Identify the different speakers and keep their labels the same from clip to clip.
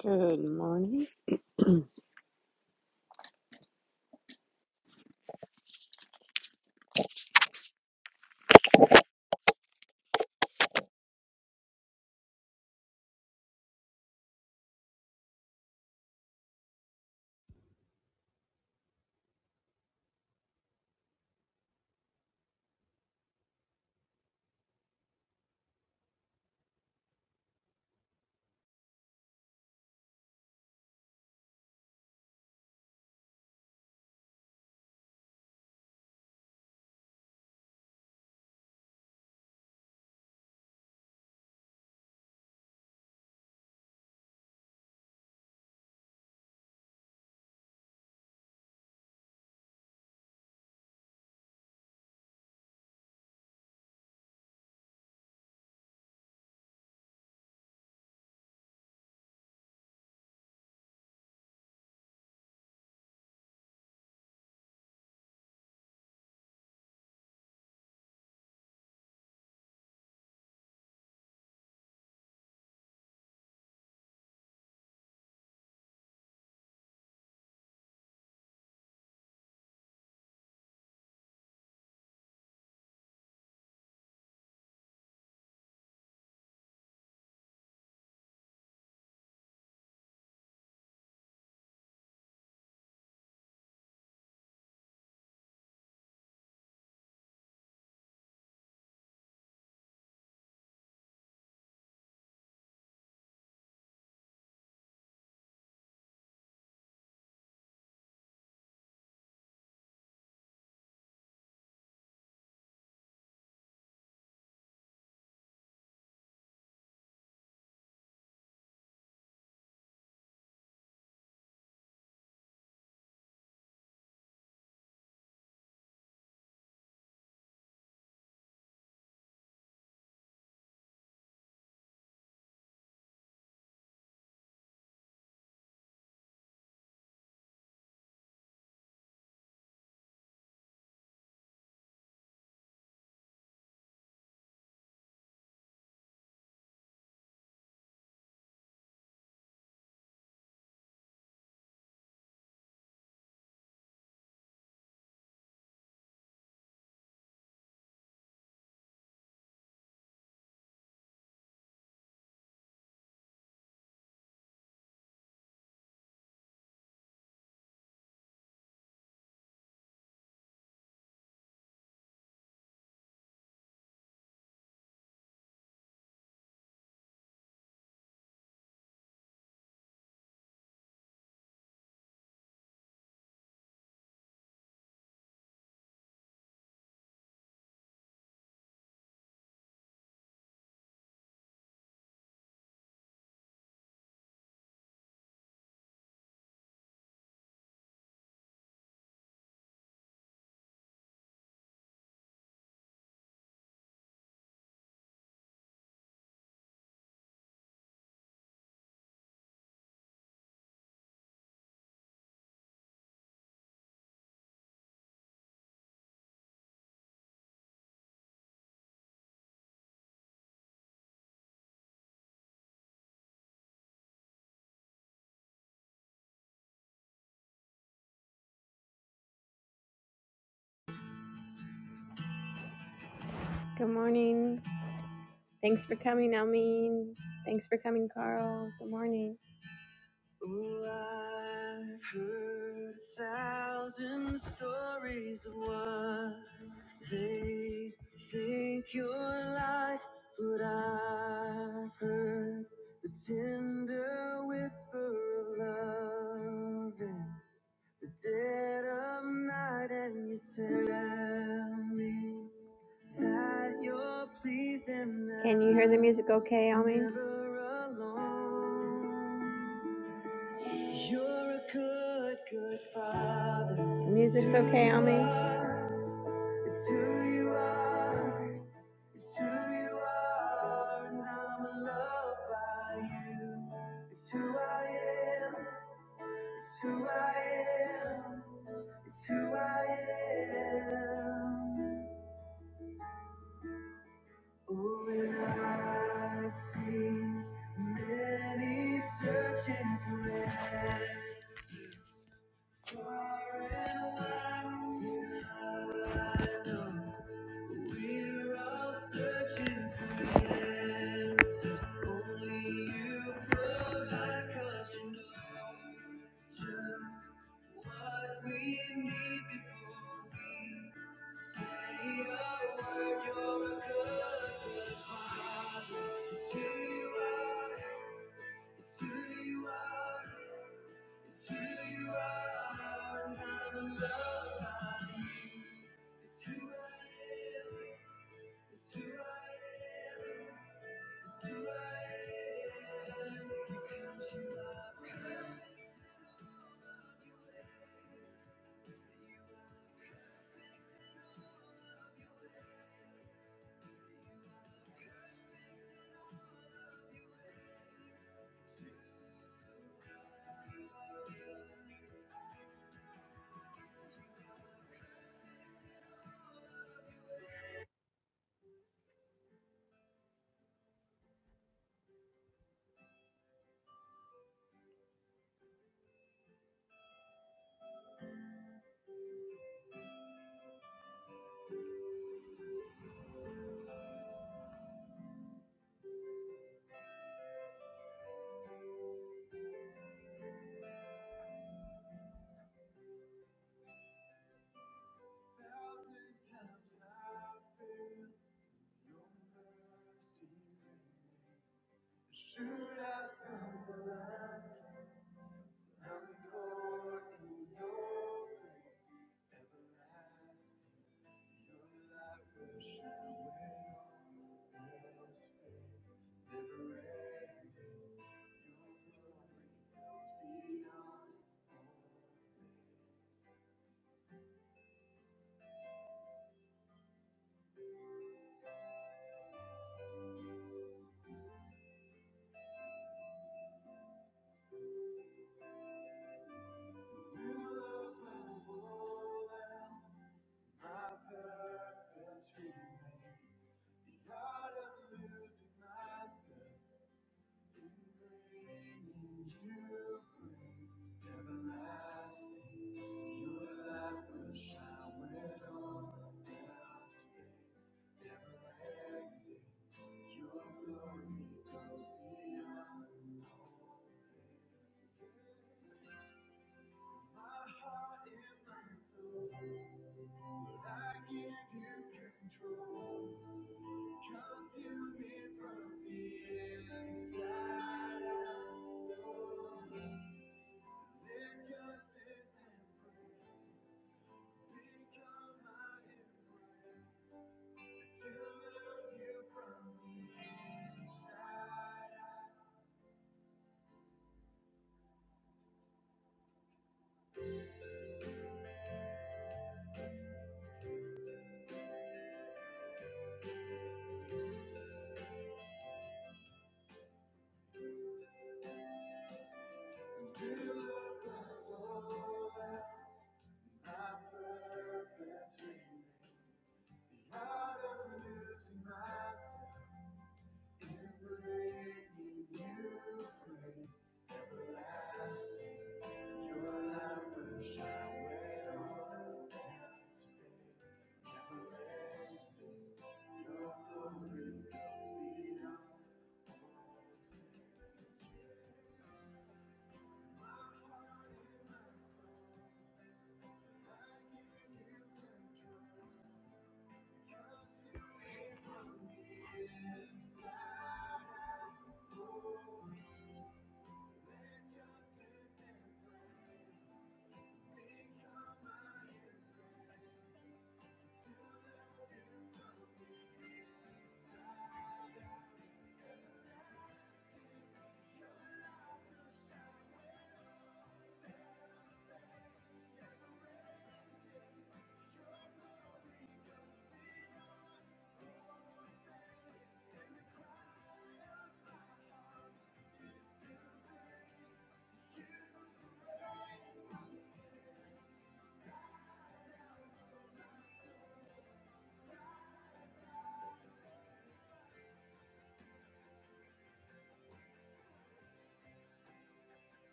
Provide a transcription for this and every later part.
Speaker 1: Good morning. Good morning. Thanks for coming, Almeen. Thanks for coming, Carl. Good morning. okay, The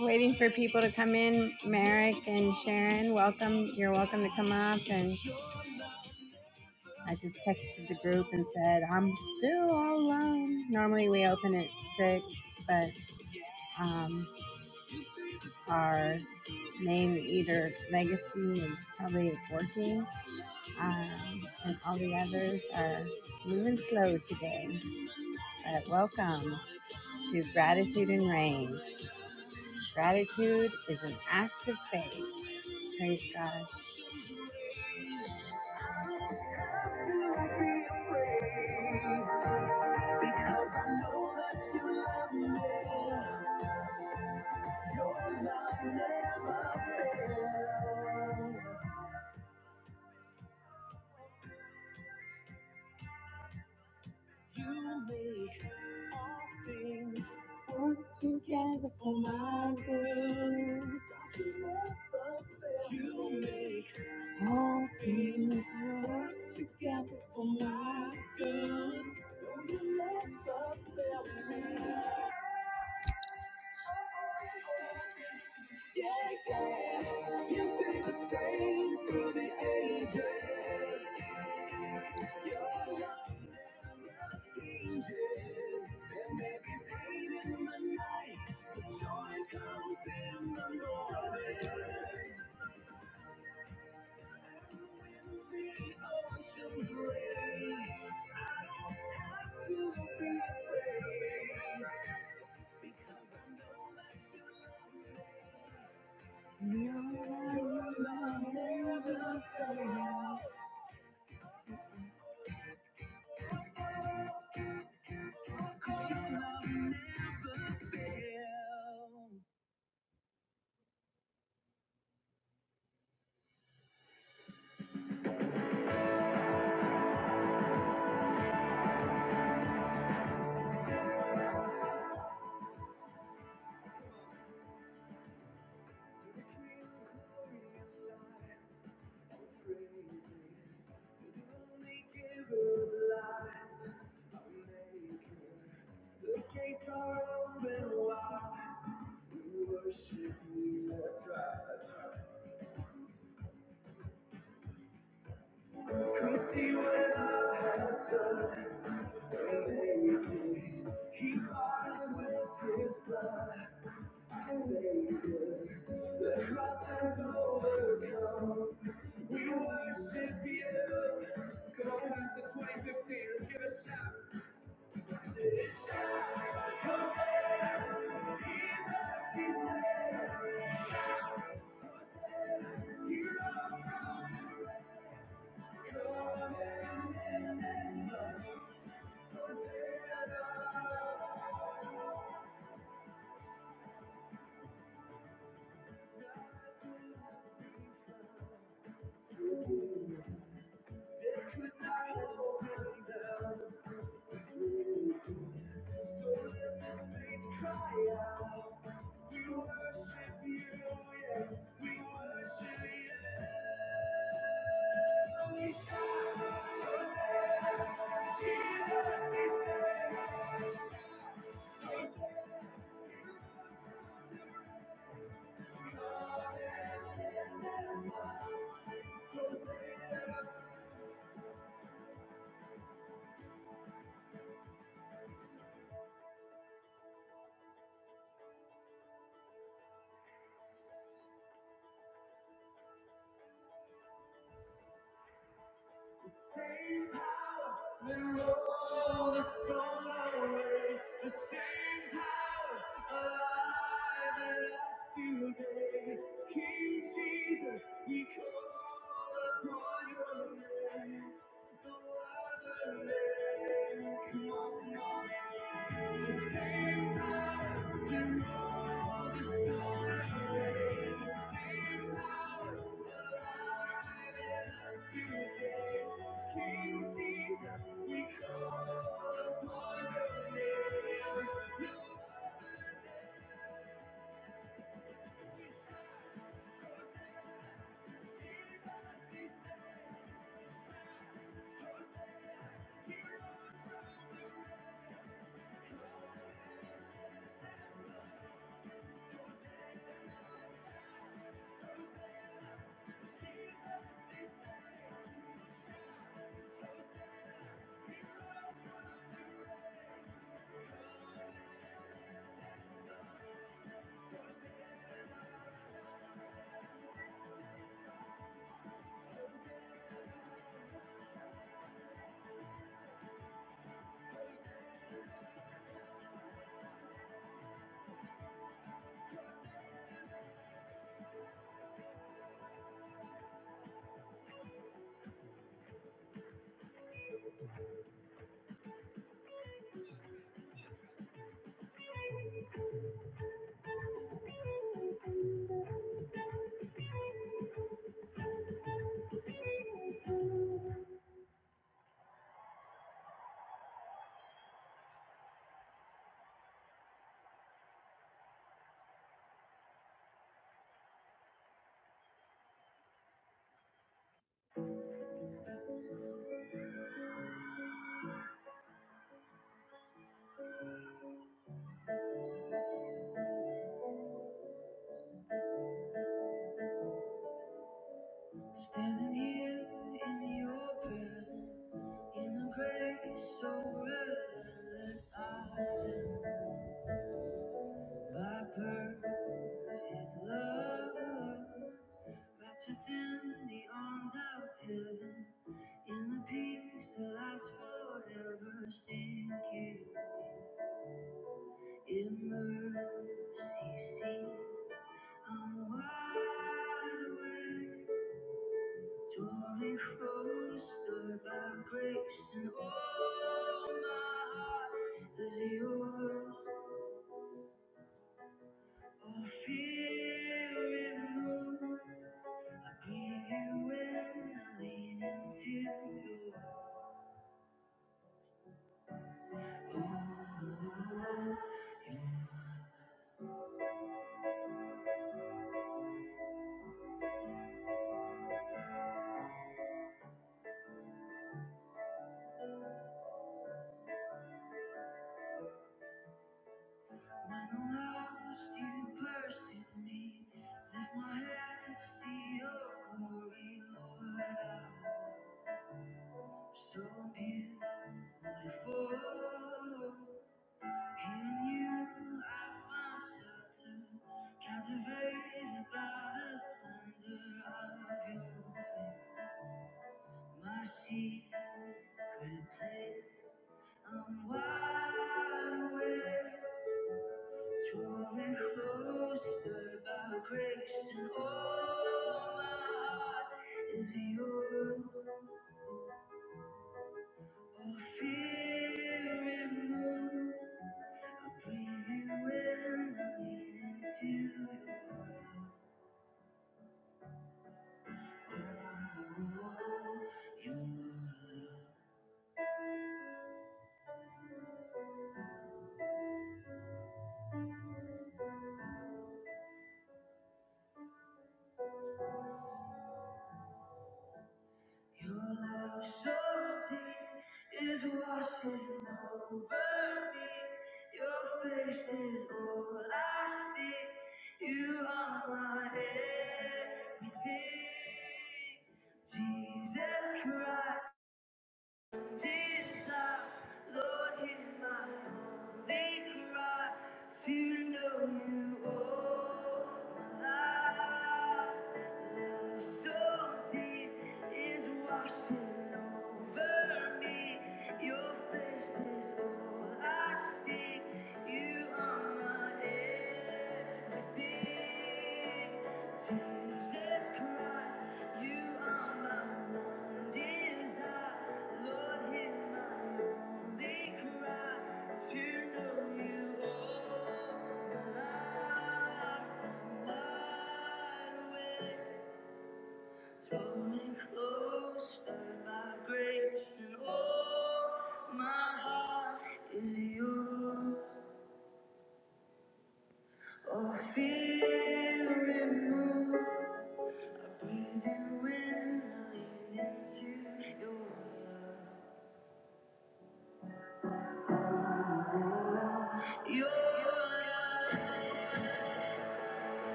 Speaker 1: Waiting for people to come in. Merrick and Sharon, welcome. You're welcome to come up. And I just texted the group and said, I'm still all alone. Normally we open at 6, but um, our name either Legacy is probably working, um, and all the others are moving slow today. But welcome to Gratitude and Rain. Gratitude is an act of faith. Praise God.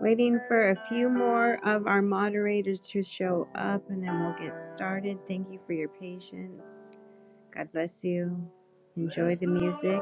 Speaker 1: Waiting for a few more of our moderators to show up and then we'll get started. Thank you for your patience. God bless you. Enjoy the music.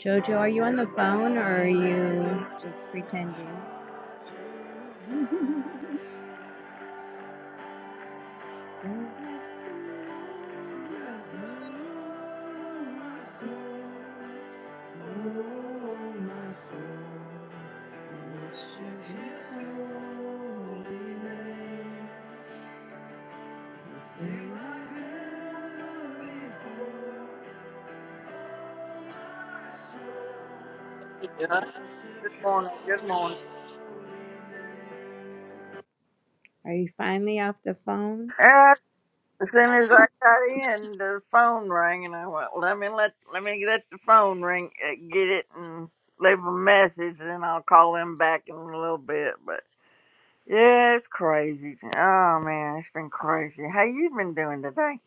Speaker 1: Jojo, are you on the phone or just pretending?
Speaker 2: Yeah. Good morning. Good morning.
Speaker 1: Are you finally off the phone?
Speaker 2: And as soon as I got in, the phone rang, and I went, "Let me let let me let the phone ring, uh, get it, and leave a message, and I'll call them back in a little bit." But yeah, it's crazy. Oh man, it's been crazy. How you been doing today?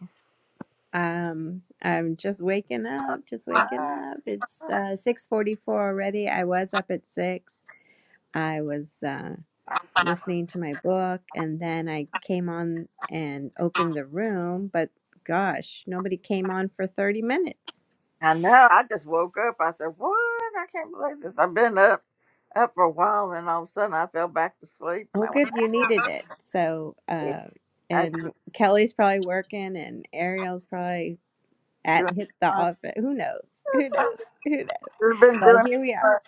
Speaker 1: Um, I'm just waking up, just waking
Speaker 2: Uh,
Speaker 1: up. It's uh 6:44 already. I was up at 6. I was uh listening to my book and then I came on and opened the room, but gosh, nobody came on for 30 minutes.
Speaker 2: I know. I just woke up. I said, "What? I can't believe this. I've been up up for a while, and all of a sudden, I fell back to sleep, and
Speaker 1: Well,
Speaker 2: I went,
Speaker 1: good, you needed it. So,
Speaker 2: hey,
Speaker 1: uh
Speaker 2: I just
Speaker 1: and Kelly's probably working and Ariel's probably
Speaker 2: doing."
Speaker 1: at hit the
Speaker 2: fine."
Speaker 1: office. Who knows? Who knows? Who knows?
Speaker 2: You've been
Speaker 1: But
Speaker 2: doing
Speaker 1: here we are.
Speaker 2: it.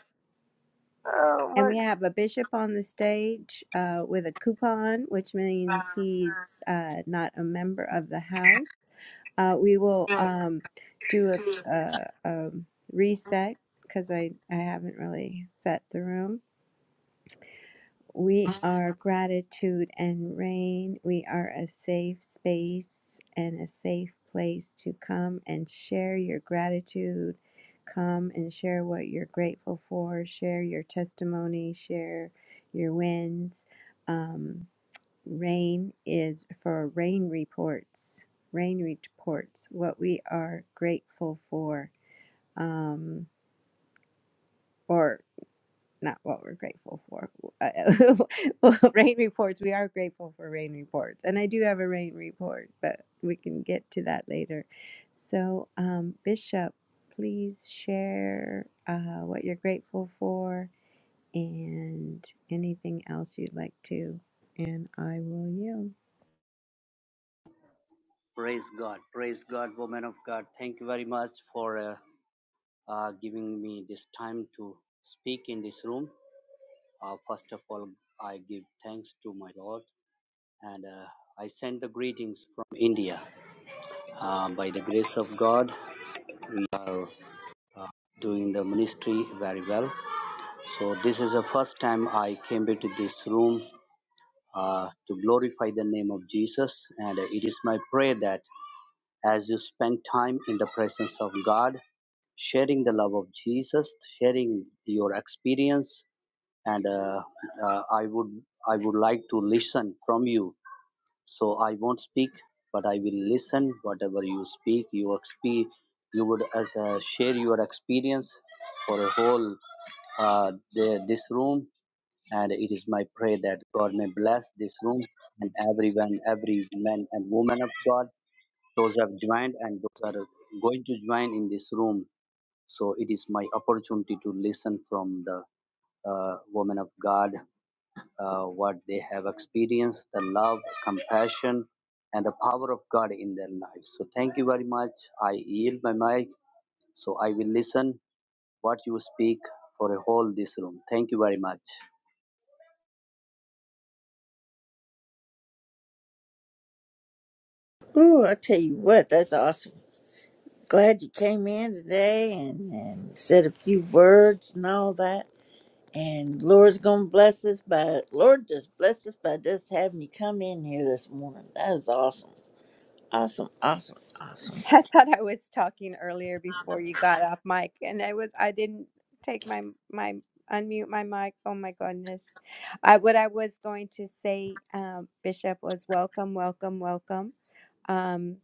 Speaker 2: Oh
Speaker 1: And
Speaker 2: my
Speaker 1: we have a bishop on the stage uh, with a coupon, which means he's uh, not a member of the house. Uh, we will
Speaker 2: God.
Speaker 1: um, do a, a, um reset because I, I haven't really set the room. We are gratitude and rain. We are a safe space and a safe place to come and share your gratitude. Come and share what you're grateful for. Share your testimony. Share your wins. Um, rain is for rain reports. Rain reports, what we are grateful for. Um, or not what we're grateful for. Well, rain reports, we are grateful for rain reports. And I do have a rain report, but we can get to that later. So, um, Bishop, please share uh, what you're grateful for and anything else you'd like to. And I will yield.
Speaker 3: Praise God. Praise God, woman of God. Thank you very much for uh, uh, giving me this time to speak in this room. Uh, first of all, I give thanks to my Lord and uh, I send the greetings from India. Uh, by the grace of God, we are uh, doing the ministry very well. So, this is the first time I came into this room uh, to glorify the name of Jesus, and uh, it is my prayer that as you spend time in the presence of God, sharing the love of Jesus, sharing your experience, and uh, uh, I would I would like to listen from you. So I won't speak, but I will listen. Whatever you speak, you exp you would as uh, share your experience for a whole uh, the, this room. And it is my prayer that God may bless this room and everyone, every man and woman of God those have joined and those are going to join in this room. So it is my opportunity to listen from the uh, women of God, uh, what they have experienced, the love, compassion, and the power of God in their lives. So thank you very much. I yield my mic, so I will listen what you speak for a whole this room. Thank you very much.
Speaker 2: Ooh, I tell you what, that's awesome. Glad you came in today and, and said a few words and all that. And Lord's gonna bless us by Lord just bless us by just having you come in here this morning. That is awesome. Awesome, awesome, awesome.
Speaker 1: I thought I was talking earlier before you got off mic, and I was I didn't take my my unmute my mic. Oh my goodness. I, what I was going to say, um, Bishop, was welcome, welcome, welcome. Um,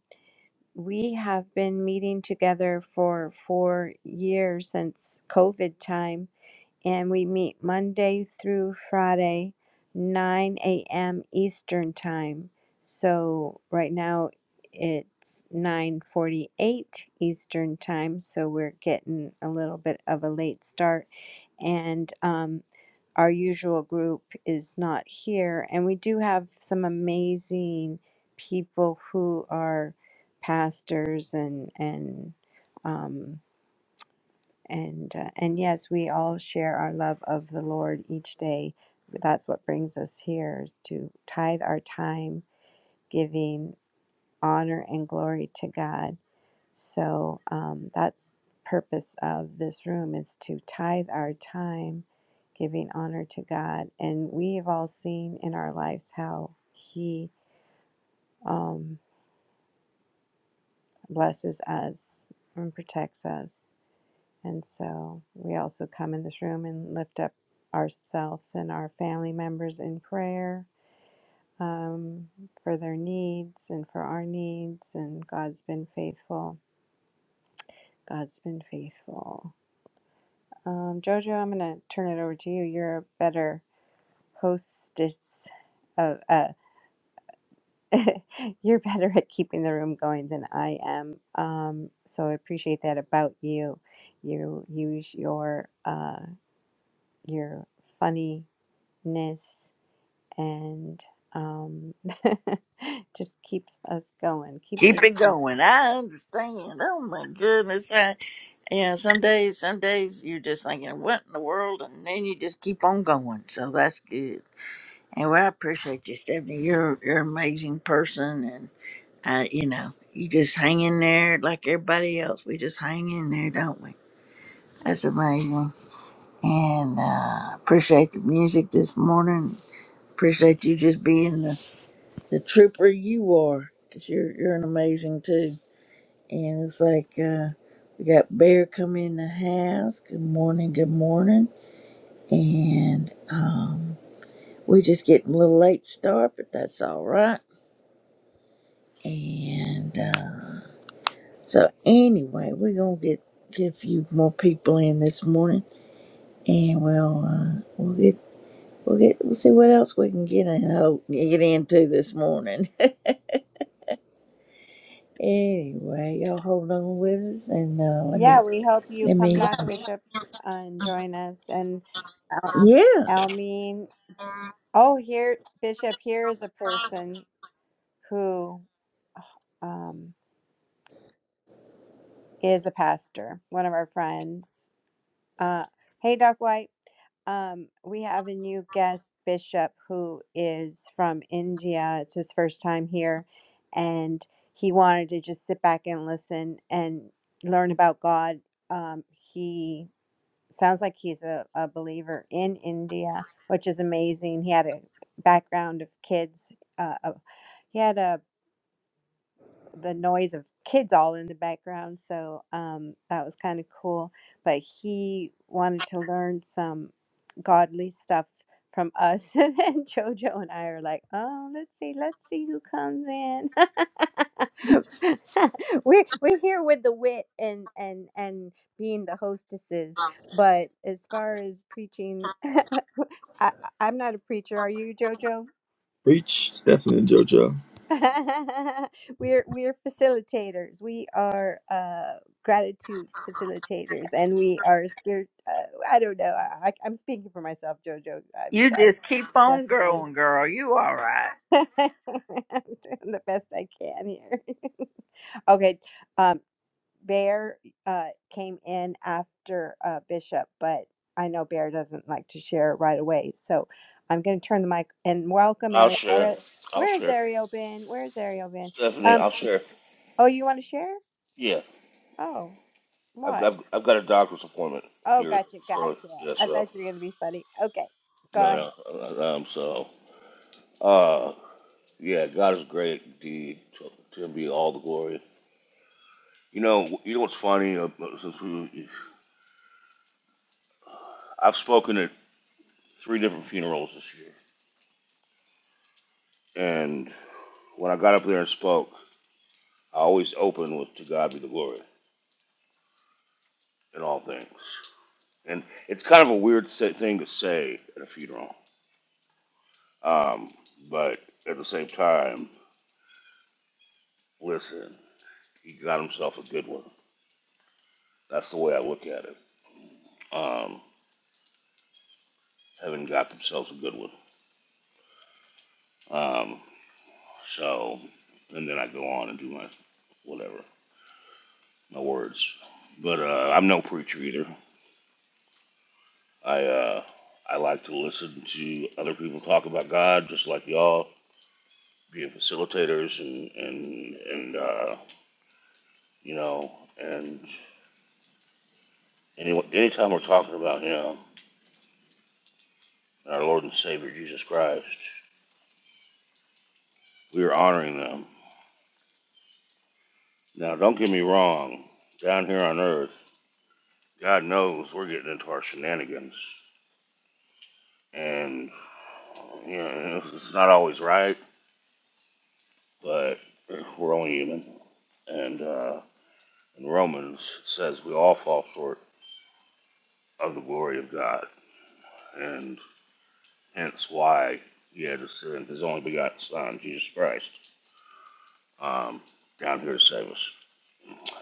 Speaker 1: we have been meeting together for four years since COVID time, and we meet Monday through Friday, 9 a.m. Eastern time. So right now it's 9:48 Eastern time, so we're getting a little bit of a late start. And um, our usual group is not here, and we do have some amazing people who are pastors and and um, and uh, and yes, we all share our love of the Lord each day. That's what brings us here is to tithe our time, giving honor and glory to God so um, that's purpose of this room is to tithe our time, giving honor to God. And we have all seen in our lives how He um, blesses us and protects us. And so we also come in this room and lift up ourselves and our family members in prayer um, for their needs and for our needs. And God's been faithful. God's been faithful. Um, Jojo, I'm gonna turn it over to you. You're a better hostess of uh you're better at keeping the room going than I am. Um, so I appreciate that about you. You use your uh your funniness and um just keeps us going, keeps us
Speaker 2: Keep it
Speaker 1: going.
Speaker 2: going. I understand. Oh my goodness. I, you know, some days some days you're just thinking, What in the world? And then you just keep on going. So that's good. And well, I appreciate you, Stephanie. You're you're an amazing person, and uh, you know, you just hang in there like everybody else. We just hang in there, don't we? That's amazing. And uh, appreciate the music this morning. Appreciate you just being the, the trooper you are, cause you're you're an amazing too. And it's like uh, we got Bear coming in the house. Good morning. Good morning. And um, we're just getting a little late start, but that's all right And uh, so, anyway, we're gonna get get a few more people in this morning, and we'll uh, we'll get we'll get we'll see what else we can get in hope get into this morning. anyway, y'all hold on with us, and uh, let
Speaker 1: Yeah,
Speaker 2: me
Speaker 1: we hope you
Speaker 2: let
Speaker 1: come
Speaker 2: me
Speaker 1: back, Bishop, uh, and join us and Al-
Speaker 2: yeah.
Speaker 1: Almeen Oh, here, Bishop, here is a person who um, is a pastor, one of our friends. Uh, hey, Doc White, um, we have a new guest, Bishop, who is from India. It's his first time here, and he wanted to just sit back and listen and learn about God. Um, he sounds like he's a, a believer in India, which is amazing. He had a background of kids. Uh, of- he had a the noise of kids all in the background. So um, that was kind of cool. But he wanted to learn some godly stuff from us. and then Jojo and I are like, oh, let's see, let's see who comes in. we're, we're here with the wit and, and, and being the hostesses. But as far as preaching, I, I- I'm not a preacher. Are you, Jojo?
Speaker 4: Preach, Stefan and JoJo.
Speaker 1: we're we're facilitators. We are uh, gratitude facilitators, and we are spirit. Uh, I don't know. I, I- I'm speaking for myself, Jojo. I mean,
Speaker 2: You
Speaker 1: I'm
Speaker 2: just keep on
Speaker 1: definitely
Speaker 2: growing, girl. You all right.
Speaker 1: I'm doing the best I can here. okay, um, Bear uh, came in after uh, Bishop, but I know Bear doesn't like to share right away, so I'm going to turn the mic and welcome
Speaker 5: I'll
Speaker 1: Ariel.
Speaker 5: share.
Speaker 1: Where
Speaker 5: I'll
Speaker 1: where is
Speaker 5: share.
Speaker 1: Ariel been? Where is Ariel been?
Speaker 5: Stephanie,
Speaker 1: Um,
Speaker 5: I'll share.
Speaker 1: Oh, you want to share?
Speaker 5: Yeah,
Speaker 1: Oh,
Speaker 5: I've got
Speaker 1: why?
Speaker 5: I've, I've got a doctor's appointment
Speaker 1: Oh,
Speaker 5: here
Speaker 1: gotcha, gotcha.
Speaker 5: shortly. Yeah,
Speaker 1: I
Speaker 5: so
Speaker 1: thought you were gonna be funny. Okay, go ahead.
Speaker 5: no, no, uh, um, so uh, yeah, God is great indeed. To, to Him be all the glory. You know, you know what's funny? Uh, Since we, I've spoken at three different funerals this year, and when I got up there and spoke, I always opened with "To God be the glory in all things," and it's kind of a weird sa- thing to say at a funeral Um, but at the same time, listen, he got himself a good one. That's the way I look at it. Um, Heaven got themselves a good one. Um, so, and then I go on and do my whatever, my words. But uh, I'm no preacher either. I uh, I like to listen to other people talk about God, just like y'all being facilitators and and and uh, you know and any anytime we're talking about Him. our Lord and Savior Jesus Christ. We are honoring them. Now, don't get me wrong, down here on earth, God knows we're getting into our shenanigans. And, you know, it's not always right, but we're only human. And uh, in Romans, it says we all fall short of the glory of God. And hence why he had to send his only begotten Son, Jesus Christ, um, down here to save us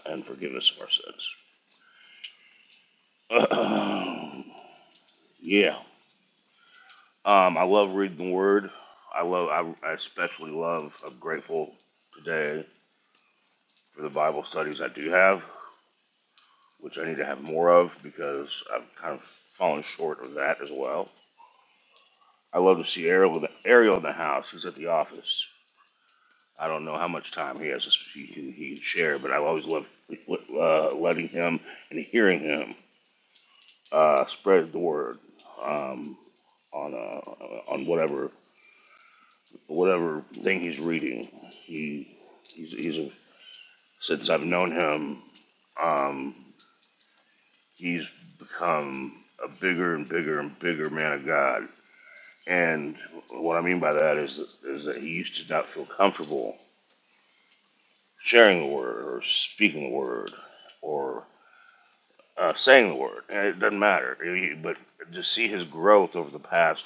Speaker 5: and forgive us of our sins. yeah. Um, I love reading the Word. I love. I, I especially love. I'm grateful today for the Bible studies I do have, which I need to have more of because I've kind of fallen short of that as well. I love to see Ariel. with- Ariel in the house. He's at the office. I don't know how much time he has. He can, he can share, but I always love uh, letting him and hearing him uh, spread the word um, on uh, on whatever whatever thing he's reading. He he's, he's a Since I've known him, um, he's become a bigger and bigger and bigger man of God. And what I mean by that is is that he used to not feel comfortable sharing the word or speaking the word or uh, saying the word. And it doesn't matter. He- But to see his growth over the past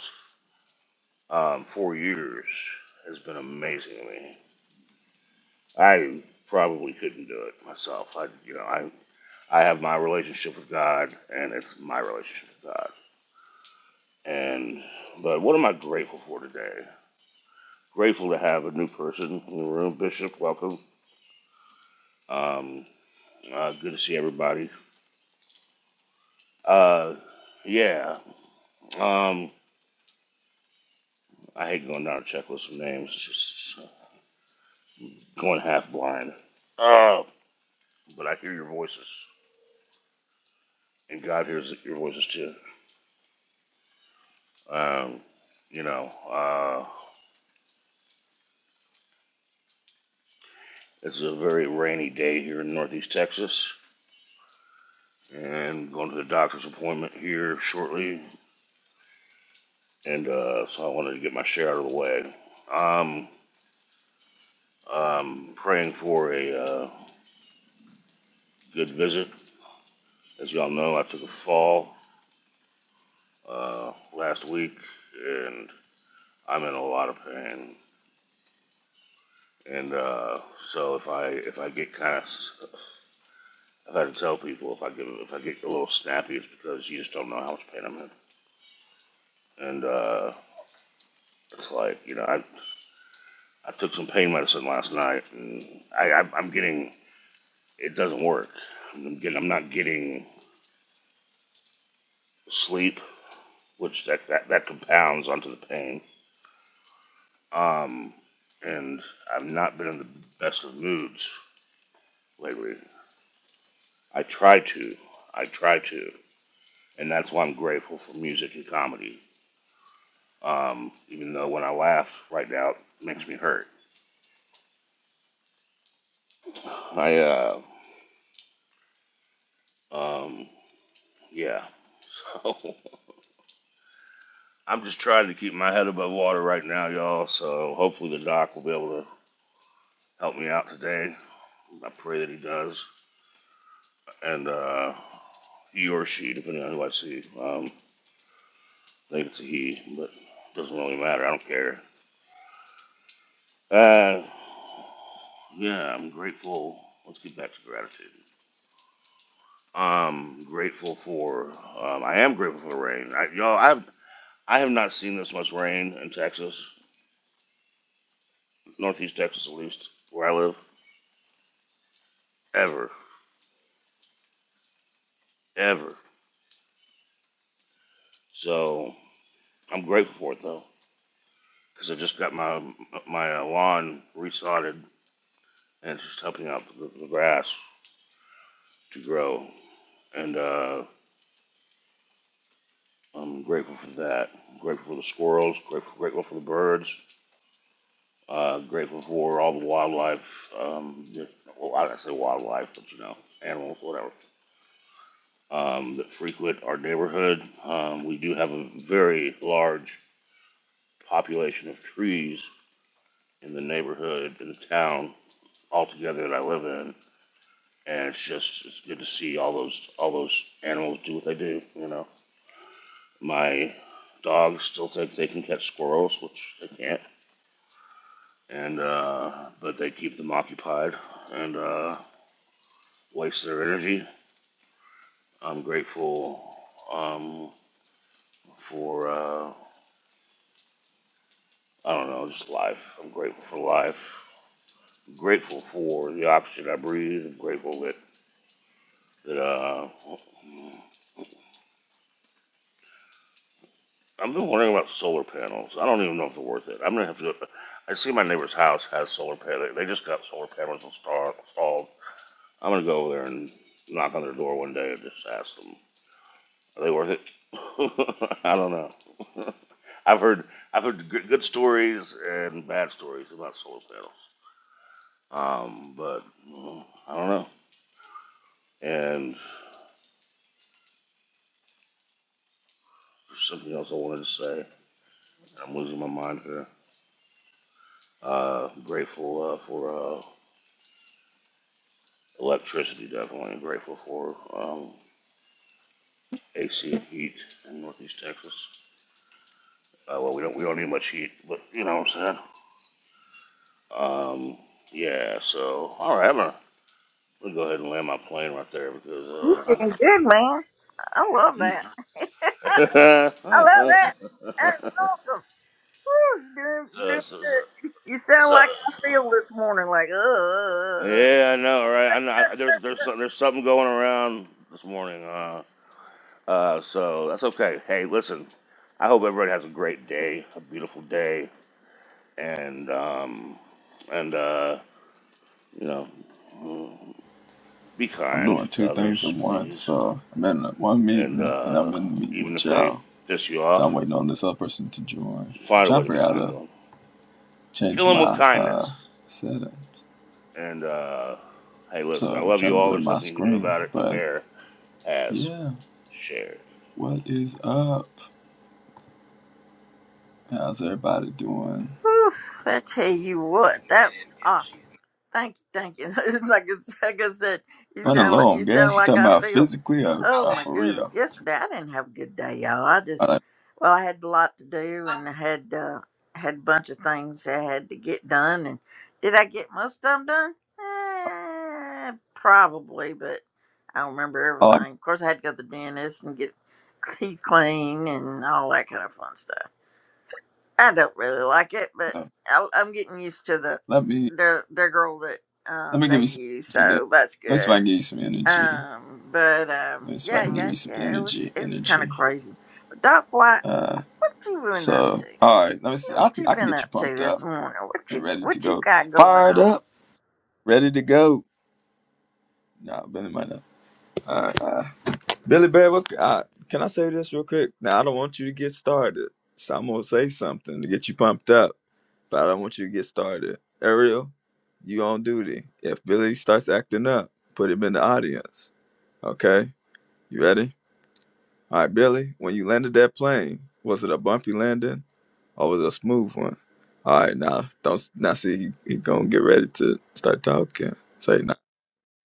Speaker 5: um, four years has been amazing to me. I probably couldn't do it myself. I, you know, I I have my relationship with God, and it's my relationship with God And but what am I grateful for today? Grateful to have a new person in the room, Bishop. Welcome. Um, uh, good to see everybody. Uh, yeah. Um, I hate going down a checklist of names. It's just it's uh, going half blind. Uh, but I hear your voices, and God hears your voices too. Um, you know, uh, it's a very rainy day here in Northeast Texas, and going to the doctor's appointment here shortly. and uh, so I wanted to get my share out of the way. Um, I'm praying for a uh, good visit. As y'all know, I took a fall uh, last week, and I'm in a lot of pain. And uh, so if I if I get kind of I've had to tell people if I get if I get a little snappy, it's because you just don't know how much pain I'm in. And uh, it's like you know I I took some pain medicine last night, and I, I I'm I'm getting it doesn't work. I'm getting I'm not getting sleep, which that, that, that compounds onto the pain. Um, and I've not been in the best of moods lately. I try to. I try to. And that's why I'm grateful for music and comedy. Um, even though when I laugh right now, it makes me hurt. I, uh, um, yeah. So I'm just trying to keep my head above water right now, y'all. So hopefully the doc will be able to help me out today. I pray that he does. And, uh, he or she, depending on who I see. Um, I think it's a he, but it doesn't really matter. I don't care. Uh, yeah, I'm grateful. Let's get back to gratitude. Um, grateful for. Um, I am grateful for the rain. I, y'all, I've I have not seen this much rain in Texas, Northeast Texas at least, where I live, ever, ever. So I'm grateful for it though, because I just got my my uh, lawn resodded, and it's just helping out the, the grass to grow. And uh, I'm grateful for that. I'm grateful for the squirrels. Grateful, grateful for the birds. Uh, grateful for all the wildlife. Um, well, I don't say wildlife, but you know, animals, whatever, um, that frequent our neighborhood. Um, we do have a very large population of trees in the neighborhood, in the town altogether that I live in, and it's just it's good to see all those all those animals do what they do. You know, my dogs still think they can catch squirrels, which they can't and uh, but they keep them occupied and uh, waste their energy. I'm grateful um, for uh, I don't know, just life. I'm grateful for life. I'm grateful for the oxygen I breathe. I'm grateful that that uh, I've been wondering about solar panels. I don't even know if they're worth it. I'm gonna have to. Go, I see my neighbor's house has solar panels. They just got solar panels installed. I'm gonna go over there and knock on their door one day and just ask them Are they worth it? I don't know. I've heard I've heard good good stories and bad stories about solar panels. Um, but mm, I don't know. And there's something else I wanted to say. I'm losing my mind here. Uh, grateful uh, for uh, electricity, definitely. Grateful for um, AC and heat in Northeast Texas. Uh, well, we don't we don't need much heat, but you know what I'm saying. Um, yeah. So all right, I'm gonna, I'm gonna go ahead and land my plane right there because
Speaker 2: You
Speaker 5: uh, I'm
Speaker 2: doing good, man. I love
Speaker 5: so,
Speaker 2: that.
Speaker 5: so,
Speaker 2: I love that. That's Whew, Doing, doing
Speaker 5: so,
Speaker 2: You sound
Speaker 5: so.
Speaker 2: like I feel this morning, like, uh,
Speaker 5: Yeah, I know, right? I know. I, there's there's some- there's something going around this morning. Uh, uh, so that's okay. Hey, listen. I hope everybody has a great day, a beautiful day, and um, and uh, you know, mm, be
Speaker 4: I'm
Speaker 5: kind
Speaker 4: doing
Speaker 5: to
Speaker 4: two things at
Speaker 5: others,
Speaker 4: once.
Speaker 5: please.
Speaker 4: So I'm in one
Speaker 5: And
Speaker 4: meeting and I'm
Speaker 5: uh,
Speaker 4: in the meeting
Speaker 5: even
Speaker 4: with
Speaker 5: if they
Speaker 4: y'all.
Speaker 5: piss you
Speaker 4: So
Speaker 5: off,
Speaker 4: I'm waiting on this other person to join. I'm
Speaker 5: find a
Speaker 4: trying
Speaker 5: way
Speaker 4: to
Speaker 5: to be
Speaker 4: figure out how
Speaker 5: kind to
Speaker 4: to
Speaker 5: them.
Speaker 4: change
Speaker 5: Kill them with
Speaker 4: my uh
Speaker 5: kindness.
Speaker 4: settings.
Speaker 5: And uh, hey,
Speaker 4: So
Speaker 5: listen, I
Speaker 4: I'm
Speaker 5: love
Speaker 4: trying
Speaker 5: you
Speaker 4: to
Speaker 5: all.
Speaker 4: blur
Speaker 5: There's
Speaker 4: my
Speaker 5: nothing you can do
Speaker 4: screen.
Speaker 5: about it. The
Speaker 4: But
Speaker 5: bear has
Speaker 4: yeah,
Speaker 5: shared.
Speaker 4: what is up? How's everybody doing?
Speaker 2: whew, I tell you what, that was awesome. Thank you, thank you. like, I- like I said, you
Speaker 4: Running
Speaker 2: sound
Speaker 4: low
Speaker 2: like
Speaker 4: on
Speaker 2: you sound
Speaker 4: gas. You
Speaker 2: like
Speaker 4: talking
Speaker 2: I
Speaker 4: about
Speaker 2: feel.
Speaker 4: physically or,
Speaker 2: Oh
Speaker 4: or
Speaker 2: my
Speaker 4: for
Speaker 2: goodness!
Speaker 4: real?
Speaker 2: Yesterday I didn't have a good day, y'all. I
Speaker 4: All
Speaker 2: just
Speaker 4: right.
Speaker 2: well, I had a lot to do and I had uh, had a bunch of things I had to get done. And did I get most of them done? Eh, probably, but I don't remember
Speaker 4: Oh, I
Speaker 2: everything. Of course, I had to go to the dentist and get teeth clean and all that kind of fun stuff. I don't really like it, but
Speaker 4: gotta,
Speaker 2: I, I'm getting used to the
Speaker 4: let me
Speaker 2: their their girl that
Speaker 4: let
Speaker 2: um
Speaker 4: me give
Speaker 2: they
Speaker 4: you some
Speaker 2: use,
Speaker 4: energy there.
Speaker 2: so that's
Speaker 4: Let's see if I
Speaker 2: good.
Speaker 4: can give you some energy.
Speaker 2: Um, but um,
Speaker 4: Let's see if I
Speaker 2: yeah,
Speaker 4: can give
Speaker 2: yeah,
Speaker 4: you some
Speaker 2: yeah, it was
Speaker 4: energy.
Speaker 2: it was kind of
Speaker 4: Energy.
Speaker 2: crazy. But Doc White,
Speaker 4: Uh,
Speaker 2: what you been up
Speaker 4: so
Speaker 2: to?
Speaker 4: all right, let me see.
Speaker 2: What
Speaker 4: I think
Speaker 2: you
Speaker 4: I can
Speaker 2: been
Speaker 4: get you
Speaker 2: up to
Speaker 4: pumped
Speaker 2: this
Speaker 4: up
Speaker 2: morning? What
Speaker 4: and
Speaker 2: you
Speaker 4: ready to
Speaker 2: what you
Speaker 4: go,
Speaker 2: got going
Speaker 4: fired
Speaker 2: on?
Speaker 4: up, ready to go. Nah, Billy might not. All right, uh, Billy Bear, what, uh, can I say this real quick? Now I don't want you to get started, so I'm gonna say something to get you pumped up, but I don't want you to get started. Ariel, you on duty. If Billy starts acting up, put him in the audience. Okay, you ready? All right, Billy. When you landed that plane, was it a bumpy landing? Oh, it was a smooth one. All right, now don't now see he, he gonna get ready to start talking. Say now,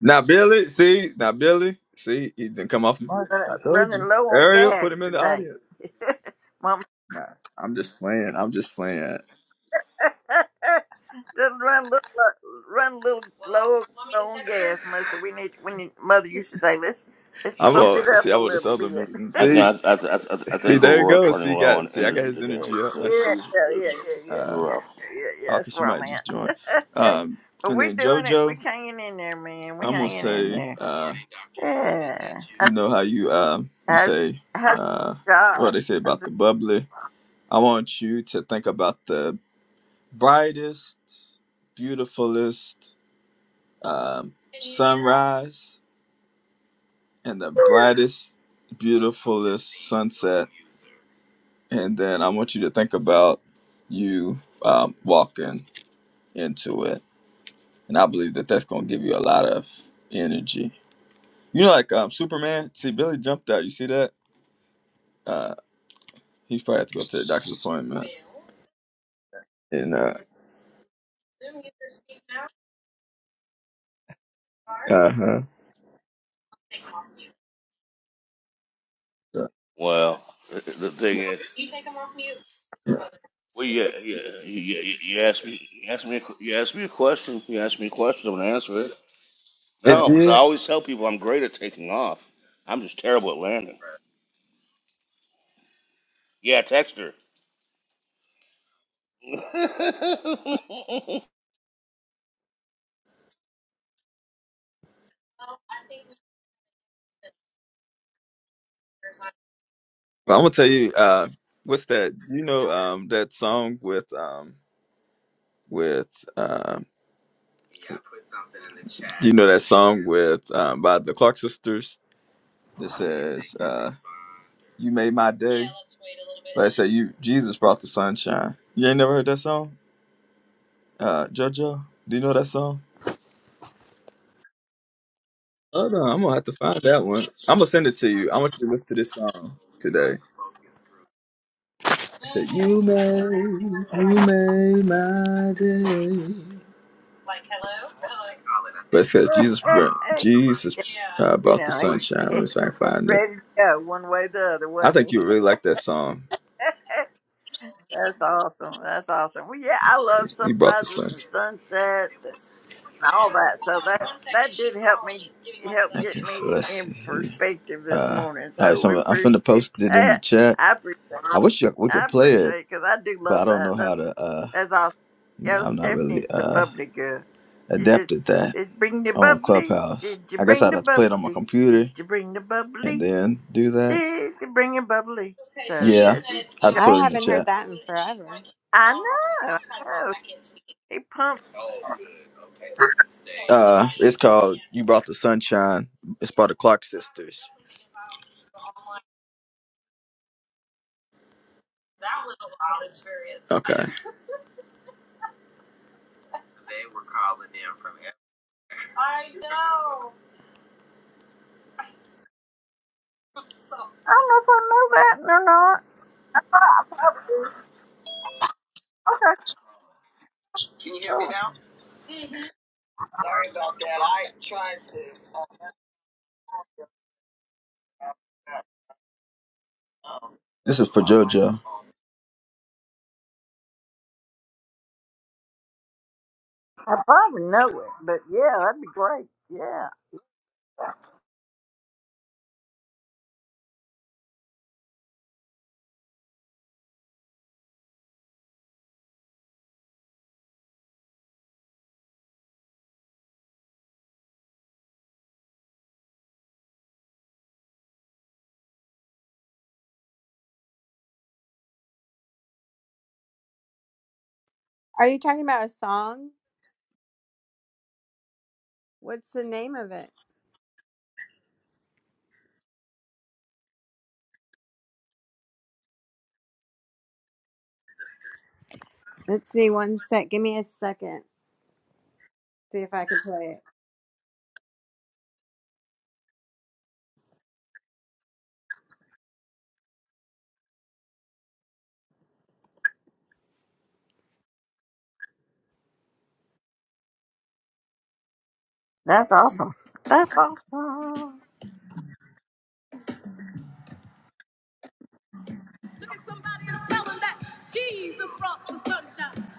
Speaker 4: now Billy, see now Billy, see he didn't come off mic.
Speaker 2: Uh,
Speaker 4: I told you,
Speaker 2: running low on
Speaker 4: Ariel, put
Speaker 2: gas
Speaker 4: him in the
Speaker 2: today.
Speaker 4: audience.
Speaker 2: Mama
Speaker 4: Nah, I'm just playing. I'm just playing.
Speaker 2: Just run a little, run a little low on gas, Mister. We need, we need. Mother used to say, let's let's
Speaker 4: I'm
Speaker 2: pump it
Speaker 4: a see.
Speaker 2: up a
Speaker 4: I'm at this
Speaker 2: little
Speaker 4: other
Speaker 2: bit.
Speaker 4: meeting.
Speaker 5: I, th-
Speaker 4: See,
Speaker 5: I, th- I, th- I
Speaker 4: see
Speaker 5: think we're
Speaker 4: there you
Speaker 5: run-
Speaker 4: go.
Speaker 5: running
Speaker 4: See
Speaker 5: low
Speaker 4: got
Speaker 5: on
Speaker 4: see I got
Speaker 5: energy
Speaker 4: his
Speaker 5: today
Speaker 4: energy up. Let's
Speaker 5: because
Speaker 2: Yeah,
Speaker 4: see.
Speaker 5: it's,
Speaker 2: yeah, yeah, yeah,
Speaker 5: it's
Speaker 2: yeah,
Speaker 4: Uh,
Speaker 2: yeah,
Speaker 5: rough.
Speaker 2: yeah. yeah,
Speaker 4: oh,
Speaker 2: That's
Speaker 4: cause you
Speaker 2: where I'm
Speaker 4: might just join.
Speaker 2: at.
Speaker 4: Um,
Speaker 2: but
Speaker 4: and
Speaker 2: we're
Speaker 4: then
Speaker 2: doing it.
Speaker 4: JoJo.
Speaker 2: We're hanging in there, man. We're
Speaker 4: I'm gonna
Speaker 2: hanging in
Speaker 4: say,
Speaker 2: there.
Speaker 4: uh,
Speaker 2: Yeah.
Speaker 4: you know how you uh, you
Speaker 2: How,
Speaker 4: say
Speaker 2: how's
Speaker 4: uh,
Speaker 2: God?
Speaker 4: what they say
Speaker 2: How's
Speaker 4: about the bubbly. I want you to think about the brightest, beautifulest um, sunrise and the brightest, beautifulest sunset. And then I want you to think about you um, walking into it. And I believe that that's gonna give you a lot of energy. You know, like um, Superman. See, Billy jumped out. You see that? Uh, he probably had to go to the doctor's appointment. And uh, uh huh.
Speaker 5: Well, the the thing is, well, yeah, yeah, you, you, you asked me, you asked me, a, que- you asked me a question. You asked me a question. I'm gonna answer it.
Speaker 4: It
Speaker 5: No, because I
Speaker 4: did.
Speaker 5: always tell people I'm great at taking off. I'm just terrible at landing. Yeah, text her.
Speaker 4: But I'm gonna tell you. Uh, what's that? You know, um, that song with um, with um, you know that song with um, by the Clark sisters that says, uh, "You made my day." But I say, "You Jesus brought the sunshine." You ain't never heard that song, uh, JoJo? Do you know that song? Hold on, I'm gonna have to find that one. I'm gonna send it to you. I want you to listen to this song today. I said, You made, you made my day. But it says Jesus brought
Speaker 2: it-
Speaker 4: Jesus uh,
Speaker 2: you
Speaker 4: brought the
Speaker 2: know, he,
Speaker 4: sunshine. Let me see if I can
Speaker 2: he's
Speaker 4: find it.
Speaker 2: ready to go one way or the other,
Speaker 4: I
Speaker 2: wasn't
Speaker 4: think
Speaker 2: he?
Speaker 4: you would really like that song.
Speaker 2: That's awesome. That's awesome. Well, yeah, I
Speaker 4: Let's
Speaker 2: love
Speaker 4: see. You brought the
Speaker 2: sunrises and
Speaker 4: sunshine.
Speaker 2: sunsets and all that. So that that did help me help
Speaker 4: Okay,
Speaker 2: get
Speaker 4: so
Speaker 2: me
Speaker 4: let's see
Speaker 2: in
Speaker 4: here.
Speaker 2: perspective this
Speaker 4: Uh,
Speaker 2: morning.
Speaker 4: all right,
Speaker 2: So we
Speaker 4: so I'm, I'm finna
Speaker 2: appreciate
Speaker 4: post it in the
Speaker 2: that.
Speaker 4: chat.
Speaker 2: I appreciate.
Speaker 4: I wish you, we
Speaker 2: I
Speaker 4: could play it,
Speaker 2: appreciate because I do
Speaker 4: but I
Speaker 2: love
Speaker 4: don't
Speaker 2: that.
Speaker 4: know how
Speaker 2: That's
Speaker 4: to. Uh,
Speaker 2: that's awesome.
Speaker 4: you know,
Speaker 2: Yo,
Speaker 4: I'm not
Speaker 2: Stephanie's
Speaker 4: really
Speaker 2: the
Speaker 4: uh
Speaker 2: bubbly girl. She did.
Speaker 4: adept at that
Speaker 2: Did you bring the
Speaker 4: on
Speaker 2: bubbly?
Speaker 4: Clubhouse.
Speaker 2: Did you
Speaker 4: I guess
Speaker 2: bring
Speaker 4: I'd
Speaker 2: the
Speaker 4: have to play it on my
Speaker 2: bubbly? Did
Speaker 4: computer.
Speaker 2: you bring the
Speaker 4: and
Speaker 2: bubbly?
Speaker 4: then do that.
Speaker 2: Did you bring the bubbly?
Speaker 4: Okay, so
Speaker 2: So
Speaker 4: yeah, she
Speaker 2: yeah, she.
Speaker 4: said, I'd
Speaker 2: she
Speaker 4: put
Speaker 1: I
Speaker 4: it in the
Speaker 1: haven't heard
Speaker 4: chat.
Speaker 1: that in forever.
Speaker 4: Oh,
Speaker 2: I know. He pumps.
Speaker 4: good. Okay, so good stay. Uh, it's called "You Brought the Sunshine." It's by the Clock Sisters. Okay,
Speaker 2: I don't know if I know that or not. Okay, cool.
Speaker 4: this is for JoJo.
Speaker 2: I probably know it, but yeah, that'd be great. Yeah,
Speaker 1: Are you talking about a song? What's the name of it? Let's see. One sec. Give me a second. See if I can play it.
Speaker 2: that's awesome. That's awesome. All
Speaker 1: Look at somebody and tell them that Jesus brought the sunshine.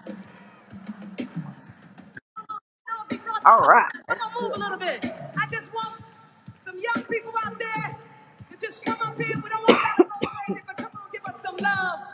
Speaker 1: No, he brought the
Speaker 2: right.
Speaker 1: sunshine. Come
Speaker 2: That's-
Speaker 1: on, move a little bit. I just want some young people out there to just come up here. We don't want to go crazy, but come on, give us some love.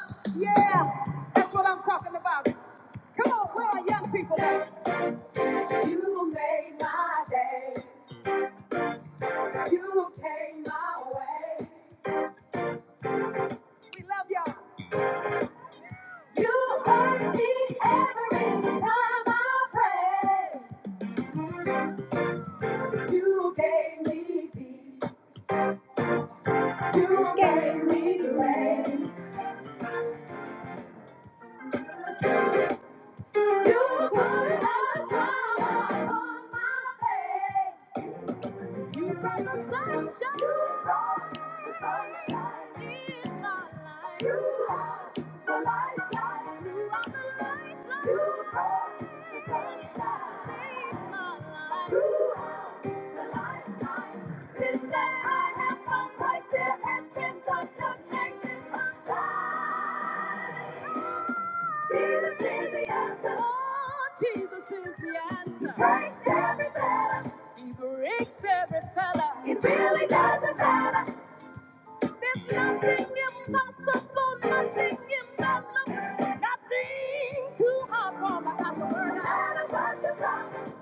Speaker 1: Jesus is the answer. Christ. He breaks every fella. It really doesn't matter. There's nothing impossible, nothing impossible, nothing too hard for the apple.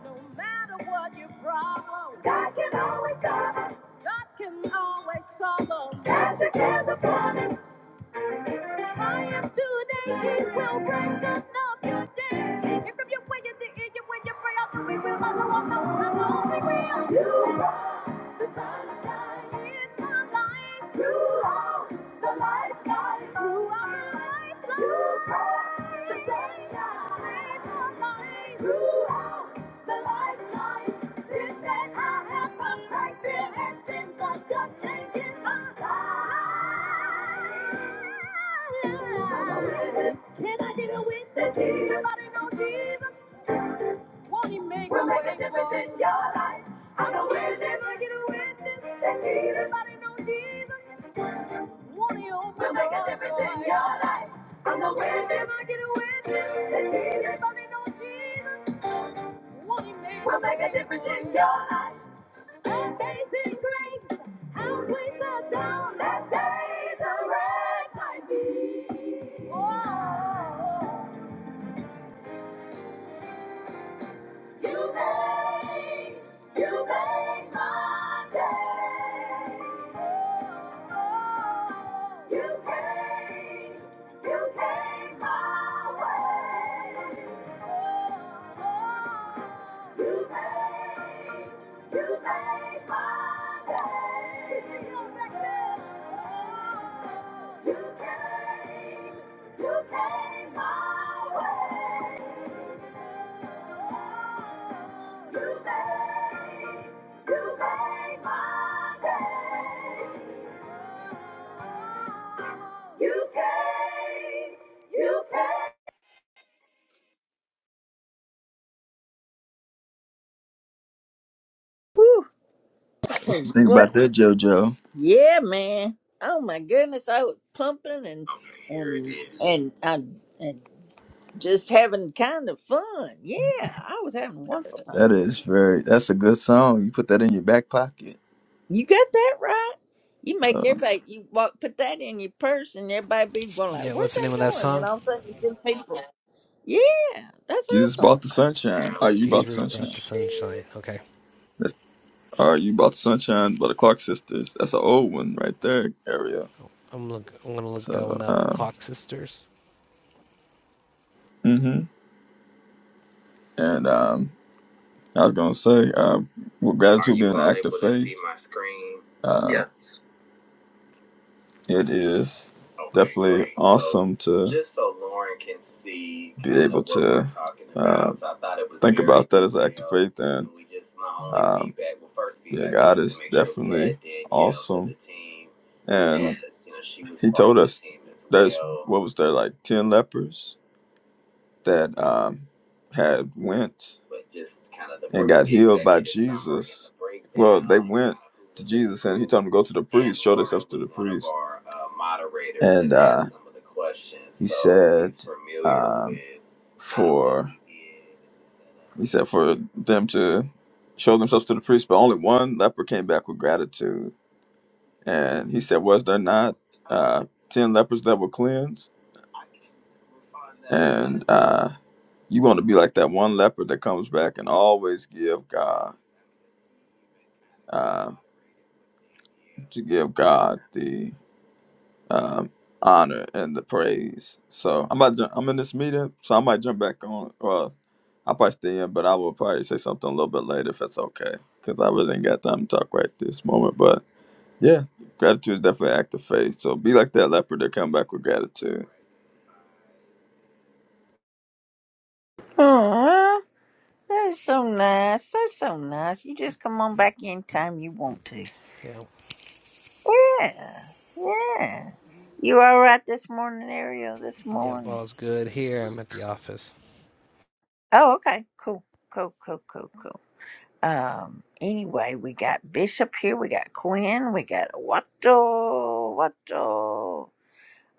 Speaker 1: No matter what your problem, God, God can always solve them. Triumph today, He will bring to day. If you're waiting to hear you when you pray, I we will, I know, I know, I know we will. In my life, the life, life. And I didn't nobody know Jesus. Won't He make a Everything, yeah, I know it. is.
Speaker 2: Whew, I tell
Speaker 4: What you
Speaker 2: you
Speaker 4: think
Speaker 2: what.
Speaker 4: about that, JoJo?
Speaker 2: Yeah, man. Oh my goodness, I was pumping and and and I and just having kind of fun. Yeah, I was having a wonderful
Speaker 4: That
Speaker 2: time.
Speaker 4: is very. That's a good song. You put that in your back pocket.
Speaker 2: You got that right. You make
Speaker 4: Uh,
Speaker 2: everybody you walk put that in your purse and everybody be going like,
Speaker 6: Yeah,
Speaker 2: Where's
Speaker 6: what's the
Speaker 2: that
Speaker 6: name of that
Speaker 2: going? And
Speaker 6: song?
Speaker 2: all of a sudden you see people. Yeah, that's
Speaker 4: Jesus
Speaker 2: awesome.
Speaker 4: brought the sunshine. Oh, you brought the
Speaker 6: Jesus
Speaker 4: sunshine.
Speaker 6: brought the sunshine. Okay,
Speaker 4: That's, all right, you brought the sunshine by the Clark Sisters. That's an old one right there, Ariel.
Speaker 6: I'm look. I'm gonna look that one
Speaker 4: So,
Speaker 6: up.
Speaker 4: uh,
Speaker 6: Clock Sisters.
Speaker 4: hmm and um, I was gonna say, uh, with gratitude being an act of faith, uh, it is definitely awesome so, to be able to uh, think about that as an act of faith. And um, yeah, God is definitely awesome. And He told us there's what was there like ten lepers that um, had went and got healed by Jesus. Well, they went to Jesus and he told them to go to the priest, show themselves to the priest. And uh, he said, um, for he said for them to show themselves to the priest, but only one leper came back with gratitude. And he said, was there not uh, ten lepers that were cleansed? And uh, you want to be like that one leper that comes back and always give God uh, to give God the um, honor and the praise. So I'm about to, I'm in this meeting, so I might jump back on. Well, I'll probably stay in, but I will probably say something a little bit later if that's okay, because I really ain't got time to talk right this moment. But yeah, gratitude is definitely an act of faith. So be like that leper that come back with gratitude.
Speaker 2: Oh, that's so nice. That's so nice. You just come on back anytime you want to.
Speaker 6: Yeah,
Speaker 2: Yeah. Yeah. You all right this morning, Ariel, this
Speaker 6: yeah,
Speaker 2: morning?
Speaker 6: all's good here. I'm at the office.
Speaker 2: Oh, okay. Cool. Cool, cool, cool, cool. Um, anyway, we got Bishop here, we got Quinn, we got Watto, Watto.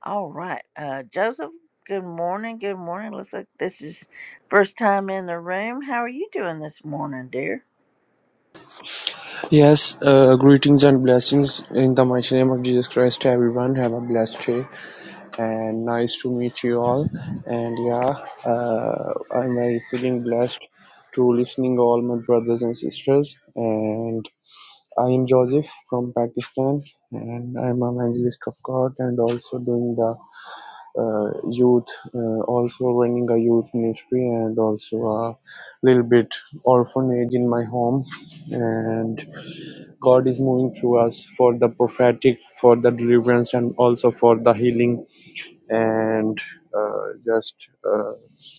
Speaker 2: All right. Uh, Joseph, good morning. Good morning. Looks like this is first time in the room. How are you doing this morning, dear?
Speaker 7: Yes, uh, greetings and blessings in the mighty name of Jesus Christ, everyone. Have a blessed day and nice to meet you all. And yeah, uh, I'm very feeling blessed to listening all my brothers and sisters. And I am Joseph from Pakistan, and I'm an evangelist of God and also doing the uh, youth, uh, also running a youth ministry and also a little bit orphanage in my home. And God is moving through us for the prophetic, for the deliverance, and also for the healing, and uh, just uh,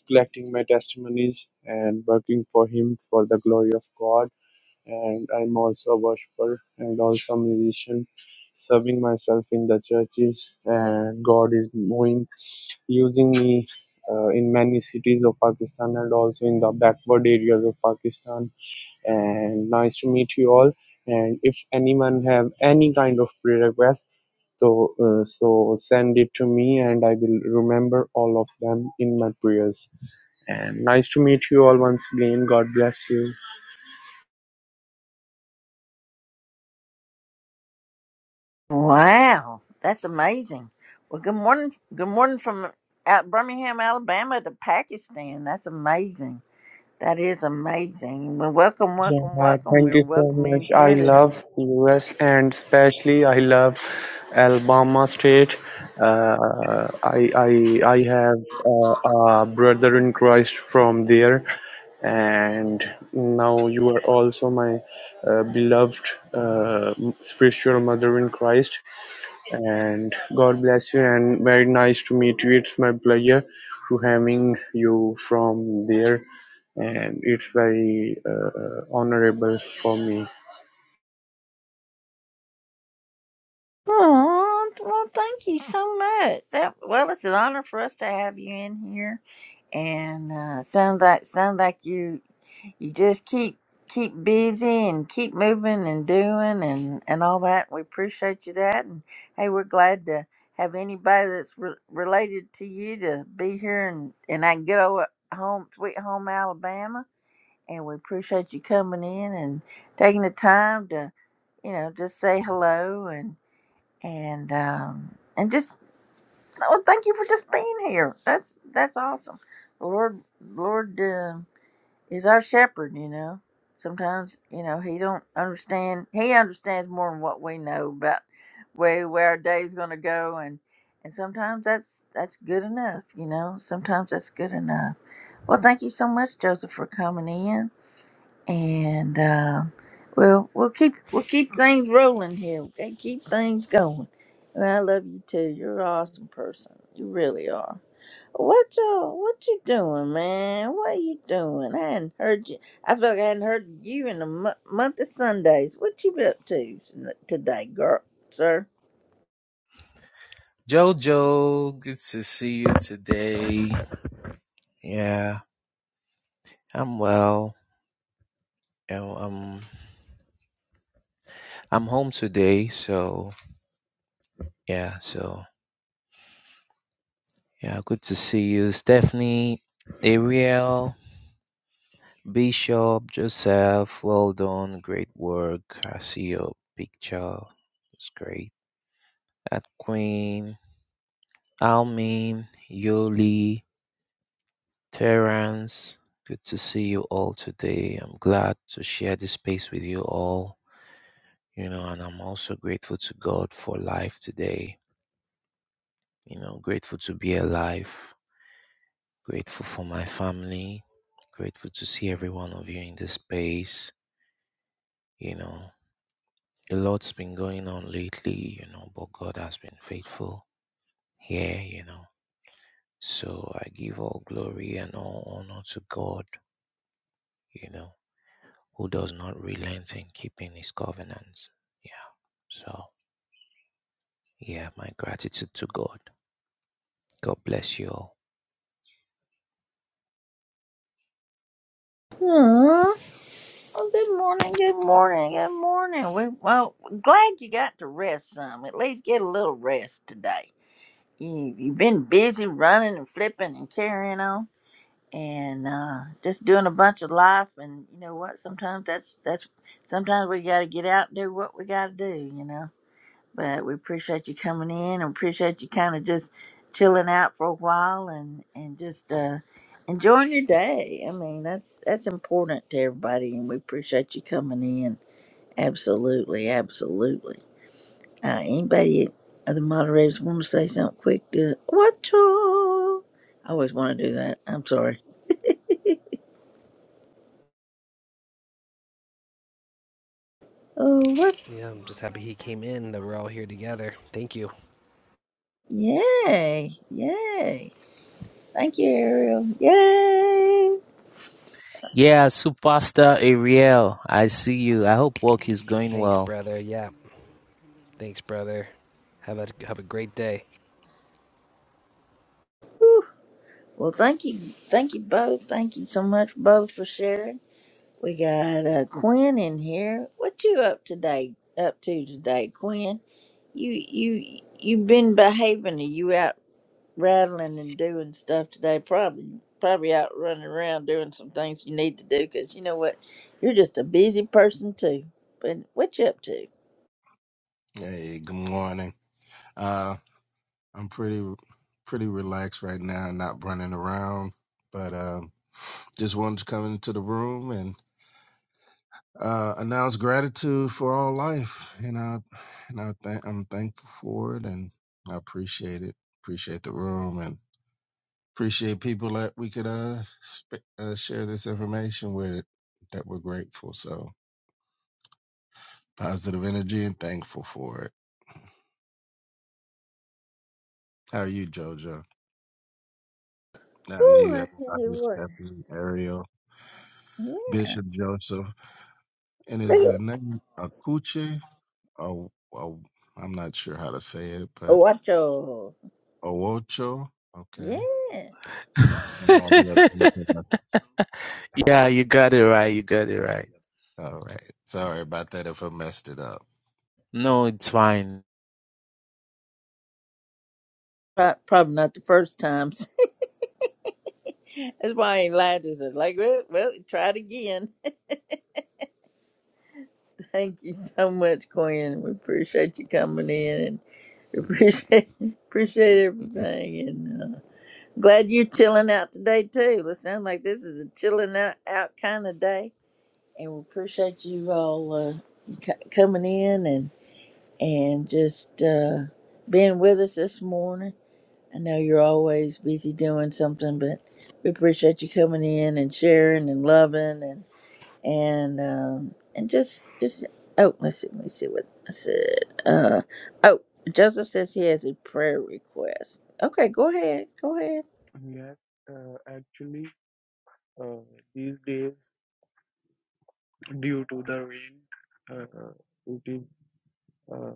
Speaker 7: collecting my testimonies and working for Him for the glory of God. And I'm also a worshiper and also a musician, serving myself in the churches. And God is moving, using me uh, in many cities of Pakistan and also in the backward areas of Pakistan and nice to meet you all. And if anyone have any kind of prayer request, so uh, so send it to me, and I will remember all of them in my prayers. And nice to meet you all once again. God bless you.
Speaker 2: Wow. That's amazing. Well, good morning. Good morning from out Birmingham, Alabama to Pakistan. That's amazing. That is amazing. Well, welcome,
Speaker 7: Yeah,
Speaker 2: welcome,
Speaker 7: uh,
Speaker 2: welcome.
Speaker 7: thank
Speaker 2: We're
Speaker 7: you so
Speaker 2: welcome
Speaker 7: much.
Speaker 2: in
Speaker 7: I
Speaker 2: here. This is
Speaker 7: love US and especially I love Alabama State. Uh, I I I have uh, a brother in Christ from there, and now you are also my uh, beloved uh, spiritual mother in Christ. And God bless you. And very nice to meet you. It's my pleasure to having you from there and it's very uh, honorable for me.
Speaker 2: Oh, well, thank you so much. That well, it's an honor for us to have you in here. And uh, sounds like sounds like you you just keep keep busy and keep moving and doing and and all that. We appreciate you that, and hey, we're glad to have anybody that's re- related to you to be here and and I can get over home, sweet home Alabama, and we appreciate you coming in and taking the time to you know just say hello and and um and just well, thank you for just being here. That's that's awesome. Lord, Lord. uh, He's our shepherd, you know. Sometimes, you know, he don't understand. He understands more than what we know about where where our day's going to go, and and sometimes that's that's good enough, you know. Sometimes that's good enough. Well, thank you so much, Joseph, for coming in, and um, we'll we'll keep we'll keep things rolling here. Okay, keep things going. And I love you too. You're an awesome person. You really are. What you what you doing, man? What you doing? I hadn't heard you. I feel like I hadn't heard you in a mo- month of Sundays. What you been up to s- today, girl, sir?
Speaker 8: Jojo, good to see you today. Yeah, I'm well. Yeah, I'm I'm home today, so yeah, so yeah, good to see you, Stephanie, Ariel, Bishop, Joseph. Well done, great work. I see your picture. It's great. At Queen, Almin, Yoli, Terrence. Good to see you all today. I'm glad to share this space with you all. you know, and I'm also grateful to God for life today, you know, grateful to be alive, grateful for my family, grateful to see every one of you in this space, you know. A lot's been going on lately, you know, but God has been faithful here, you know. So I give all glory and all honor to God, you know, who does not relent in keeping his covenants. Yeah. So, yeah, my gratitude to God. God bless you all.
Speaker 2: Aw. Oh, good morning, good morning, good morning. We, well, glad you got to rest some. At least get a little rest today. You you've been busy running and flipping and carrying on, and uh, just doing a bunch of life. And you know what? Sometimes that's that's sometimes we got to get out and do what we got to do. You know. but we appreciate you coming in and appreciate you kind of just chilling out for a while and and just uh enjoying your day i mean that's that's important to everybody and we appreciate you coming in absolutely absolutely uh anybody other moderators want to say something quick to what you- i always want to do that i'm sorry oh what
Speaker 6: Yeah, I'm just happy he came in. That we're all here together. Thank you.
Speaker 2: yay yay thank you ariel yay
Speaker 8: Yeah, Superstar Ariel, I see you. I hope work is going
Speaker 6: Thanks,
Speaker 8: well.
Speaker 6: brother. Yeah, thanks, brother. Have a have a great day.
Speaker 2: Well, thank you, thank you both. Thank you so much both for sharing. We got uh, Quinn in here. What you up today? Up to today, Quinn? You you you been behaving? Are you out rattling and doing stuff today? Probably probably out running around doing some things you need to do because you know what, you're just a busy person too. But what you up to?
Speaker 9: Hey, good morning. Uh, I'm pretty pretty relaxed right now, not running around, but uh, just wanted to come into the room and uh, announce gratitude for all life, and I and I thank I'm thankful for it, and I appreciate it. Appreciate the room, and appreciate people that we could uh, sp- uh share this information with that we're grateful. So positive energy and thankful for it. How are you, JoJo? How are
Speaker 2: Ooh,
Speaker 9: you,
Speaker 2: I tell
Speaker 9: everybody?
Speaker 2: you what.
Speaker 9: Stephanie, Ariel.
Speaker 2: Yeah.
Speaker 9: Bishop Joseph. And is
Speaker 2: Look
Speaker 9: the
Speaker 2: at-
Speaker 9: name Akuche? Oh, oh, I'm not sure how to say it,
Speaker 2: oh,
Speaker 9: but
Speaker 2: Watch out.
Speaker 9: Owocho. Okay.
Speaker 2: Yeah.
Speaker 9: And all the other people.
Speaker 8: yeah, you got it right. You got it right.
Speaker 9: All right. Sorry about that if I messed it up.
Speaker 8: No, it's fine.
Speaker 2: Pro- Probably not the first time. That's why I ain't lied to us. Like, well, well, try it again. Thank you so much, Quinn. We appreciate you coming in and we appreciate appreciate everything. And uh, glad you're chilling out today too. It sounds like this is a chilling out, out kind of day. And we appreciate you all uh, c- coming in and and just uh, being with us this morning. I know you're always busy doing something, but we appreciate you coming in and sharing and loving and and um, and just just oh let's see let me see what I said. Uh, oh, Joseph says he has a prayer request. Okay, go ahead, go ahead.
Speaker 7: Yes, uh, actually, uh, these days, due to the rain, uh, it is uh,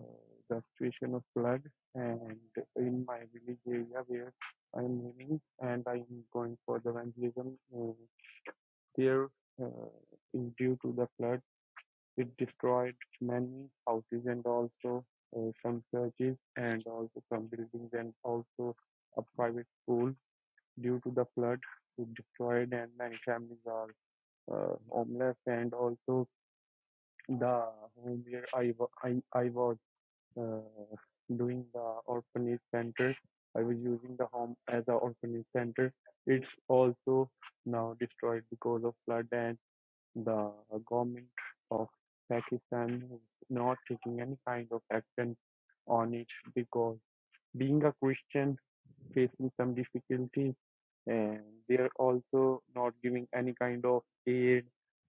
Speaker 7: the situation of flood. And in my village area where I'm living, and I'm going for the vandalism, uh, there uh, is due to the flood, it destroyed many houses and also uh, some churches and also some buildings and also a private school. due to the flood to destroyed and many families are uh, homeless and also the home where I, I, I was uh, doing the orphanage center I was using the home as an orphanage center it's also now destroyed because of flood and the government of Pakistan is not taking any kind of action on it because being a Christian facing some difficulties and they're also not giving any kind of aid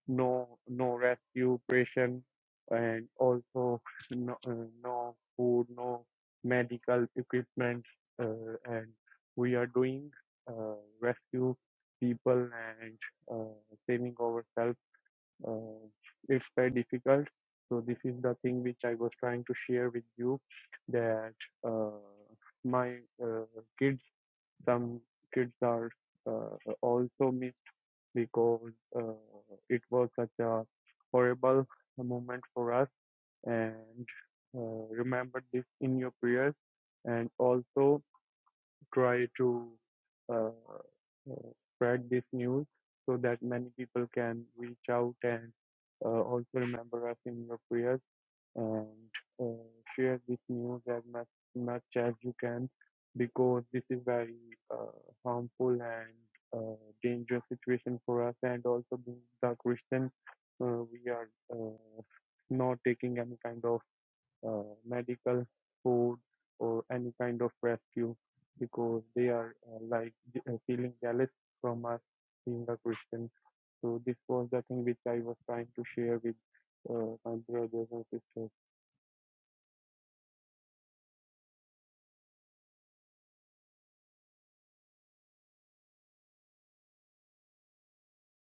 Speaker 7: no no rescue operation and also no, uh, no food no medical equipment uh, and we are doing uh, rescue people and uh, saving ourselves uh, it's very difficult so this is the thing which i was trying to share with you that uh, my uh, kids some kids are uh, also missed because uh, it was such a horrible moment for us. And uh, remember this in your prayers, and also try to uh, uh, spread this news so that many people can reach out and uh, also remember us in your prayers and uh, share this news as much, much as you can because this is very uh, harmful and uh, dangerous situation for us and also being the Christian uh, we are uh, not taking any kind of uh, medical food or any kind of rescue because they are uh, like uh, feeling jealous from us being a Christian. So this was the thing which I was trying to share with uh, my brothers and sisters.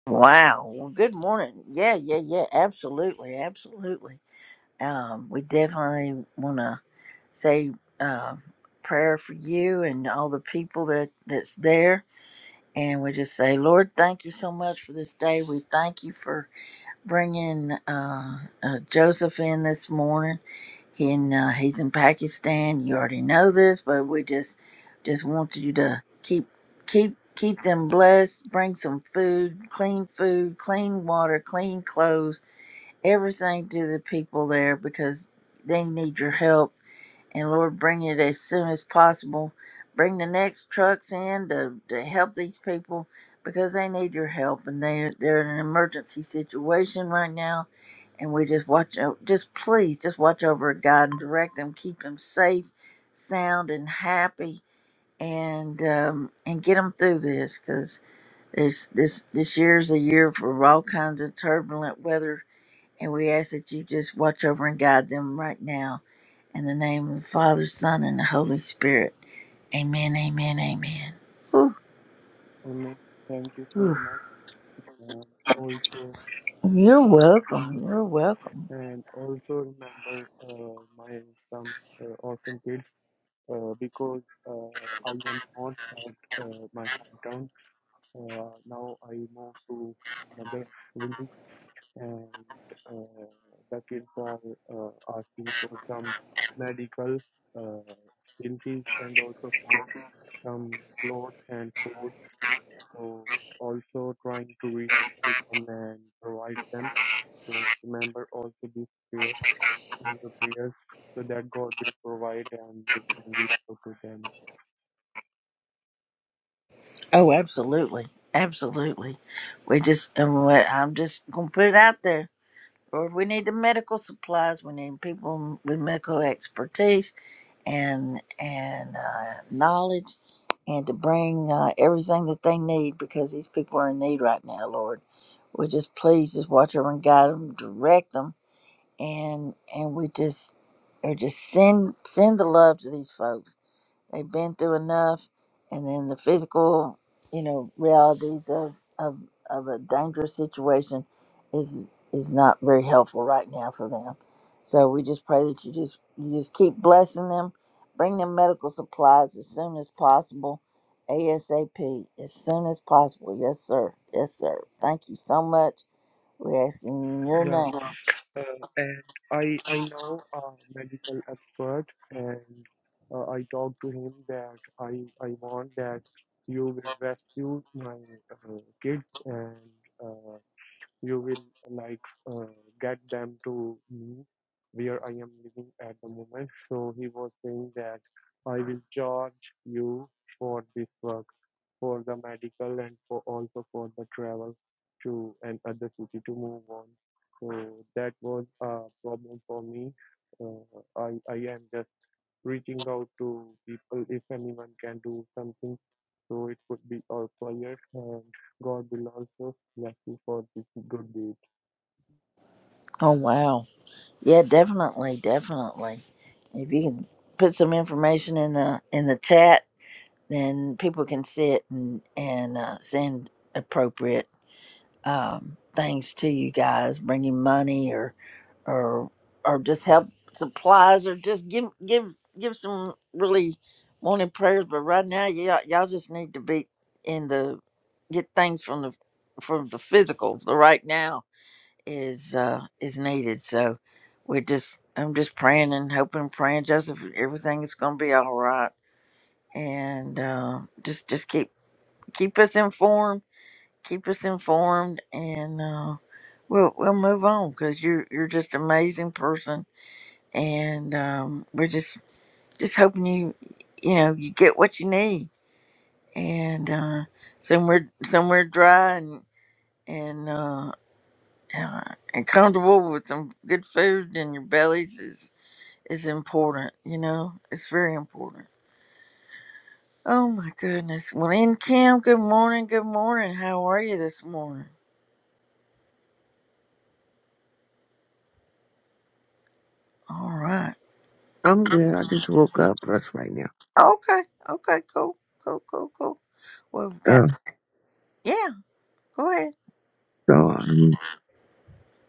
Speaker 2: Wow. Well, good morning. Yeah, yeah, yeah. Absolutely, absolutely. Um, we definitely want to say um prayer for you and all the people that that's there. And we just say, Lord, thank you so much for this day. We thank you for bringing uh, uh, Joseph in this morning. and uh, he's in Pakistan. You already know this, but we just just want you to keep keep keep them blessed. Bring some food, clean food, clean water, clean clothes, everything to the people there because they need your help. And Lord, bring it as soon as possible. Bring the next trucks in to, to help these people because they need your help and they they're in an emergency situation right now and we just watch o- just please just watch over god and direct them keep them safe sound and happy and um and get them through this because this this this year is a year for all kinds of turbulent weather and we ask that you just watch over and guide them right now in the name of the father son and the holy spirit amen amen amen Whew,
Speaker 7: Amen. Thank you so
Speaker 2: whew.
Speaker 7: much. And also,
Speaker 2: you're welcome you're welcome
Speaker 7: and also remember uh, my some uh, orphan kids uh, because uh, I am not at uh, my hometown. Uh, now I moved to another village, and uh, the kids are uh, asking for some medical uh, illness and also for some clothes and food So also trying to reach to them and provide them. So remember also these prayers, the prayers, so that God will provide and we can reach out to them.
Speaker 2: Oh, absolutely, absolutely. We just, and we- I'm just gonna put it out there. Lord, we need the medical supplies. We need people with medical expertise and and uh, knowledge, and to bring uh, everything that they need because these people are in need right now. Lord, we just please just watch over and guide them, direct them, and and we just or just send send the love to these folks They've been through enough, and then the physical, you know, realities of of of a dangerous situation is is not very helpful right now for them. So we just pray that you just you just keep blessing them, bring them medical supplies as soon as possible, ASAP, as soon as possible. Yes, sir. Yes, sir. Thank you so much. We ask in your
Speaker 7: Yeah,
Speaker 2: name.
Speaker 7: uh, and I I know a medical expert, and uh, I talked to him that I I want that you will rescue my uh, kids and. uh, you will like uh, get them to me where I am living at the moment. So he was saying that I will charge you for this work, for the medical and for also for the travel to another city to move on. So that was a problem for me. Uh, I I am just reaching out to people if anyone can do something. So it could be our players and God will also bless you for this good deed.
Speaker 2: Oh wow. Yeah, definitely, definitely. If you can put some information in the in the chat, then people can see it and and uh, send appropriate um, things to you guys. Bring you money or or or just help supplies or just give give give some really wanted prayers. But right now, y'all y'all just need to be in the get things from the from the physical the right now is uh is needed. So we're just I'm just praying and hoping, praying Joseph, everything is gonna be all right. And uh, just just keep keep us informed, keep us informed, and uh, we'll we'll move on because you're you're just an amazing person, and um, we're just just hoping you you know you get what you need, and uh, somewhere somewhere dry and and. Uh, uh, and comfortable with some good food in your bellies is is important. You know, it's very important. Oh my goodness. Well, in Kim, good morning. Good morning. How are you this morning? All right.
Speaker 10: I'm good. I just woke up just right now.
Speaker 2: Okay. Okay. Cool. Cool. Cool. Cool. Well, we've got.
Speaker 10: Uh,
Speaker 2: Yeah. Go ahead.
Speaker 10: so um,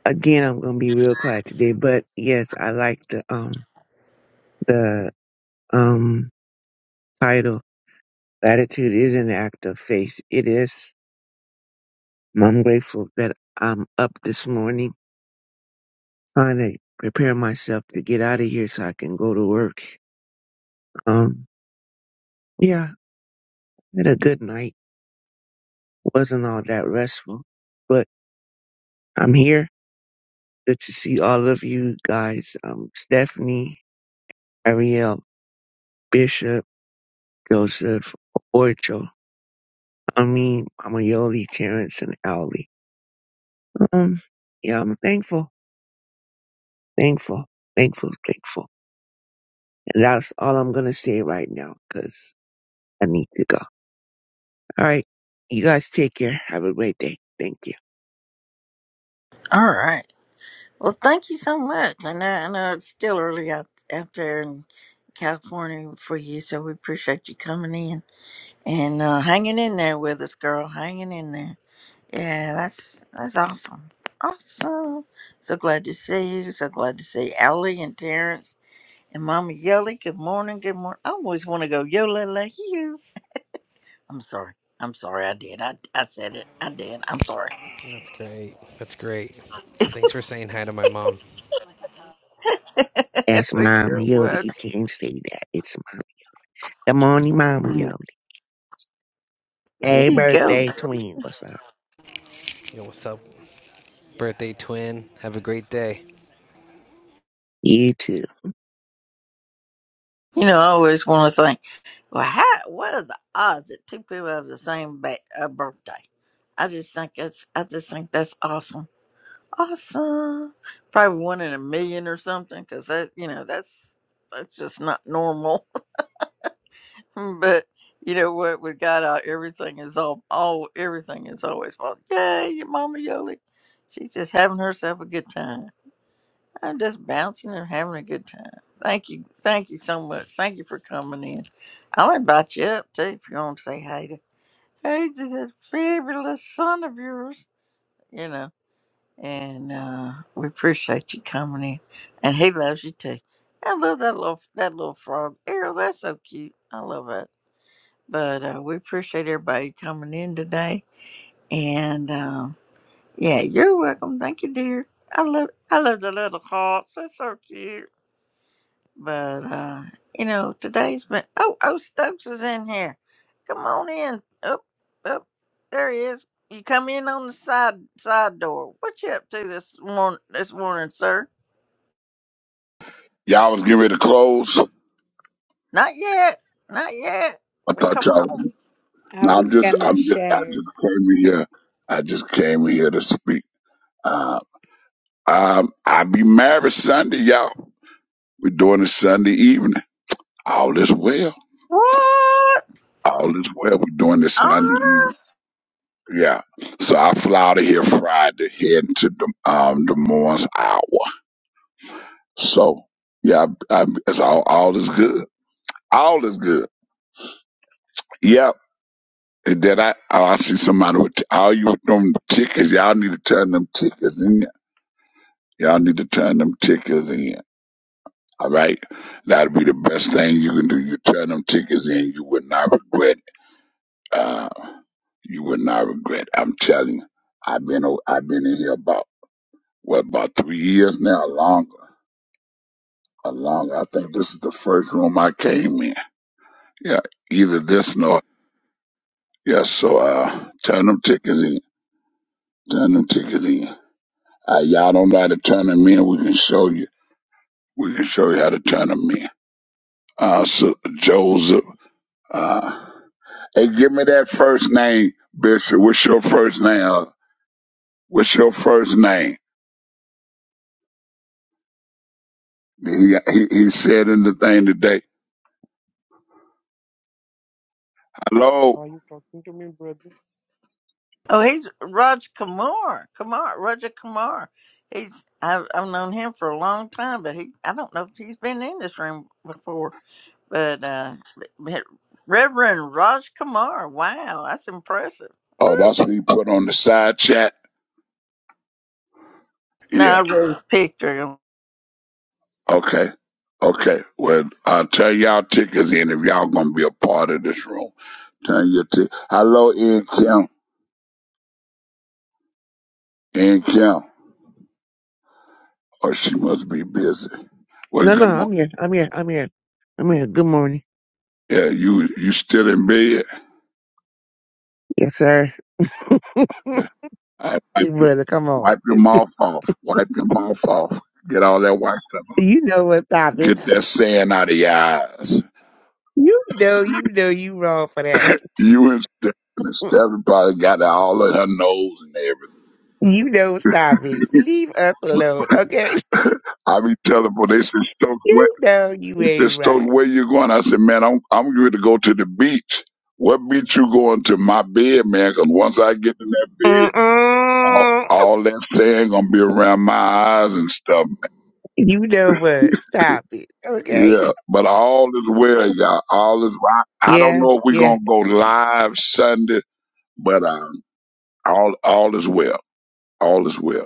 Speaker 10: again, I'm gonna be real quiet today. But yes, I like the um the um title. Gratitude is an act of faith. It is. I'm grateful that I'm up this morning trying to prepare myself to get out of here so I can go to work. Um, yeah, had a good night. wasn't all that restful, but I'm here. Good to see all of you guys. Um, Stephanie, Ariel, Bishop. Joseph Orchel. I mean, Amayoli, Terrence, and Owley. Um, yeah, I'm thankful, thankful, thankful, thankful. And that's all I'm going to say right now because I need to go. All right. You guys take care. Have a great day. Thank you.
Speaker 2: All right. Well, thank you so much. I know. I know it's still early out out there in California for you, so we appreciate you coming in and uh, hanging in there with us, girl. Hanging in there. Yeah, that's that's awesome. Awesome. So glad to see you. So glad to see Ellie and Terrence and Mama Yoli. Good morning. Good morning. I always want to go Yola like you. I'm sorry. I'm sorry. I did. I, I said it. I did. I'm sorry.
Speaker 6: That's great. That's great. Thanks for saying hi to my mom.
Speaker 10: That's
Speaker 2: But
Speaker 10: Mama
Speaker 2: You're
Speaker 10: Yoli. You
Speaker 2: welcome.
Speaker 10: can't say that. It's Mama. Good morning, Mama
Speaker 2: Yeah,
Speaker 10: Yoli.
Speaker 2: There
Speaker 10: Hey,
Speaker 2: you go.
Speaker 10: birthday twin. What's up?
Speaker 6: Yo, what's up, birthday twin? Have a great day.
Speaker 10: You too.
Speaker 2: You know, I always want to think. Well, how? What are the odds that two people have the same ba- uh, birthday? I just think that's. I just think that's awesome. Awesome. Probably one in a million or something, because that, you know, that's that's just not normal. but you know what? With God out, everything is all, all everything is always possible. Yay, your mama Yoli. She's just having herself a good time. I'm just bouncing and having a good time. Thank you. Thank you so much. Thank you for coming in. I'll invite you up too if you want to say hi to. Hey, to that fabulous son of yours. You know. and uh, we appreciate you coming in. And he loves you too. I love that little that little frog, Errol. That's so cute. I love it. But uh, we appreciate everybody coming in today. And um, yeah, you're welcome. Thank you, dear. I love I love the little hearts. That's so cute. But uh, you know, today's been oh oh Stokes is in here. Come on in. Up up there he is. You come in on the side side door. What you up to this morning this morning, sir?
Speaker 11: Y'all was getting ready to close.
Speaker 2: Not yet. Not yet.
Speaker 11: I
Speaker 2: But
Speaker 11: thought
Speaker 2: come
Speaker 11: y'all.
Speaker 2: on.
Speaker 11: Was,
Speaker 1: I
Speaker 11: no, I'm
Speaker 1: was
Speaker 11: just,
Speaker 1: gonna
Speaker 11: I'm just, I
Speaker 1: share.
Speaker 11: just came in here. I just came in here to speak. Uh, um, I be married Sunday, y'all. We're doing this Sunday evening. All is well.
Speaker 2: What?
Speaker 11: All is well. We're doing this
Speaker 2: Ah.
Speaker 11: Sunday evening. Yeah. So I fly out of here Friday, heading to the um Des Moines, Iowa. So yeah, I, I, it's all all is good. All is good. Yeah. That I oh, I see somebody with all you with them tickets. Y'all need to turn them tickets in. Y'all need to turn them tickets in. All right, that'd be the best thing you can do. You turn them tickets in. You would not regret. it. Uh, you would not regret. it. I'm telling you. I've been o- I've been in here about what about three years now, longer, or longer. I think this is the first room I came in. Yeah, either this or yes. so uh, turn them tickets in. Turn them tickets in. Uh, y'all don't know how to turn them in. We can show you. We can show you how to turn them in. Uh, so Joseph. Uh, hey, give me that first name, Bishop. What's your first name? Uh, what's your first name? He, he he said in the thing today. Hello.
Speaker 7: Are you talking to me, brother?
Speaker 2: Oh he's Roger Kamar. Kamar Roger Kamar. He's I've I've known him for a long time, but he I don't know if he's been in this room before. But uh, Reverend Raj Kumar, wow, that's impressive.
Speaker 11: Oh,
Speaker 2: Woo.
Speaker 11: that's what he put on the side chat.
Speaker 2: No,
Speaker 11: Yeah.
Speaker 2: I really picture him.
Speaker 11: Okay. Okay. Well, I'll tell y'all tickets in if y'all gonna be a part of this room. Turn your ticket. Hello, N Kim. N Kim. Oh, she must be busy. Well,
Speaker 10: No, no,
Speaker 11: good morning.
Speaker 10: I'm here. I'm here. I'm here. I'm here. Good morning.
Speaker 11: Yeah, you you still in bed.
Speaker 10: Yes, sir.
Speaker 11: I
Speaker 10: Big brother, come on.
Speaker 11: wipe your mouth off. Wipe your mouth off. Get all that white stuff. off.
Speaker 10: you know what topic.
Speaker 11: Get that sand out of your eyes.
Speaker 10: You know, you know, you wrong for that.
Speaker 11: You and Steph and Stephanie probably got it all in her nose and everything.
Speaker 10: You know, stop it. Leave us alone, okay?
Speaker 11: I be telling people, they said, Stokes, where,
Speaker 10: You know, you
Speaker 11: they
Speaker 10: ain't
Speaker 11: said, Stokes,
Speaker 10: right.
Speaker 11: where you going? I said, man, I'm, I'm going to go to the beach. What beach you going to? My bed, man? Cause once I get in that bed, all,
Speaker 10: Mm-mm.
Speaker 11: all that sand going to be around my eyes and stuff,
Speaker 10: You know what? Stop it, okay?
Speaker 11: Yeah, but all is well, y'all. All is. I, I don't
Speaker 10: yeah,
Speaker 11: know if we're
Speaker 10: yeah.
Speaker 11: gonna go live Sunday, but um, all all is well. All is well.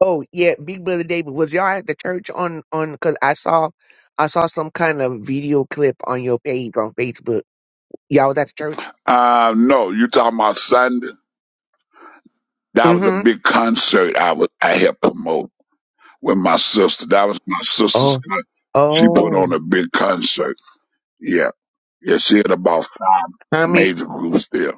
Speaker 10: Oh, yeah. Big Brother David, was y'all at the church on on? Because I saw, I saw some kind of video clip on your page on Facebook. Y'all was at the church?
Speaker 11: Uh, no, you talking about Sunday? That was a
Speaker 10: Mm-hmm.
Speaker 11: big concert I was I helped promote with my sister. That was my sister's.
Speaker 10: Oh,
Speaker 11: con- She put
Speaker 10: oh.
Speaker 11: on a big concert. Yeah, yeah. She had about five
Speaker 10: I mean,
Speaker 11: major groups there.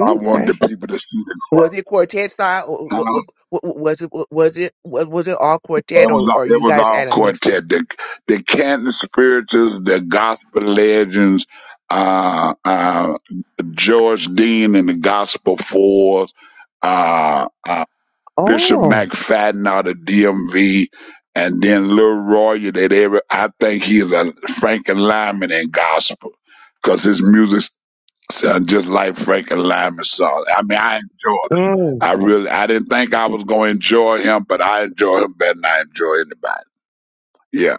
Speaker 11: I wanted the people to see the
Speaker 10: Was it quartet style? Or wa-
Speaker 11: crowd.
Speaker 10: wa- wa- wa- was it was it was was it all
Speaker 11: It
Speaker 10: quartet,
Speaker 11: was
Speaker 10: or
Speaker 11: all,
Speaker 10: or
Speaker 11: it
Speaker 10: you
Speaker 11: was
Speaker 10: guys
Speaker 11: all
Speaker 10: had a mixture?
Speaker 11: quartet. The the Canton Spirituals, the Gospel Legends, uh, uh, George Dean and the Gospel Fours, uh, uh, Bishop
Speaker 10: Oh,
Speaker 11: McFadden out of DMV, and then Lil Roy. That every I think he is a Frank and Lyman in gospel because his music sounds just like Frank and Lyman songs. I mean, I enjoy. Him.
Speaker 10: mm.
Speaker 11: I really, I didn't think I was going to enjoy him, but I enjoy him better than I enjoy anybody. Yeah,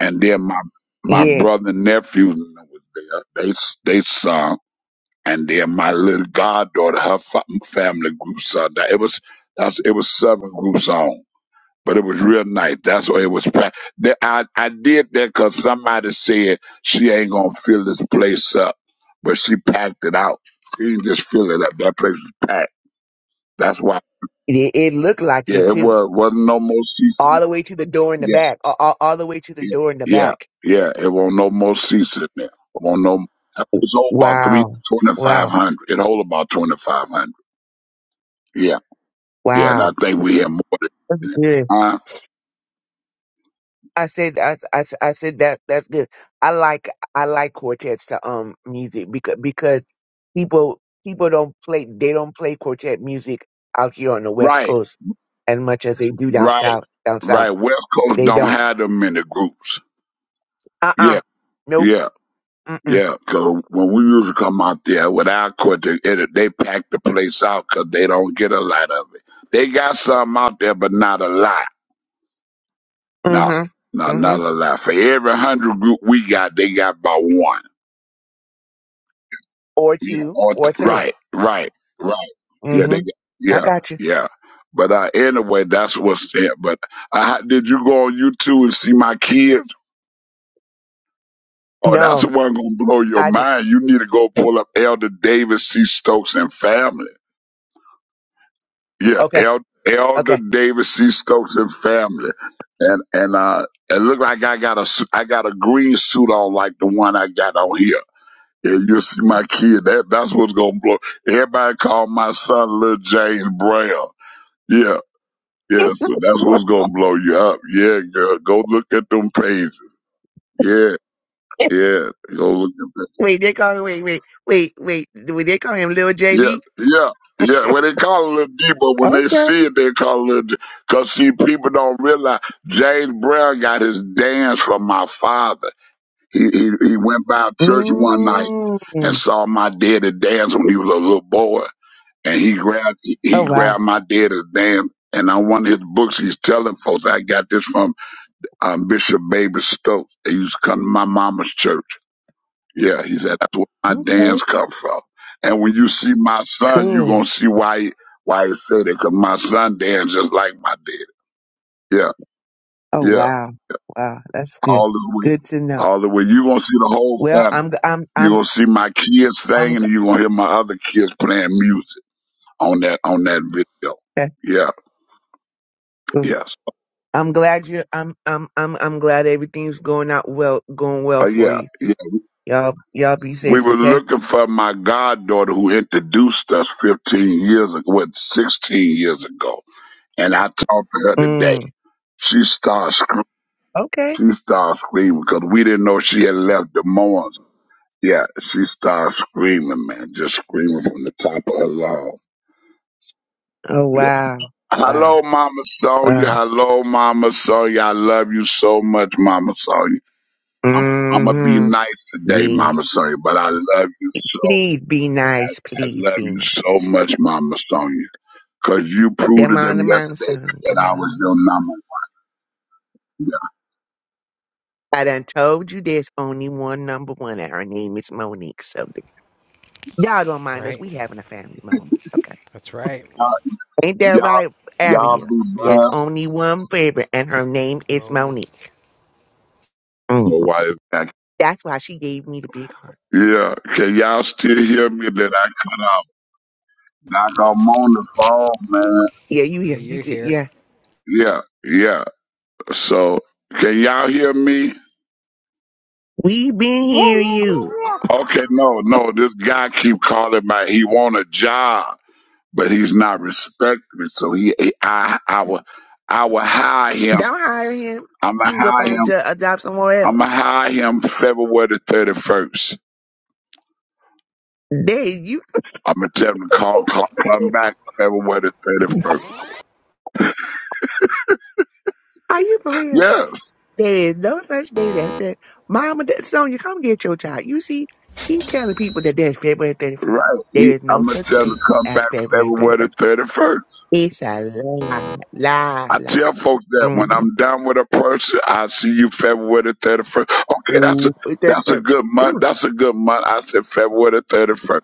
Speaker 11: and then my my
Speaker 10: yeah,
Speaker 11: brother and nephew was there. They s- they sung, and then my little goddaughter, her fa- family group sung. That it was that's it was seven groups on, but it was real nice. That's why it was. pa- That I I did that 'cause somebody said she ain't gonna fill this place up, but she packed it out. She didn't just fill it up. That place was packed. That's why.
Speaker 10: it, it looked like
Speaker 11: Yeah,
Speaker 10: it
Speaker 11: it
Speaker 10: too,
Speaker 11: was wasn't no more
Speaker 10: all
Speaker 11: season.
Speaker 10: the way to the door in the
Speaker 11: Yeah.
Speaker 10: back, all, all, all the way to the
Speaker 11: Yeah,
Speaker 10: door in the
Speaker 11: yeah,
Speaker 10: back.
Speaker 11: yeah. It won't no more seats in there. Won't no. It's hold about three
Speaker 10: Wow,
Speaker 11: twenty five
Speaker 10: wow,
Speaker 11: hundred. It hold about twenty five hundred. Yeah, yeah. And I
Speaker 10: wow,
Speaker 11: think we have more than that.
Speaker 10: Good.
Speaker 11: Uh,
Speaker 10: I said, I, s- I, s- I said that that's good. I like, I like quartets to um music because because people people don't play they don't play quartet music out here on the West
Speaker 11: right,
Speaker 10: Coast as much as they do down
Speaker 11: right,
Speaker 10: south. Down south,
Speaker 11: right. West Coast
Speaker 10: they
Speaker 11: don't
Speaker 10: don't.
Speaker 11: have them many groups.
Speaker 10: Uh uh
Speaker 11: Yeah,
Speaker 10: Nope.
Speaker 11: yeah,
Speaker 10: Mm mm.
Speaker 11: yeah. Cause when we used to come out there with our quartet, it, they pack the place out 'cause they don't get a lot of it. They got some out there, but not a lot. No,
Speaker 10: Mhm.
Speaker 11: no,
Speaker 10: Mhm.
Speaker 11: not a lot. For every hundred group we got, they got about one.
Speaker 10: Or
Speaker 11: Yeah,
Speaker 10: two
Speaker 11: all t-
Speaker 10: or three.
Speaker 11: right, right, right. Yeah, they
Speaker 10: Mhm.
Speaker 11: got,
Speaker 10: I
Speaker 11: yeah,
Speaker 10: got you.
Speaker 11: yeah. But uh, anyway, that's what's there. But I, ha- did you go on YouTube and see my kids? Oh, that's the
Speaker 10: No,
Speaker 11: one gonna blow your
Speaker 10: I did.
Speaker 11: mind. You need to go pull up Elder David C. Stokes and family. Yeah,
Speaker 10: Okay.
Speaker 11: El- Elder
Speaker 10: Okay.
Speaker 11: David C. Stokes and family. And and uh, it looked like I got a su- I got a green suit on like the one I got on here. If you see my kid, that that's what's gonna blow. Everybody call my son Little James Brown. Yeah, yeah. So that's what's gonna blow you up. Yeah, girl. Go look at them pages. Yeah, yeah. Go look at that.
Speaker 10: wait, they call him. Wait, wait, wait, wait. Wait, They call him Lil JB.
Speaker 11: Yeah, yeah, yeah. When they call it Little D, but when they
Speaker 10: Okay.
Speaker 11: see it, they call it Little. Because see, people don't realize James Brown got his dance from my father. He he he went by church one night
Speaker 10: Mm.
Speaker 11: and saw my daddy dance when he was a little boy. and he grabbed
Speaker 10: Oh
Speaker 11: he
Speaker 10: wow.
Speaker 11: grabbed my dad's damn and on one of his books he's telling folks I got this from um, Bishop Baby Stokes. They used to come to my mama's church. Yeah, he said that's where my
Speaker 10: Okay.
Speaker 11: dance come from. And when you see my son, you
Speaker 10: Cool.
Speaker 11: gonna see why he, why he said that, 'cause my son dance just like my dad. Yeah,
Speaker 10: Oh
Speaker 11: yeah,
Speaker 10: wow. Wow. That's good.
Speaker 11: all the way,
Speaker 10: Good to know.
Speaker 11: all the way. You gonna see the whole
Speaker 10: Well,
Speaker 11: family.
Speaker 10: I'm g- I'm
Speaker 11: You
Speaker 10: I'm
Speaker 11: gonna see my kids
Speaker 10: I'm
Speaker 11: singing,
Speaker 10: g-
Speaker 11: and you gonna hear my other kids playing music on that on that video.
Speaker 10: okay,
Speaker 11: Yeah,
Speaker 10: cool.
Speaker 11: yeah.
Speaker 10: I'm glad you I'm I'm I'm I'm glad everything's going out well going well
Speaker 11: Uh,
Speaker 10: for
Speaker 11: yeah,
Speaker 10: you.
Speaker 11: yeah.
Speaker 10: Y'all y'all be
Speaker 11: We
Speaker 10: safe,
Speaker 11: were
Speaker 10: okay?
Speaker 11: looking for my goddaughter who introduced us 15 years ago, what, 16 years ago. And I talked to her today.
Speaker 10: Mm.
Speaker 11: She started screaming.
Speaker 10: Okay.
Speaker 11: She started screaming because we didn't know she had left Des Moines. Yeah, she started screaming, man, just screaming from the top of her lungs.
Speaker 10: Oh
Speaker 11: Yeah.
Speaker 10: wow. Wow.
Speaker 11: Hello, Mama
Speaker 10: Wow.
Speaker 11: Sonia. Hello, Mama Sonia. I love you so much, Mama Sonia. I'm, I'm going to be
Speaker 10: Mm-hmm.
Speaker 11: nice today,
Speaker 10: Yeah.
Speaker 11: Mama Sonia, but I love you so
Speaker 10: Please be nice.
Speaker 11: I
Speaker 10: Please
Speaker 11: love
Speaker 10: be
Speaker 11: you so
Speaker 10: nice.
Speaker 11: much, Mama Sonia, because you proved to
Speaker 10: Come
Speaker 11: them
Speaker 10: on, come on,
Speaker 11: yesterday
Speaker 10: son. Come
Speaker 11: that I was
Speaker 10: on.
Speaker 11: your number.
Speaker 10: I done told you there's only one number one, and her name is Monique. So th- y'all don't mind us.
Speaker 6: Right?
Speaker 10: We having a family moment, okay?
Speaker 6: That's right.
Speaker 11: Y'all,
Speaker 10: Ain't that
Speaker 11: y'all,
Speaker 10: right,
Speaker 11: y'all
Speaker 6: Yep.
Speaker 10: Aria?
Speaker 11: be
Speaker 6: Yep.
Speaker 10: There's
Speaker 11: blessed.
Speaker 10: only one favorite, and her name is
Speaker 6: Monique.
Speaker 10: Monique. Mm.
Speaker 11: My wife back.
Speaker 10: That's why she gave me the big heart.
Speaker 11: Yeah, can y'all still hear me that I cut off? Like I'm on the phone, man.
Speaker 10: Yeah, you
Speaker 6: Yeah,
Speaker 10: hear? You
Speaker 6: you're
Speaker 10: said,
Speaker 6: here.
Speaker 10: yeah.
Speaker 11: Yeah, yeah. So, can y'all hear me?
Speaker 10: We been
Speaker 2: Yeah,
Speaker 10: hearing
Speaker 2: yeah,
Speaker 10: you.
Speaker 2: yeah,
Speaker 11: Okay, no, no. This guy keep calling my. He want a job, but he's not respected. So he, I, I will, I will hire him.
Speaker 10: Don't hire him.
Speaker 11: I'm
Speaker 10: He
Speaker 11: gonna
Speaker 10: can go
Speaker 11: hire
Speaker 10: find a,
Speaker 11: him
Speaker 10: jo- a job somewhere
Speaker 11: I'm gonna
Speaker 10: else.
Speaker 11: hire him February the 31st.
Speaker 10: There, you
Speaker 11: I'm gonna tell him to call, call come back February the 31st.
Speaker 10: are you for real?
Speaker 11: Yeah,
Speaker 10: There is no such thing as that. Mama, that Sonya, come get your child. You see, keep telling people that there's February 31st.
Speaker 11: right. He,
Speaker 10: There is no
Speaker 11: I'm gonna
Speaker 10: such
Speaker 11: tell him
Speaker 10: thing
Speaker 11: to come
Speaker 10: as
Speaker 11: back
Speaker 10: February
Speaker 11: February the
Speaker 10: 31st.
Speaker 11: 31st.
Speaker 10: It's a lie, lie,
Speaker 11: I
Speaker 10: lie.
Speaker 11: tell folks that when I'm
Speaker 10: Mm-hmm.
Speaker 11: done with a person, I see you February the 31st. Okay, that's a
Speaker 10: Ooh,
Speaker 11: that's a
Speaker 10: 31st.
Speaker 11: good month.
Speaker 10: Ooh,
Speaker 11: That's a good month. I said February the 31st.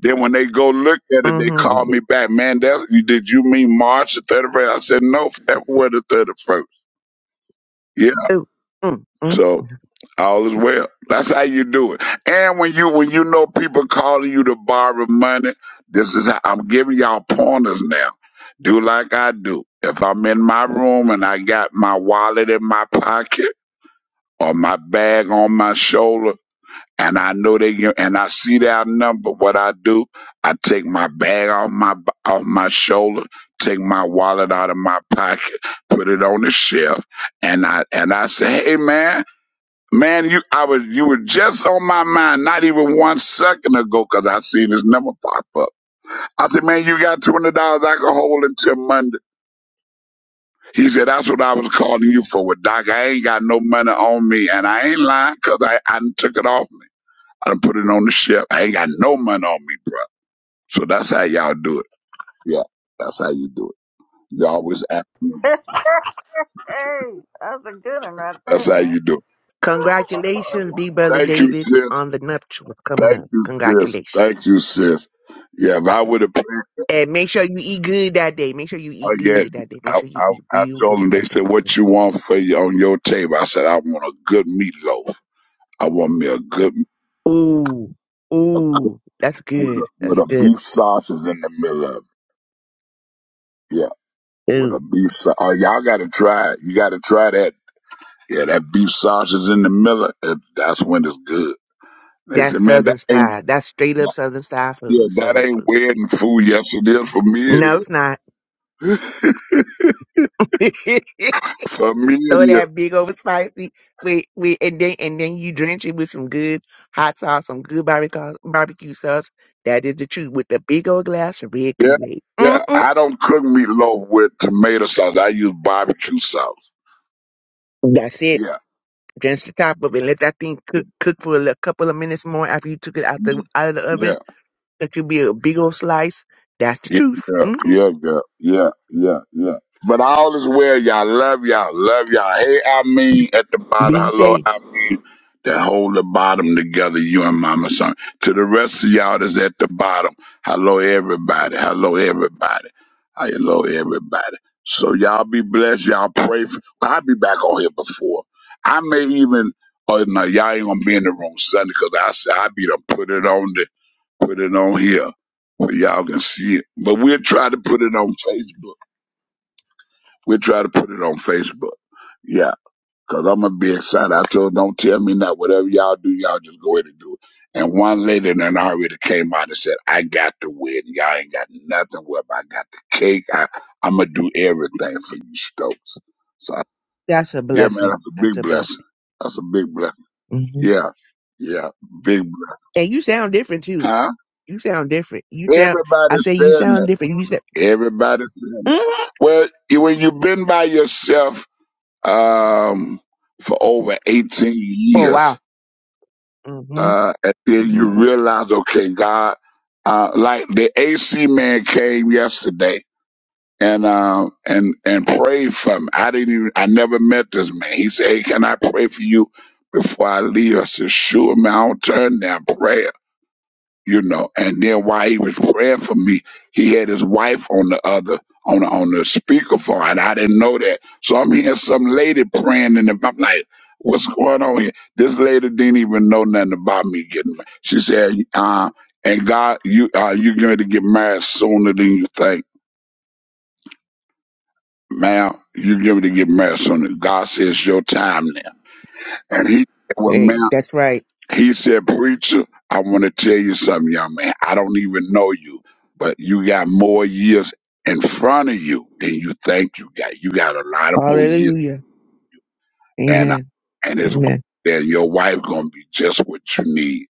Speaker 11: Then when they go look at it, they call
Speaker 10: mm-hmm.
Speaker 11: me back. Man, that, you did you mean March the 31st? I said, no, February the 31st. Yeah.
Speaker 10: Ooh, mm, mm.
Speaker 11: So All is well. That's how you do it. And when you when you know people calling you to borrow money, this is how I'm giving y'all pointers now. Do like I do. If I'm in my room and I got my wallet in my pocket or my bag on my shoulder, and I know they gi- and I see that number, what I do, I take my bag off my b- off my shoulder, take my wallet out of my pocket, put it on the shelf, and I and I say, hey man. Man, you I was you were just on my mind not even one second ago because I seen this number pop up. I said, man, you got two hundred dollars I can hold until Monday. He said, that's what I was calling you for. Well, Doc, I ain't got no money on me, and I ain't lying because I I done took it off me. I done put it on the shelf. I ain't got no money on me, bro. So that's how y'all do it. Yeah, that's how you do it. You always ask me.
Speaker 2: yeah. hey, that's a good one right
Speaker 11: That's
Speaker 2: there
Speaker 11: how
Speaker 2: now.
Speaker 11: you do it.
Speaker 10: Congratulations, B Brother
Speaker 11: Thank you,
Speaker 10: David,
Speaker 11: sis.
Speaker 10: on the nuptials coming
Speaker 11: Thank
Speaker 10: up.
Speaker 11: you, sis.
Speaker 10: Congratulations.
Speaker 11: Thank you, sis. Yeah, if I would have.
Speaker 10: And make sure you eat good that day. Make sure you eat
Speaker 11: Oh yeah,
Speaker 10: good that day. Make
Speaker 11: I,
Speaker 10: sure you
Speaker 11: I
Speaker 10: eat
Speaker 11: I
Speaker 10: real
Speaker 11: told them.
Speaker 10: good
Speaker 11: They
Speaker 10: that day.
Speaker 11: said, "What you want for you on your table?" I said, "I want a good meatloaf. I want me a good
Speaker 10: Ooh,
Speaker 11: a,
Speaker 10: ooh, that's
Speaker 11: with a
Speaker 10: good.
Speaker 11: with
Speaker 10: That's
Speaker 11: a
Speaker 10: good.
Speaker 11: beef sausage in the middle of it. Yeah, with
Speaker 10: Ooh,
Speaker 11: a beef sausage. Oh, y'all got to try it. You got to try that. Yeah, that beef sausage in the middle. Of It, that's when it's good." They said,
Speaker 10: that's
Speaker 11: "Man, that
Speaker 10: Southern
Speaker 11: ain't
Speaker 10: style. That's straight up Southern style
Speaker 11: yeah,
Speaker 10: food.
Speaker 11: that
Speaker 10: Southern
Speaker 11: ain't
Speaker 10: food.
Speaker 11: wedding food. Yes, it is for me. It
Speaker 10: No, it's not.
Speaker 11: is for me.
Speaker 10: Throw
Speaker 11: It is.
Speaker 10: that big over spicy with with, and then and then you drench it with some good hot sauce, some good barbecue barbecue sauce. That is the truth. With the big old glass of red Kool
Speaker 11: Yeah,
Speaker 10: Aid.
Speaker 11: yeah.
Speaker 10: Mm-mm.
Speaker 11: I don't cook meatloaf with tomato sauce. I use barbecue sauce."
Speaker 10: That's it.
Speaker 11: Yeah.
Speaker 10: Drench the top of it. Let that thing
Speaker 11: Yeah,
Speaker 10: cook cook for a li- couple of minutes more after you took it out the out of the oven.
Speaker 11: yeah,
Speaker 10: That could be a big old slice. That's the
Speaker 11: yeah,
Speaker 10: truth. Mm-hmm.
Speaker 11: yeah, girl. yeah, yeah, yeah. But all is well, y'all. Love y'all, love y'all. Hey, I mean, at the bottom,
Speaker 10: Be
Speaker 11: hello,
Speaker 10: safe.
Speaker 11: I mean, that hold the bottom together, you and Mama Son. To the rest of y'all that's at the bottom, hello, everybody, hello, everybody, hello, everybody. So y'all be blessed, y'all pray. For, I'll be back on here before. I may even, oh no, y'all ain't gonna be in the room Sunday because I said I be done put it on the put it on here. Well, y'all can see it. But we'll try to put it on Facebook. We'll try to put it on Facebook. Yeah, because I'm going to be excited. I told them, don't tell me not. Whatever y'all do, y'all just go ahead and do it. And one lady in an already came out and said, I got the wedding. Y'all ain't got nothing. Well, I got the cake. I, I'm going to do everything for you, Stokes. So,
Speaker 10: That's a
Speaker 11: yeah, man,
Speaker 10: blessing.
Speaker 11: that's a
Speaker 10: That's
Speaker 11: big
Speaker 10: a
Speaker 11: blessing.
Speaker 10: blessing.
Speaker 11: That's a big blessing.
Speaker 10: hmm
Speaker 11: Yeah, yeah, big blessing.
Speaker 10: And you sound different too.
Speaker 11: Huh?
Speaker 10: You sound different. You sound. I
Speaker 11: Everybody's
Speaker 10: say you
Speaker 11: saying that.
Speaker 10: sound different. You said
Speaker 11: Everybody.
Speaker 10: hmm
Speaker 11: Well, you- when you've been by yourself um, for over 18
Speaker 10: for a
Speaker 11: years,
Speaker 10: while. hmm
Speaker 11: uh, and then
Speaker 10: hmm
Speaker 11: you realize, okay, God, uh, like the AC man came yesterday and um and and prayed for me. I didn't even I never met this man. He said, Hey, can I pray for you before I leave? I said, Sure, man, I'll turn down prayer you know. And then while he was praying for me, he had his wife on the other on the, on the speakerphone, and I didn't know that. So I'm hearing some lady praying, and I'm like, "What's going on here?" This lady didn't even know nothing about me getting. married. She said, "Uh, and God, you uh, you going to get married sooner than you think, ma'am. You You're going to get married sooner. God says your time now." And he said, "Well, ma'am."
Speaker 10: Hey, that's right.
Speaker 11: He said, Preacher, I want to tell you something, young man. I don't even know you, but you got more years in front of you than you think you got. You got a lot of more years.
Speaker 10: Hallelujah.
Speaker 11: And uh,
Speaker 10: Amen.
Speaker 11: and his wife
Speaker 10: Amen.
Speaker 11: and your wife gonna be just what you need.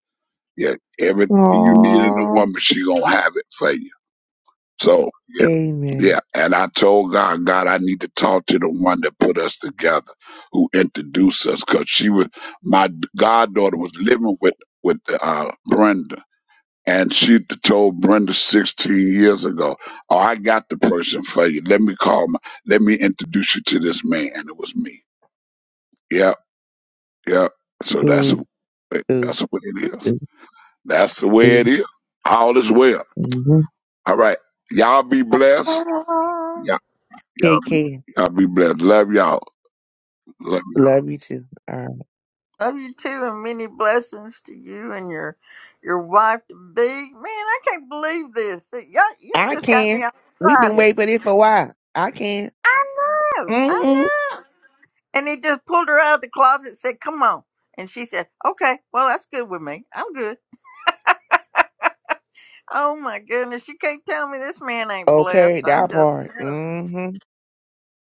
Speaker 11: Yeah. Everything you need in a
Speaker 10: Aww.
Speaker 11: woman, she gonna have it for you. So yeah,
Speaker 10: Amen.
Speaker 11: yeah. And I told God, God, I need to talk to the one that put us together, who introduced us, cause she was my goddaughter was living with with uh, Brenda And she told Brenda 16 years ago, Oh, I got the person for you. Let me call my, let me introduce you to this man. And it was me. Yep, yep. So that's
Speaker 10: Cool. Cool.
Speaker 11: that's what it is.
Speaker 10: Cool.
Speaker 11: That's the way
Speaker 10: cool.
Speaker 11: it is. All is well.
Speaker 10: hmm
Speaker 11: All right. Y'all be blessed. Yeah, y'all,
Speaker 10: KK,
Speaker 11: y'all be blessed. Love y'all. Love
Speaker 10: love you too. All right.
Speaker 2: Love you too, and many blessings to you and your your wife to be. Man, I can't believe this. That y'all, you
Speaker 10: I
Speaker 2: just got
Speaker 10: can.
Speaker 2: me all
Speaker 10: We've been
Speaker 2: excited.
Speaker 10: waiting for this for a while. I can.
Speaker 2: I know, I
Speaker 10: hmm
Speaker 2: know. And he just pulled her out of the closet and said, "Come on." And she said, "Okay, well, that's good with me. I'm good." Oh my goodness, you can't tell me this man ain't blessed.
Speaker 10: Okay,
Speaker 2: I'm
Speaker 10: that
Speaker 2: just
Speaker 10: part.
Speaker 2: telling you.
Speaker 10: Mhm.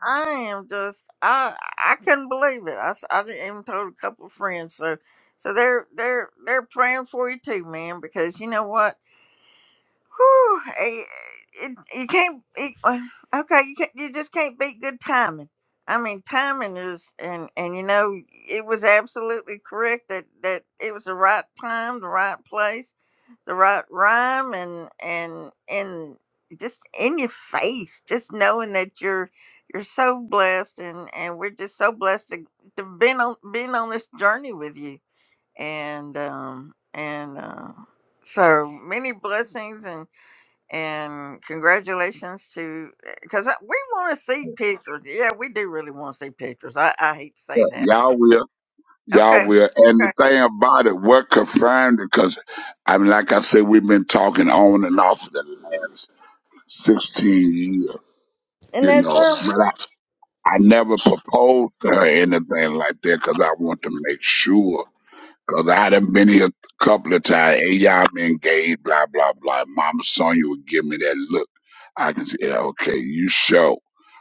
Speaker 2: I am just I I couldn't believe it. I, s- I didn't even told a couple of friends so so they're they're they're praying for you too, man, because you know what? Whew, eh, eh, it, you can't. It, uh, okay, you can't, you just can't beat good timing. I mean, timing is, and and you know, it was absolutely correct that that it was the right time, the right place, the right rhyme, and and and just in your face, just knowing that you're you're so blessed, and and we're just so blessed to to been on been on this journey with you, and um and uh, so many blessings and and congratulations to because we want to see pictures. Yeah, we do really want to see pictures. I, I hate to
Speaker 11: y'all.
Speaker 2: say
Speaker 11: Yeah,
Speaker 2: that.
Speaker 11: Y'all will. Y'all
Speaker 2: Okay,
Speaker 11: will. And the
Speaker 2: okay,
Speaker 11: thing about it, we're confirmed because I mean, like I said, we've been talking on and off for the last 16 years
Speaker 2: and
Speaker 11: you
Speaker 2: that's
Speaker 11: know.
Speaker 2: um,
Speaker 11: But I, I never proposed to her anything like that because I want to make sure. Because I done been here a couple of times. Hey, y'all been engaged, blah, blah, blah. Mama Sonia would give me that look. I can say, yeah, okay, you show.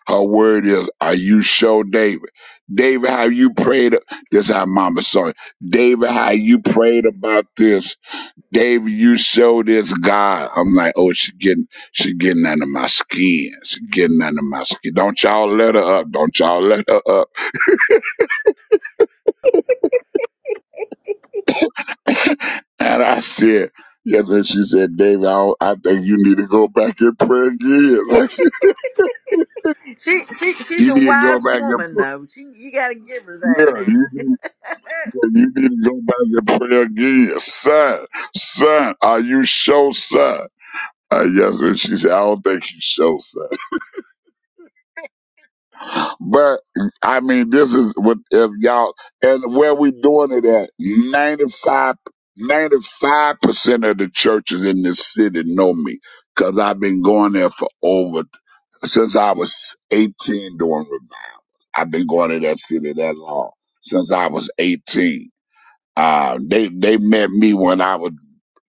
Speaker 11: Her word is, are you show David? David, how you prayed. a- This how Mama Sonia. David, how you prayed about this Dave, you showed this God. I'm like, oh, she getting, she getting under my skin. She getting under my skin. Don't y'all let her up. Don't y'all let her up. and I said, yes, and she said, Dave, I, don't- I think you need to go back and pray again. Like,
Speaker 2: she she she's
Speaker 11: you
Speaker 2: a
Speaker 11: need to go
Speaker 2: wise
Speaker 11: back and
Speaker 2: woman though. She you got to give her
Speaker 11: pray. Yeah,
Speaker 2: that now.
Speaker 11: you need, yeah, you need to go back and pray again. Son, son, are you sure, son? Uh, yes, and she said, I don't think you sure, son. But I mean, this is what if y'all and where we doing it at Ninety-five, ninety-five percent of the churches in this city know me because I've been going there for over since I was eighteen doing revival. I've been going to that city that long since I was eighteen. Uh, they they met me when I was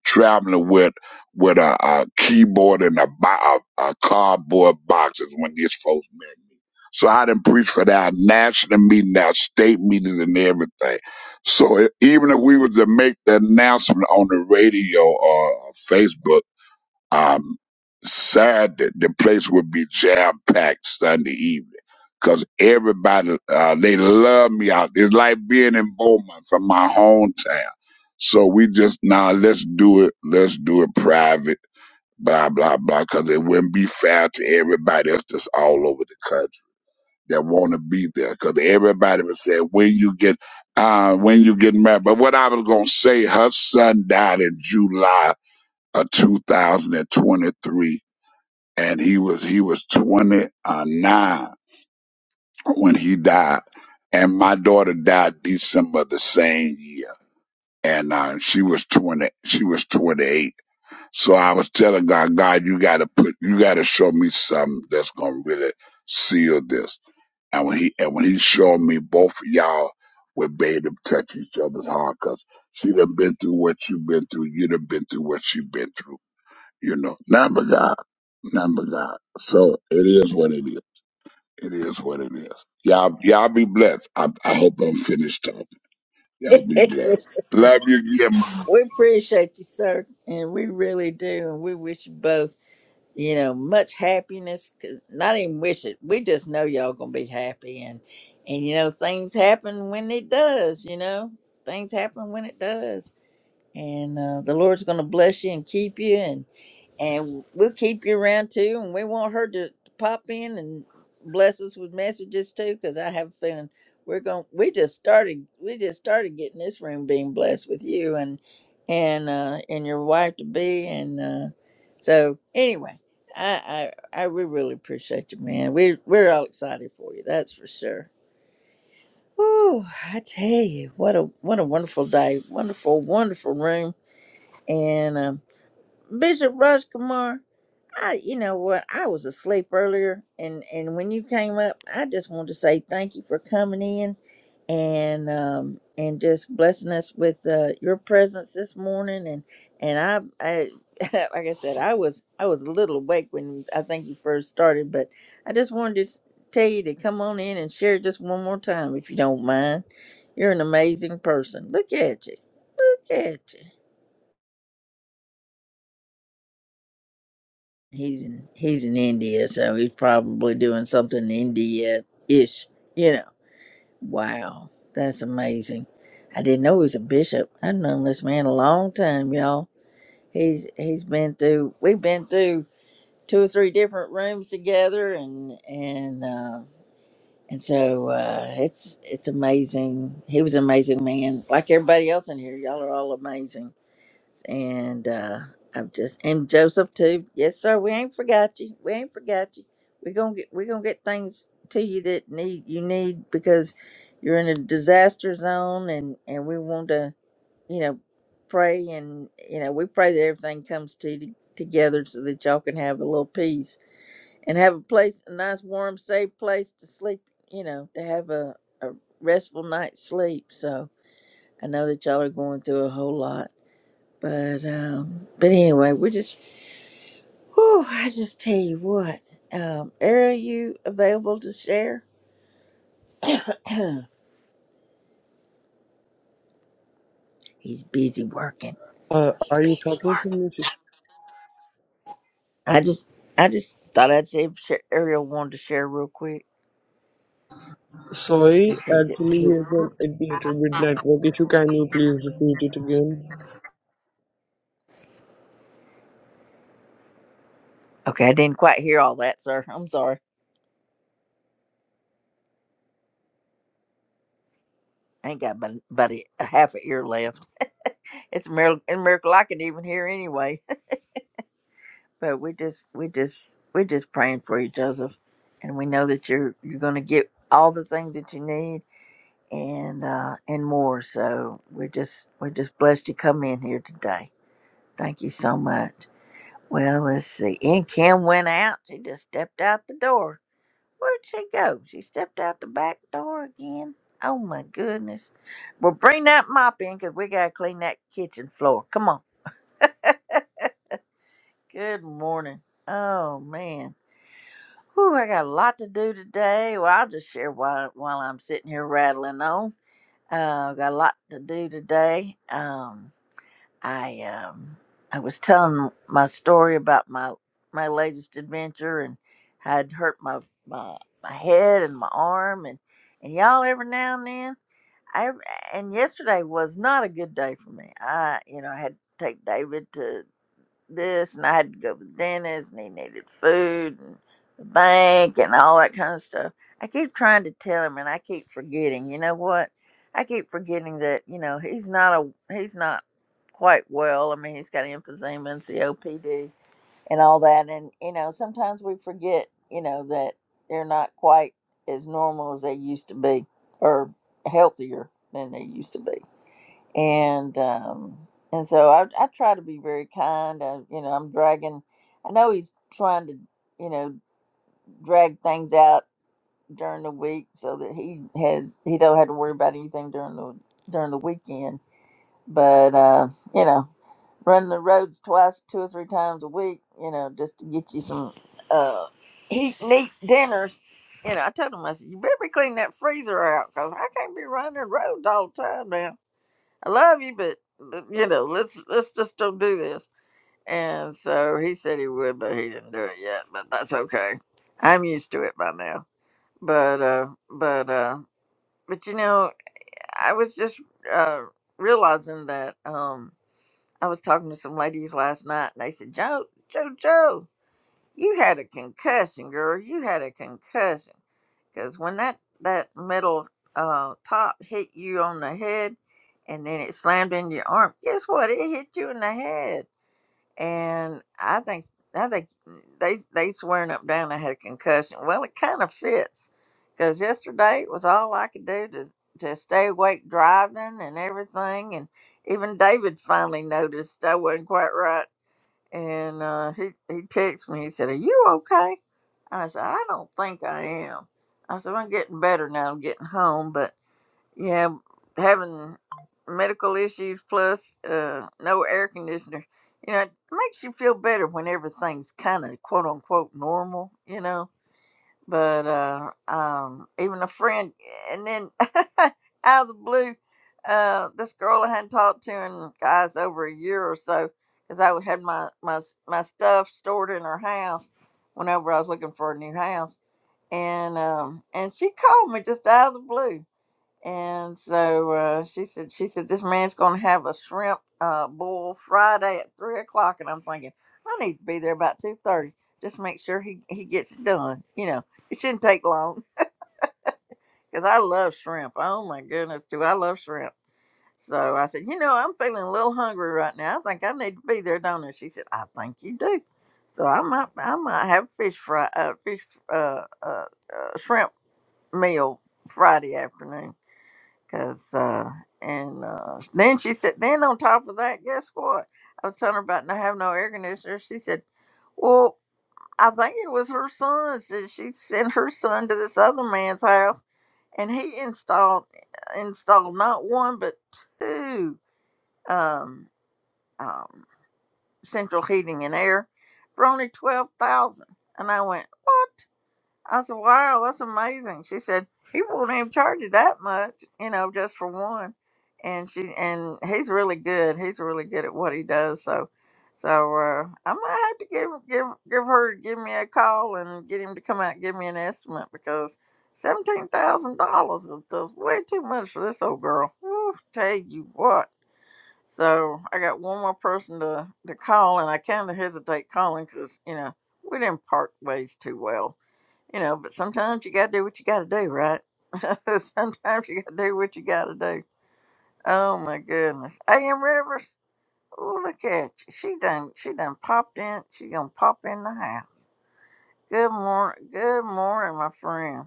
Speaker 11: traveling with with a, a keyboard and a, bo- a, a cardboard boxes when you're supposed to meet me. So I didn't preach for that national meeting, our state meetings, and everything. So e- even if we was to make the announcement on the radio or Facebook um, sad that the place would be jam packed Sunday evening because everybody uh, they love me out. It's like being in Beaumont from my hometown. So we just now let's do it. Let's do it private. Blah blah blah. Because it wouldn't be fair to everybody else that's all over the country that want to be there. Because everybody would say when you get uh, when you get married. But what I was gonna say, her son died in July of 2023 and he was he was 29 when he died and my daughter died december the same year and uh, she was 20 she was 28 so i was telling god god you gotta put you gotta show me something that's gonna really seal this and when he and when he showed me both of y'all would bathe them touch each other's heart, 'cause she done been through what you've been through you done been through what she been through you know not but god not but god so it is what it is It is what it is. Y'all, y'all be blessed. I, I hope I'm finished talking. Y'all be blessed. Love you, yeah,
Speaker 2: we appreciate you, sir, and we really do, and we wish you both you know much happiness. 'cause- Not even wish it. We just know y'all gonna be happy, and and you know things happen when it does. You know things happen when it does And uh, the Lord's going to bless you and keep you, and and we'll keep you around too. And we want her to pop in and bless us with messages too, because I have a feeling we're going. to We just started. We just started getting this room being blessed with you and and uh, and your wife to be. And uh, so anyway, I, I I we really appreciate you, man. We we're all excited for you. That's for sure. Oh, I tell you, what a what a wonderful day, wonderful, wonderful room and um, Bishop Rajkumar, I you know what? I was asleep earlier, and and when you came up, I just wanted to say thank you for coming in, and um and just blessing us with uh, your presence this morning, and and I I like I said I was I was a little awake when I think you first started, but I just wanted to s- tell you to come on in and share just one more time if you don't mind. You're an amazing person. Look at you. Look at you. He's in he's in India, so he's probably doing something India ish. You know. Wow. That's amazing. I didn't know he was a bishop. I've known this man a long time, y'all. He's he's been through we've been through two or three different rooms together and and uh and so uh it's it's amazing. He was an amazing man. Like everybody else in here, y'all are all amazing and uh I'm just and Joseph too. Yes, sir. We ain't forgot you. We ain't forgot you. We're gonna get we're gonna get things to you that need you need because you're in a disaster zone and and we want to you know pray and you know we pray that everything comes to you together so that y'all can have a little peace and have a place a nice warm safe place to sleep you know to have a, a restful night's sleep so i know that y'all are going through a whole lot but um, but anyway, we're just. Whew, I just tell you what, um, Eric, are you available to share? He's busy working.
Speaker 7: Uh,
Speaker 2: He's
Speaker 7: are you
Speaker 2: busy
Speaker 7: talking to
Speaker 2: working.
Speaker 7: me? sister?
Speaker 2: I just, I just thought I'd say if Sher- Ariel wanted to share real quick.
Speaker 7: Sorry,
Speaker 2: Just in case
Speaker 7: actually,
Speaker 2: it-
Speaker 7: here's an, it little bit network issue. Can you please repeat it again?
Speaker 2: Okay, I didn't quite hear all that, sir. I'm sorry. I ain't got but, but a, a half an ear left. It's a miracle, a miracle I can even hear anyway. but we just we just we're just praying for you joseph and we know that you're you're going to get all the things that you need and uh and more so we're just we're just blessed you come in here today thank you so much well let's see and kim went out she just stepped out the door where'd she go she stepped out the back door again oh my goodness well bring that mop in because we gotta clean that kitchen floor come on good morning oh man Whew, I got a lot to do today. Well, I'll just share while, while I'm sitting here rattling on. Uh, got a lot to do today. Um, I um, I was telling my story about my my latest adventure and how I'd hurt my my, my head and my arm and and y'all every now and then. I and yesterday was not a good day for me. I you know I had to take David to this, and I had to go to the dentist, and he needed food, and the bank, and all that kind of stuff. I keep trying to tell him, and I keep forgetting. You know what? I keep forgetting that you know he's not a he's not quite well. I mean, he's got emphysema and COPD and all that, and you know sometimes we forget you know that they're not quite as normal as they used to be, or healthier than they used to be and um and so I I try to be very kind. I, you know, I'm dragging. I know he's trying to you know drag things out during the week so that he has he don't have to worry about anything during the during the weekend. But uh, you know, running the roads twice, two or three times a week, you know, just to get you some uh heat neat dinners. You know, I told him I said you better be cleaning that freezer out because I can't be running the roads all the time I love you, but you know, let's let's just don't do this. And so he said he would, but he didn't do it yet. But that's okay. I'm used to it by now. But uh, but uh, but you know, I was just uh realizing that um, I was talking to some ladies last night, and they said, "Joe, Joe, Joe." You had a concussion, girl. You had a concussion. Because when that, that metal uh, top hit you on the head and then it slammed into your arm, guess what? It hit you in the head. And I think I think they they swearing up down I had a concussion. Well, it kind of fits because yesterday it was all I could do to to stay awake driving and everything. And even David finally noticed I wasn't quite right and uh, he he texted me. He said, "Are you okay?" And I said, "I don't think I am." I said, "I'm getting better now. I'm getting home, but yeah, having medical issues plus uh, no air conditioner, you know, it makes you feel better when everything's kind of quote unquote normal, you know." but uh um even a friend and then out of the blue uh this girl i hadn't talked to in guys over a year or so because i had my my my stuff stored in her house whenever i was looking for a new house and um and she called me just out of the blue and so uh, she said, she said, this man's going to have a shrimp uh, boil Friday at three o'clock. And I'm thinking, I need to be there about two thirty. Just make sure he, he gets it done. You know, it shouldn't take long because I love shrimp. Oh my goodness, do I love shrimp? So I said, you know, I'm feeling a little hungry right now. I think I need to be there, don't I? She said, I think you do. So I might, I might have fish fry, uh, fish, uh, uh, uh, shrimp meal Friday afternoon. Cause uh, and uh, then she said, then on top of that, guess what? I was telling her about not having no air conditioner. She said, well, I think it was her son's, and she sent her son to this other man's house, and he installed installed not one but two um, um, central heating and air for only twelve thousand. And I went, what? I said, wow, that's amazing. She said, he won't even charge you that much, you know, just for one. And she and he's really good. He's really good at what he does. So, so uh, I might have to give give give her give me a call and get him to come out and give me an estimate because seventeen thousand dollars is just way too much for this old girl. Woo, tell you what. So I got one more person to to call, and I kind of hesitate calling because you know we didn't part ways too well you know, but sometimes you got to do what you got to do, right? sometimes you got to do what you got to do. Oh my goodness, A.M. Rivers. Oh look at you. She done. She done popped in. She gonna pop in the house. Good morning. Good morning, my friend.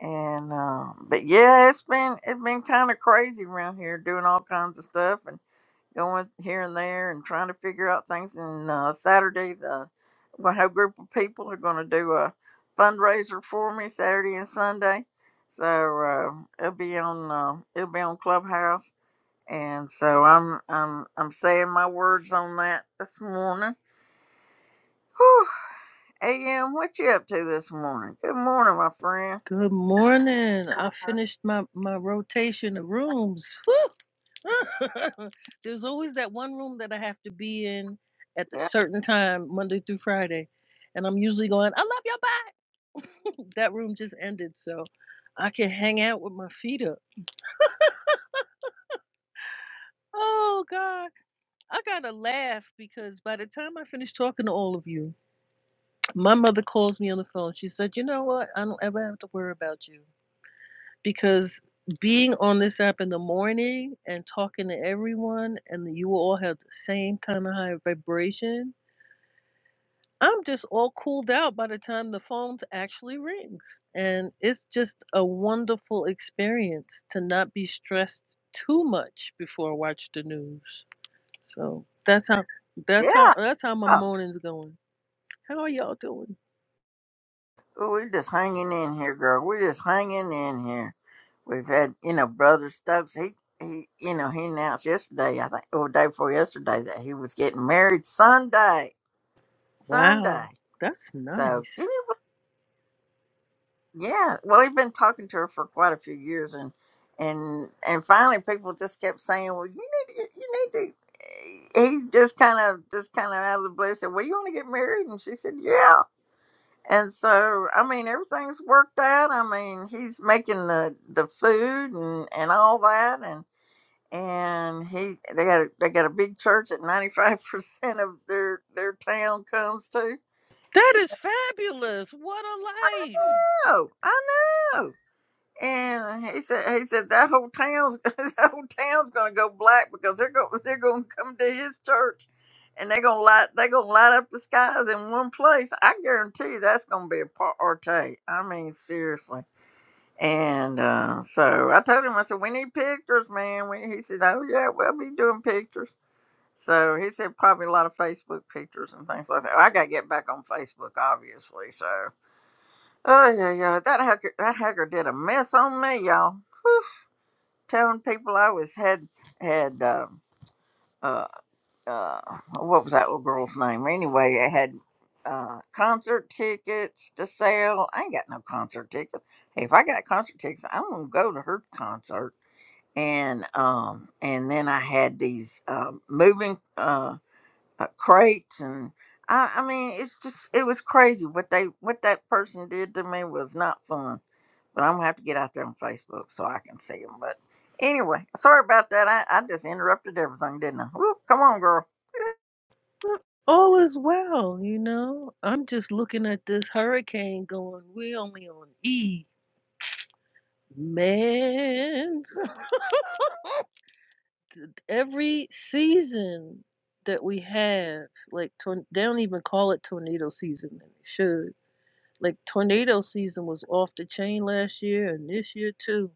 Speaker 2: And uh, but yeah, it's been it's been kind of crazy around here doing all kinds of stuff going here and there and trying to figure out things. And uh, Saturday, the my whole group of people are going to do a fundraiser for me Saturday and Sunday. So uh, it'll be on uh, it'll be on Clubhouse, and so I'm I'm I'm saying my words on that this morning. Whew. Am, what you up to this morning? Good morning, my friend.
Speaker 12: Good morning. I finished my, my rotation of rooms. Whew. There's always that one room that I have to be in at a
Speaker 2: Yeah,
Speaker 12: certain time, Monday through Friday. And I'm usually going, I love your back. that room just ended, so I can hang out with my feet up. Oh, God. I got to laugh because by the time I finish talking to all of you, my mother calls me on the phone. She said, You know what? I don't ever have to worry about you. because being on this app in the morning and talking to everyone and you will all have the same kind of high vibration i'm just all cooled out by the time the phone actually rings and it's just a wonderful experience to not be stressed too much before i watch the news so that's how that's how
Speaker 2: yeah.
Speaker 12: that's how my
Speaker 2: Oh,
Speaker 12: morning's going how are y'all doing
Speaker 2: we're just hanging in here, girl. We're just hanging in here. We've had, you know, Brother Stokes. He, he, you know, he announced yesterday, I think, or the day before yesterday, that he was getting married Sunday. Sunday.
Speaker 12: wow that's
Speaker 2: So,
Speaker 12: nice
Speaker 2: anyway, yeah. Well, he'd been talking to her for quite a few years, and and and finally, people just kept saying, "Well, you need to, get- you need to." eh, He just kind of, just kind of out of the blue said, "Well, you want to get married?" And she said, "Yeah." And so, I mean, everything's worked out. I mean, he's making the the food and and all that, and and he they got a, they got a big church that ninety five percent of their their town comes to.
Speaker 12: that is fabulous what a life
Speaker 2: Oh, I know. And he said he said that whole town's that whole town's gonna go black because they're going they're gonna come to his church, and they're gonna light they're gonna light up the skies in one place. I guarantee you that's gonna be a party. I mean seriously. And uh, so I told him I said we need pictures, man. We, he said, oh yeah, we'll be doing pictures. So he said probably a lot of Facebook pictures and things like that. Well, I gotta get back on Facebook, obviously. So oh yeah, yeah, that hacker, that hacker did a mess on me, y'all. Telling people I was had had uh, uh, uh, what was that little girl's name? Anyway, I had uh, concert tickets to sell. I ain't got no concert tickets. Hey, if I got concert tickets, I'm gonna go to her concert. And um, and then I had these um, moving. uh, uh, crates and I, I mean it's just it was crazy what they what that person did to me was not fun but i'm gonna have to get out there on facebook so i can see them but anyway sorry about that i, I just interrupted everything didn't i Whoop, come on girl
Speaker 12: But All is well, you know. I'm just looking at this hurricane going, we only on E. Man, every season that we have, like, torn they don't even call it tornado season, and they should. Like, tornado season was off the chain last year and this year too.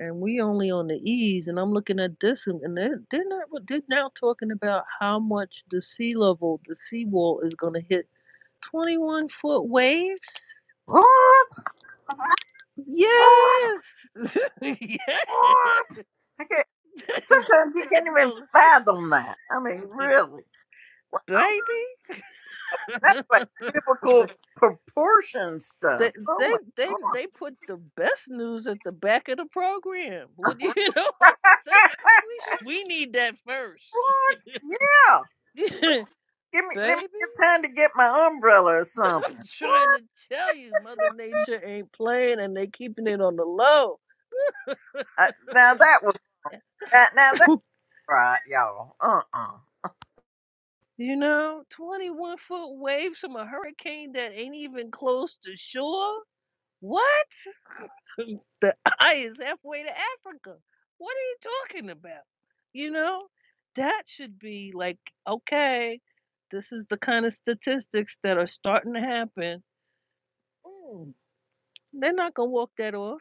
Speaker 12: And we only on the E's, and I'm looking at this, and and they're, they're not. They're now talking about how much the sea level, the seawall, is going to hit 21 foot waves?
Speaker 2: what what
Speaker 12: Yes. yes.
Speaker 2: what i can't sometimes you can't
Speaker 12: That's
Speaker 2: even
Speaker 12: cool,
Speaker 2: fathom that i mean really wow
Speaker 12: baby.
Speaker 2: that's like biblical proportion stuff
Speaker 12: they,
Speaker 2: oh
Speaker 12: they
Speaker 2: my
Speaker 12: they
Speaker 2: god
Speaker 12: they put the best news at the back of the program. Would you know what I'm saying? We should, we need that first.
Speaker 2: what yeah Give me let me
Speaker 12: baby,
Speaker 2: have time to get my umbrella or
Speaker 12: I'm
Speaker 2: something.
Speaker 12: trying to tell you Mother Nature ain't playing and they keeping it on the low.
Speaker 2: Uh, now that was that. Now that's right, y'all. Uh uh
Speaker 12: You know, 21 foot waves from a hurricane that ain't even close to shore. What? The eye is halfway to Africa. What are you talking about? You know, that should be like, okay, this is the kind of statistics that are starting to happen. Mm, They're not gonna walk that off.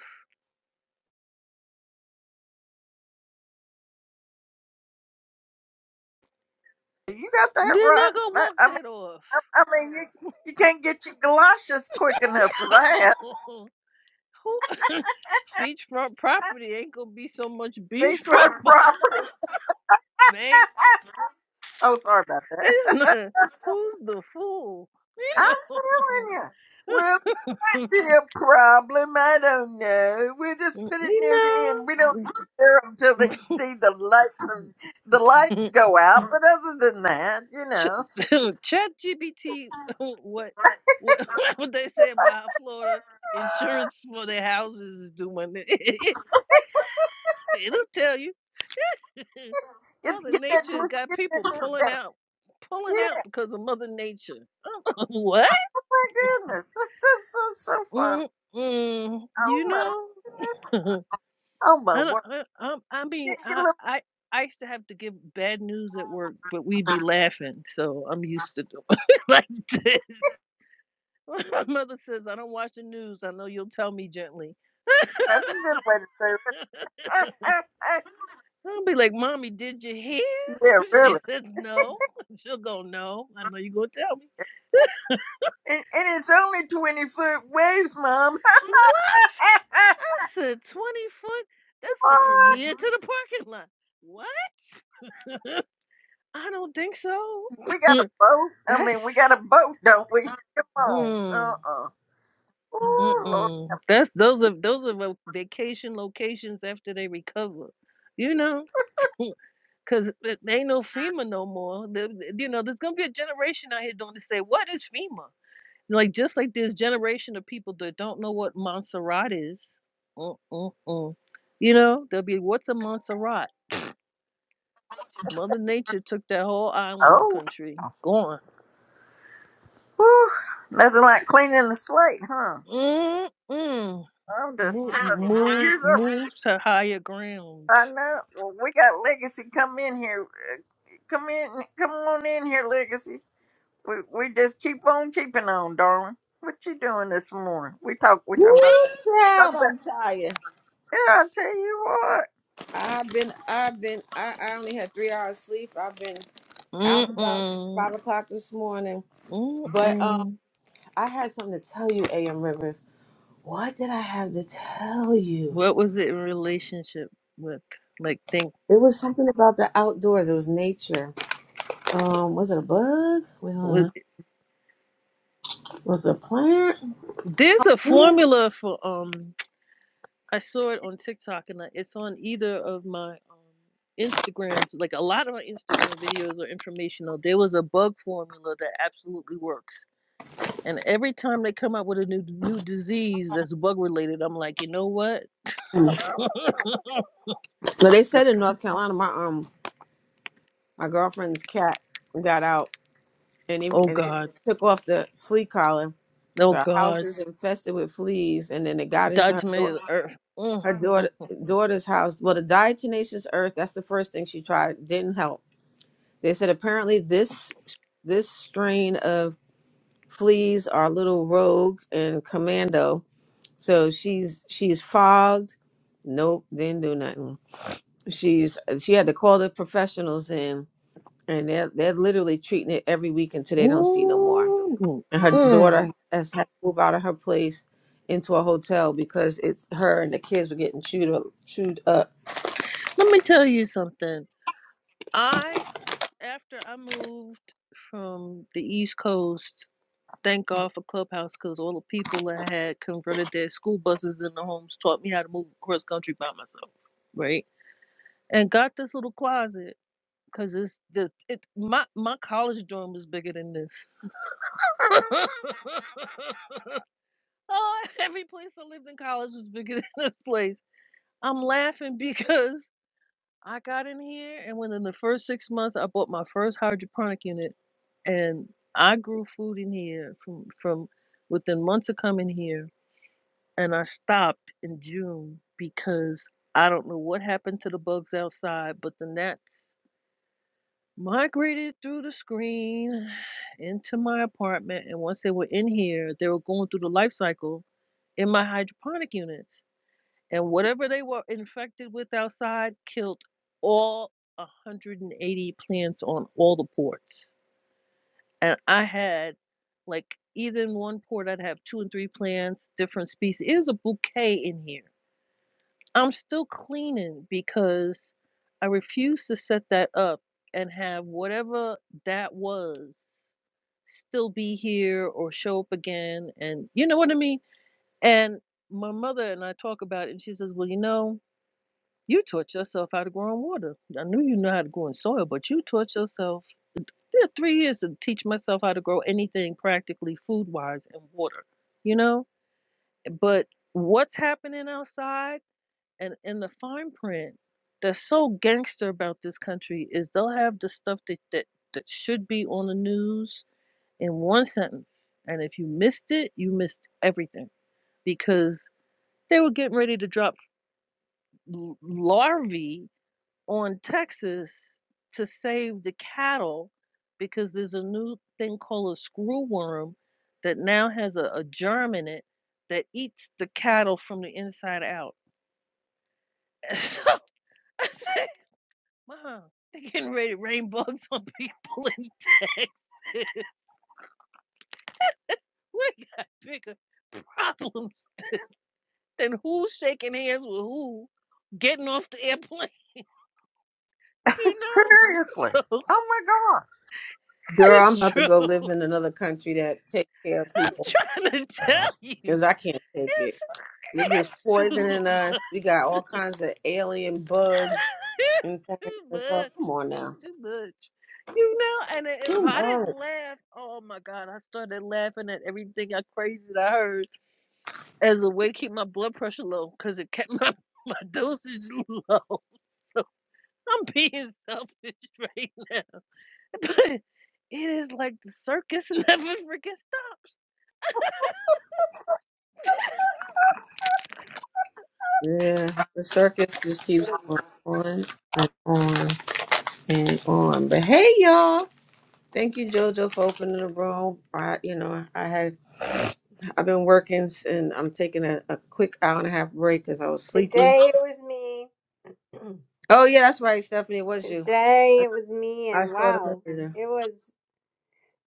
Speaker 2: You got that
Speaker 12: They're
Speaker 2: right.
Speaker 12: not gonna
Speaker 2: That-
Speaker 12: walk
Speaker 2: I mean,
Speaker 12: that off.
Speaker 2: I, I mean, you you can't get your galoshes quick enough for that.
Speaker 12: Who? beachfront property ain't gonna be so much
Speaker 2: Beach Road
Speaker 12: beachfront,
Speaker 2: property.
Speaker 12: babe.
Speaker 2: Oh, sorry about that.
Speaker 12: There's not. Who's the fool?
Speaker 2: I'm
Speaker 12: You know.
Speaker 2: telling you. Well, might be a problem. I don't know. We'll just put it near the
Speaker 12: you
Speaker 2: end. We don't scare them till they
Speaker 12: know.
Speaker 2: see the lights. Of, the lights go out. But other than that, you know.
Speaker 12: Ch- Chat GPT, what what what they say about Florida insurance for their houses is doing? It'll tell you.
Speaker 2: Get,
Speaker 12: Mother
Speaker 2: get that
Speaker 12: Nature
Speaker 2: juice,
Speaker 12: got
Speaker 2: get that
Speaker 12: people
Speaker 2: juice
Speaker 12: pulling
Speaker 2: back.
Speaker 12: out, pulling
Speaker 2: Yeah,
Speaker 12: out because of Mother Nature. what?
Speaker 2: my goodness. That's, that's so, so fun.
Speaker 12: Mm, mm,
Speaker 2: Oh
Speaker 12: you
Speaker 2: my
Speaker 12: know,
Speaker 2: goodness. Oh
Speaker 12: I,
Speaker 2: my
Speaker 12: don't,
Speaker 2: word.
Speaker 12: I, I I mean,
Speaker 2: Get, a
Speaker 12: I, I I used to have to give bad news at work, but we'd be
Speaker 2: little,
Speaker 12: laughing, so I'm used to doing it like this. My mother says, I don't watch the news. I know you'll tell me gently.
Speaker 2: that's a good way to say it.
Speaker 12: I'll be like, Mommy, did you hear?
Speaker 2: yeah,
Speaker 12: she
Speaker 2: really.
Speaker 12: says, No. She'll go, No. I know you're going to tell me.
Speaker 2: And, and it's only 20 foot waves, Mom.
Speaker 12: What? I said, 20 foot? That's like from
Speaker 2: what?
Speaker 12: here to the parking lot. What? I don't think so.
Speaker 2: We got a boat. I
Speaker 12: That's
Speaker 2: mean, we got a boat, don't we? Come on. Uh
Speaker 12: mm,
Speaker 2: uh Oh, Lord.
Speaker 12: mm-mm. That's those are those are vacation locations after they recover. You know, Cause it ain't no FEMA no more. The, the- you know, there's gonna be a generation out here doing to say, what is FEMA? Like just like there's generation of people that don't know what Montserrat is. Mm-mm-mm. You know, they'll be what's a Montserrat? Mother Nature took that whole island
Speaker 2: Oh.
Speaker 12: country, gone.
Speaker 2: Whew. Nothing like cleaning the slate, huh?
Speaker 12: Mm-mm.
Speaker 2: I'm just
Speaker 12: Move,
Speaker 2: telling you. Well,
Speaker 12: move,
Speaker 2: here's our
Speaker 12: move to higher ground.
Speaker 2: I know. Well, we got Legacy come in here. Uh, Come in. Come on in here, Legacy. We we just keep on keeping on, darling. What you doing this morning? We talk. We
Speaker 13: Woo,
Speaker 2: talking about.
Speaker 13: proud.
Speaker 2: Talking about.
Speaker 13: I'm tired.
Speaker 2: Yeah, I tell you what.
Speaker 13: I've been, I've been, I, I only had three hours sleep. I've been out and about since
Speaker 12: Mm-mm.
Speaker 13: five o'clock this morning. But um,
Speaker 12: Mm-mm.
Speaker 13: I had something to tell you, A.M. Rivers. What did I have to tell you?
Speaker 12: What was it in relationship with? Like, think.
Speaker 13: It was something about the outdoors. It was nature. Um, was it a bug? Well,
Speaker 12: was.
Speaker 13: uh, was it a plant?
Speaker 12: There's a formula for um I saw it on TikTok and I- it's on either of my um Instagrams. Like a lot of my Instagram videos are informational. There was a bug formula that absolutely works. And every time they come out with a new new disease that's bug related, I'm like, you know what?
Speaker 13: No, they said
Speaker 12: this
Speaker 13: in North Carolina, my um, my girlfriend's cat got out and even
Speaker 12: oh
Speaker 13: and it
Speaker 12: God,
Speaker 13: took off the flea collar.
Speaker 12: oh
Speaker 13: So our house
Speaker 12: God,
Speaker 13: is infested with fleas, and then it got into her
Speaker 12: Dr. May
Speaker 13: dau-
Speaker 12: Earth. Mm,
Speaker 13: her
Speaker 12: mm,
Speaker 13: daughter daughter's house. Well, the diatomaceous earth that's the first thing she tried didn't help. They said apparently this this strain of fleas are a little rogue and commando. So she's she's fogged. Nope, didn't do nothing. She's she had to call the professionals in, and they're they're literally treating it every week until they don't see no more
Speaker 12: mm, mm,
Speaker 13: and her
Speaker 12: mm.
Speaker 13: daughter has had to move out of her place into a hotel because it's her and the kids were getting chewed up, chewed up.
Speaker 12: Let me tell you something. I after I moved. from the East Coast. Thank God for Clubhouse because all the people that had converted their school buses into homes taught me how to move across country by myself, right? And got this little closet because it's the it my my college dorm was bigger than this. oh, every place I lived in college was bigger than this place. I'm laughing because I got in here, and within the first six months, I bought my first hydroponic unit, and I grew food in here from from within months of coming here. And I stopped in June because I don't know what happened to the bugs outside, but the gnats migrated through the screen into my apartment. And once they were in here, they were going through the life cycle in my hydroponic units and whatever they were infected with outside killed all 180 plants on all the ports. And I had like either in one port I'd have two and three plants, different species. It was a bouquet in here. I'm still cleaning because I refuse to set that up and have whatever that was still be here or show up again and you know what I mean? And my mother and I talk about it and she says, Well, you know, You taught yourself how to grow in water. I knew you know how to grow in soil, but you taught yourself. It took three years to teach myself how to grow anything practically food wise in water, you know? But what's happening outside and in the fine print that's so gangster about this country is they'll have the stuff that, that, that should be on the news in one sentence. And if you missed it, you missed everything because they were getting ready to drop l- larvae on Texas to save the cattle because there's a new thing called a screw worm that now has a, a germ in it that eats the cattle from the inside out. And so I said, Mom, they're getting ready to rain bugs on people in Texas. we got bigger problems than who's shaking hands with who getting off the airplane, you
Speaker 2: Seriously.
Speaker 12: know? So
Speaker 2: Oh
Speaker 13: Girl,
Speaker 12: it's
Speaker 13: I'm about to go
Speaker 12: true.
Speaker 13: live in another
Speaker 12: I'm
Speaker 13: country that takes care of people
Speaker 12: trying to tell you.
Speaker 13: because I can't take it.
Speaker 12: It's,
Speaker 13: They're just
Speaker 12: it's too
Speaker 13: poisoning us.
Speaker 12: much.
Speaker 13: We got all kinds of alien bugs and
Speaker 12: It's
Speaker 13: things
Speaker 12: too
Speaker 13: and stuff.
Speaker 12: much.
Speaker 13: Come on
Speaker 12: It's
Speaker 13: now.
Speaker 12: too much. You know, and if
Speaker 13: Too
Speaker 12: I didn't
Speaker 13: much.
Speaker 12: laugh, oh my God, I started laughing at everything I crazy that I heard as a way to keep my blood pressure low because it kept my, my dosage low. So I'm being selfish right now. But it is like the circus never freaking
Speaker 13: Yeah, the circus just keeps going on and on and on. But hey, y'all. Thank you, JoJo, for opening the room. I, you know, I had I've been working s- and I'm taking a, a quick hour and a half break because I was sleepy.
Speaker 1: Today it was me.
Speaker 13: Oh yeah, that's right, Stephanie. It was you.
Speaker 1: Today it was me
Speaker 13: I
Speaker 1: and
Speaker 13: saw the
Speaker 1: wow,
Speaker 13: messenger.
Speaker 1: it was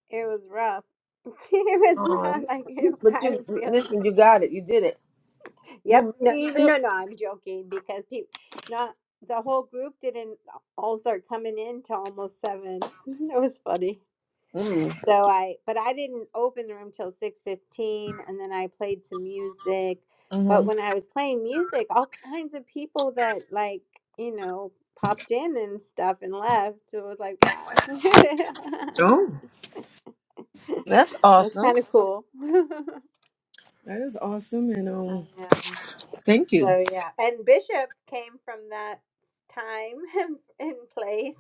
Speaker 1: it was rough. it was
Speaker 13: Oh,
Speaker 1: rough.
Speaker 13: you-
Speaker 1: Like
Speaker 13: you- but
Speaker 1: I
Speaker 13: you
Speaker 1: feel you.
Speaker 13: listen. You got it. You did it.
Speaker 1: Yep.
Speaker 13: You
Speaker 1: No,
Speaker 13: made it.
Speaker 1: no, no. I'm joking because people, not the whole group didn't all start coming in till almost seven. it was funny.
Speaker 13: Mm.
Speaker 1: So I, but I didn't open the room till six fifteen, and then I played some music.
Speaker 13: hmm
Speaker 1: But when I was playing music, all kinds of people that like you know popped in and stuff and left. So it was like wow.
Speaker 13: Oh, that's
Speaker 1: That's
Speaker 13: awesome.
Speaker 1: kind of cool. I
Speaker 13: That is awesome, and um,
Speaker 1: know.
Speaker 13: thank you.
Speaker 1: So yeah, and Bishop came from that time and place,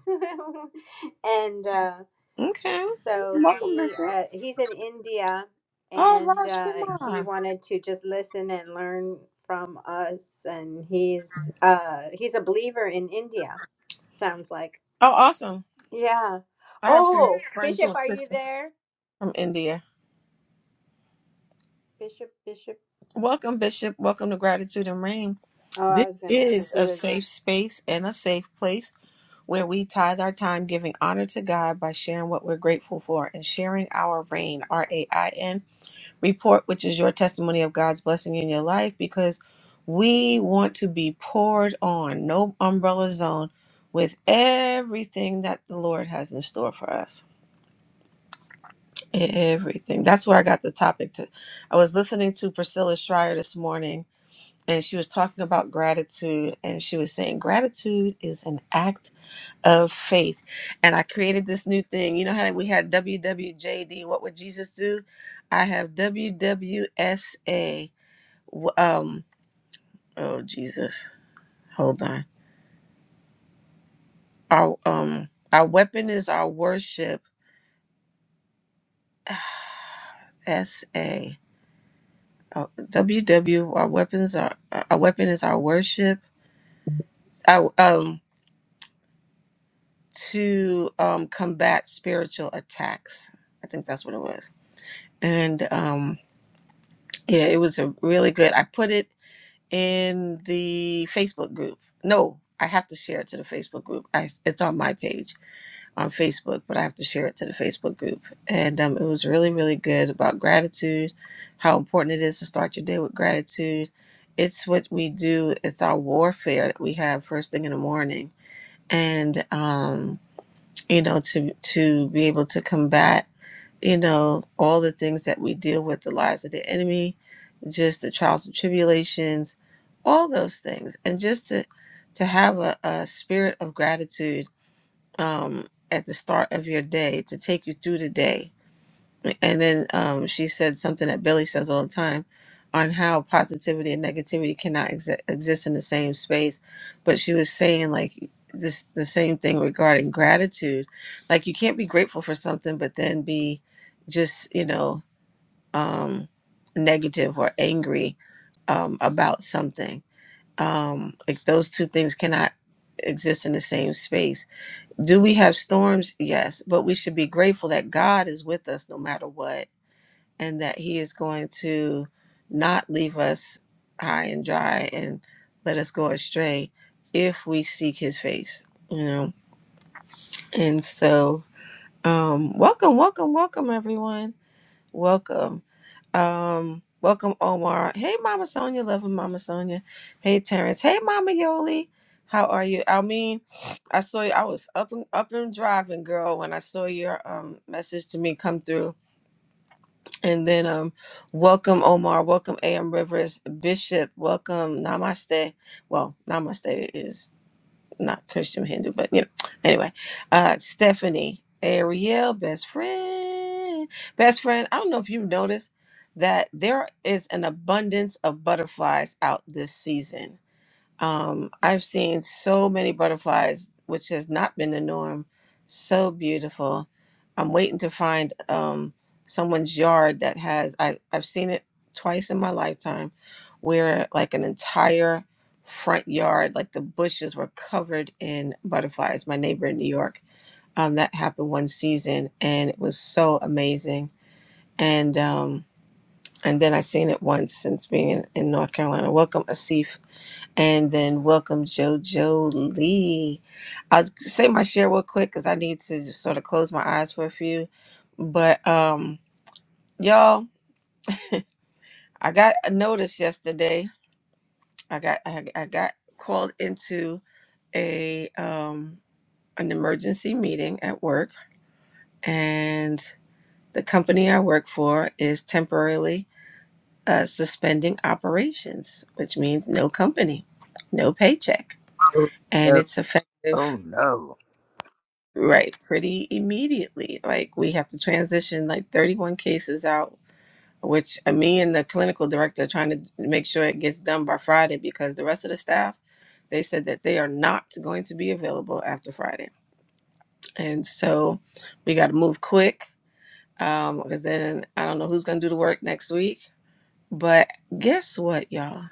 Speaker 1: and uh,
Speaker 13: Okay.
Speaker 1: so
Speaker 13: Welcome,
Speaker 1: he
Speaker 13: Bishop.
Speaker 1: uh, he's in India,
Speaker 13: Oh,
Speaker 1: and
Speaker 13: Raj
Speaker 1: uh, he
Speaker 13: Kumar.
Speaker 1: wanted to just listen and learn from us, and he's uh, he's a believer in India. Sounds like
Speaker 13: Oh, awesome.
Speaker 1: yeah.
Speaker 13: I have some
Speaker 1: Oh,
Speaker 13: friends who
Speaker 1: Bishop,
Speaker 13: are
Speaker 1: are you
Speaker 13: Christian
Speaker 1: there?
Speaker 13: from India.
Speaker 1: Bishop, Bishop.
Speaker 13: Welcome, Bishop. Welcome to Gratitude and Rain.
Speaker 1: Oh,
Speaker 13: This
Speaker 1: I was gonna. If
Speaker 13: is
Speaker 1: he
Speaker 13: a
Speaker 1: was
Speaker 13: safe space and a safe place where we tithe our time giving honor to God by sharing what we're grateful for and sharing our rain, R A I N, report, which is your testimony of God's blessing in your life because we want to be poured on, no umbrella zone, with everything that the Lord has in store for us. Everything. That's where I got the topic to. I was listening to Priscilla Schreier this morning and she was talking about gratitude and she was saying gratitude is an act of faith and i created this new thing you know how we had wwjd what would jesus do i have wwsa um oh jesus hold on our um our weapon is our worship sa oh, ww our weapons are our weapon is our worship our um to um, combat spiritual attacks. I think that's what it was. And um, yeah, it was a really good. I put it in the Facebook group. No, I have to share it to the Facebook group. I, it's on my page on Facebook, but I have to share it to the Facebook group. And um, it was really, really good about gratitude, how important it is to start your day with gratitude. It's what we do. It's our warfare that we have first thing in the morning. And um, you know, to to be able to combat, you know, all the things that we deal with, the lies of the enemy, just the trials and tribulations, all those things, and just to to have a, a spirit of gratitude um, at the start of your day to take you through the day and then um, she said something that Billy says all the time on how positivity and negativity cannot ex- exist in the same space. But she was saying like this the same thing regarding gratitude. Like you can't be grateful for something, but then be just you know um, negative or angry um, about something. Um, like those two things cannot exist in the same space. Do we have storms? Yes, but we should be grateful that God is with us no matter what and that He is going to not leave us high and dry and let us go astray if we seek His face, you know. And so, um, welcome, welcome, welcome, everyone. Welcome. Um, welcome, Omar. Hey, Mama Sonia, loving Mama Sonia. Hey, Terrence. Hey, Mama Yoli. How are you? I mean, I saw you. I was up and up and driving, girl, when I saw your um message to me come through and then um welcome Omar, welcome AM Rivers, Bishop, welcome Namaste. Well, Namaste is not Christian Hindu, but you know, anyway. Uh Stephanie, Ariel, best friend. Best friend, I don't know if you've noticed that there is an abundance of butterflies out this season um, I've seen so many butterflies, which has not been the norm. So beautiful. I'm waiting to find um, someone's yard that has, I, I've seen it twice in my lifetime, where like an entire front yard, like the bushes were covered in butterflies. My neighbor in New York, um, that happened one season and it was so amazing. And, um, and then I seen it once since being in, in North Carolina. Welcome, Asif and then welcome JoJo Lee. I'll say my share real quick because I need to just sort of close my eyes for a few. But um, y'all, I got a notice yesterday. I got I, I got called into a um an emergency meeting at work, and the company I work for is temporarily uh, suspending operations, which means no company, no paycheck,
Speaker 2: my
Speaker 13: and
Speaker 2: God.
Speaker 13: it's effective.
Speaker 2: Oh no.
Speaker 13: Right, pretty immediately. Like we have to transition like 31 cases out, which uh, me and the clinical director are trying to d- make sure it gets done by Friday because the rest of the staff, they said that they are not going to be available after Friday. And so we got to move quick um, because then I don't know who's going to do the work next week. But guess what, y'all?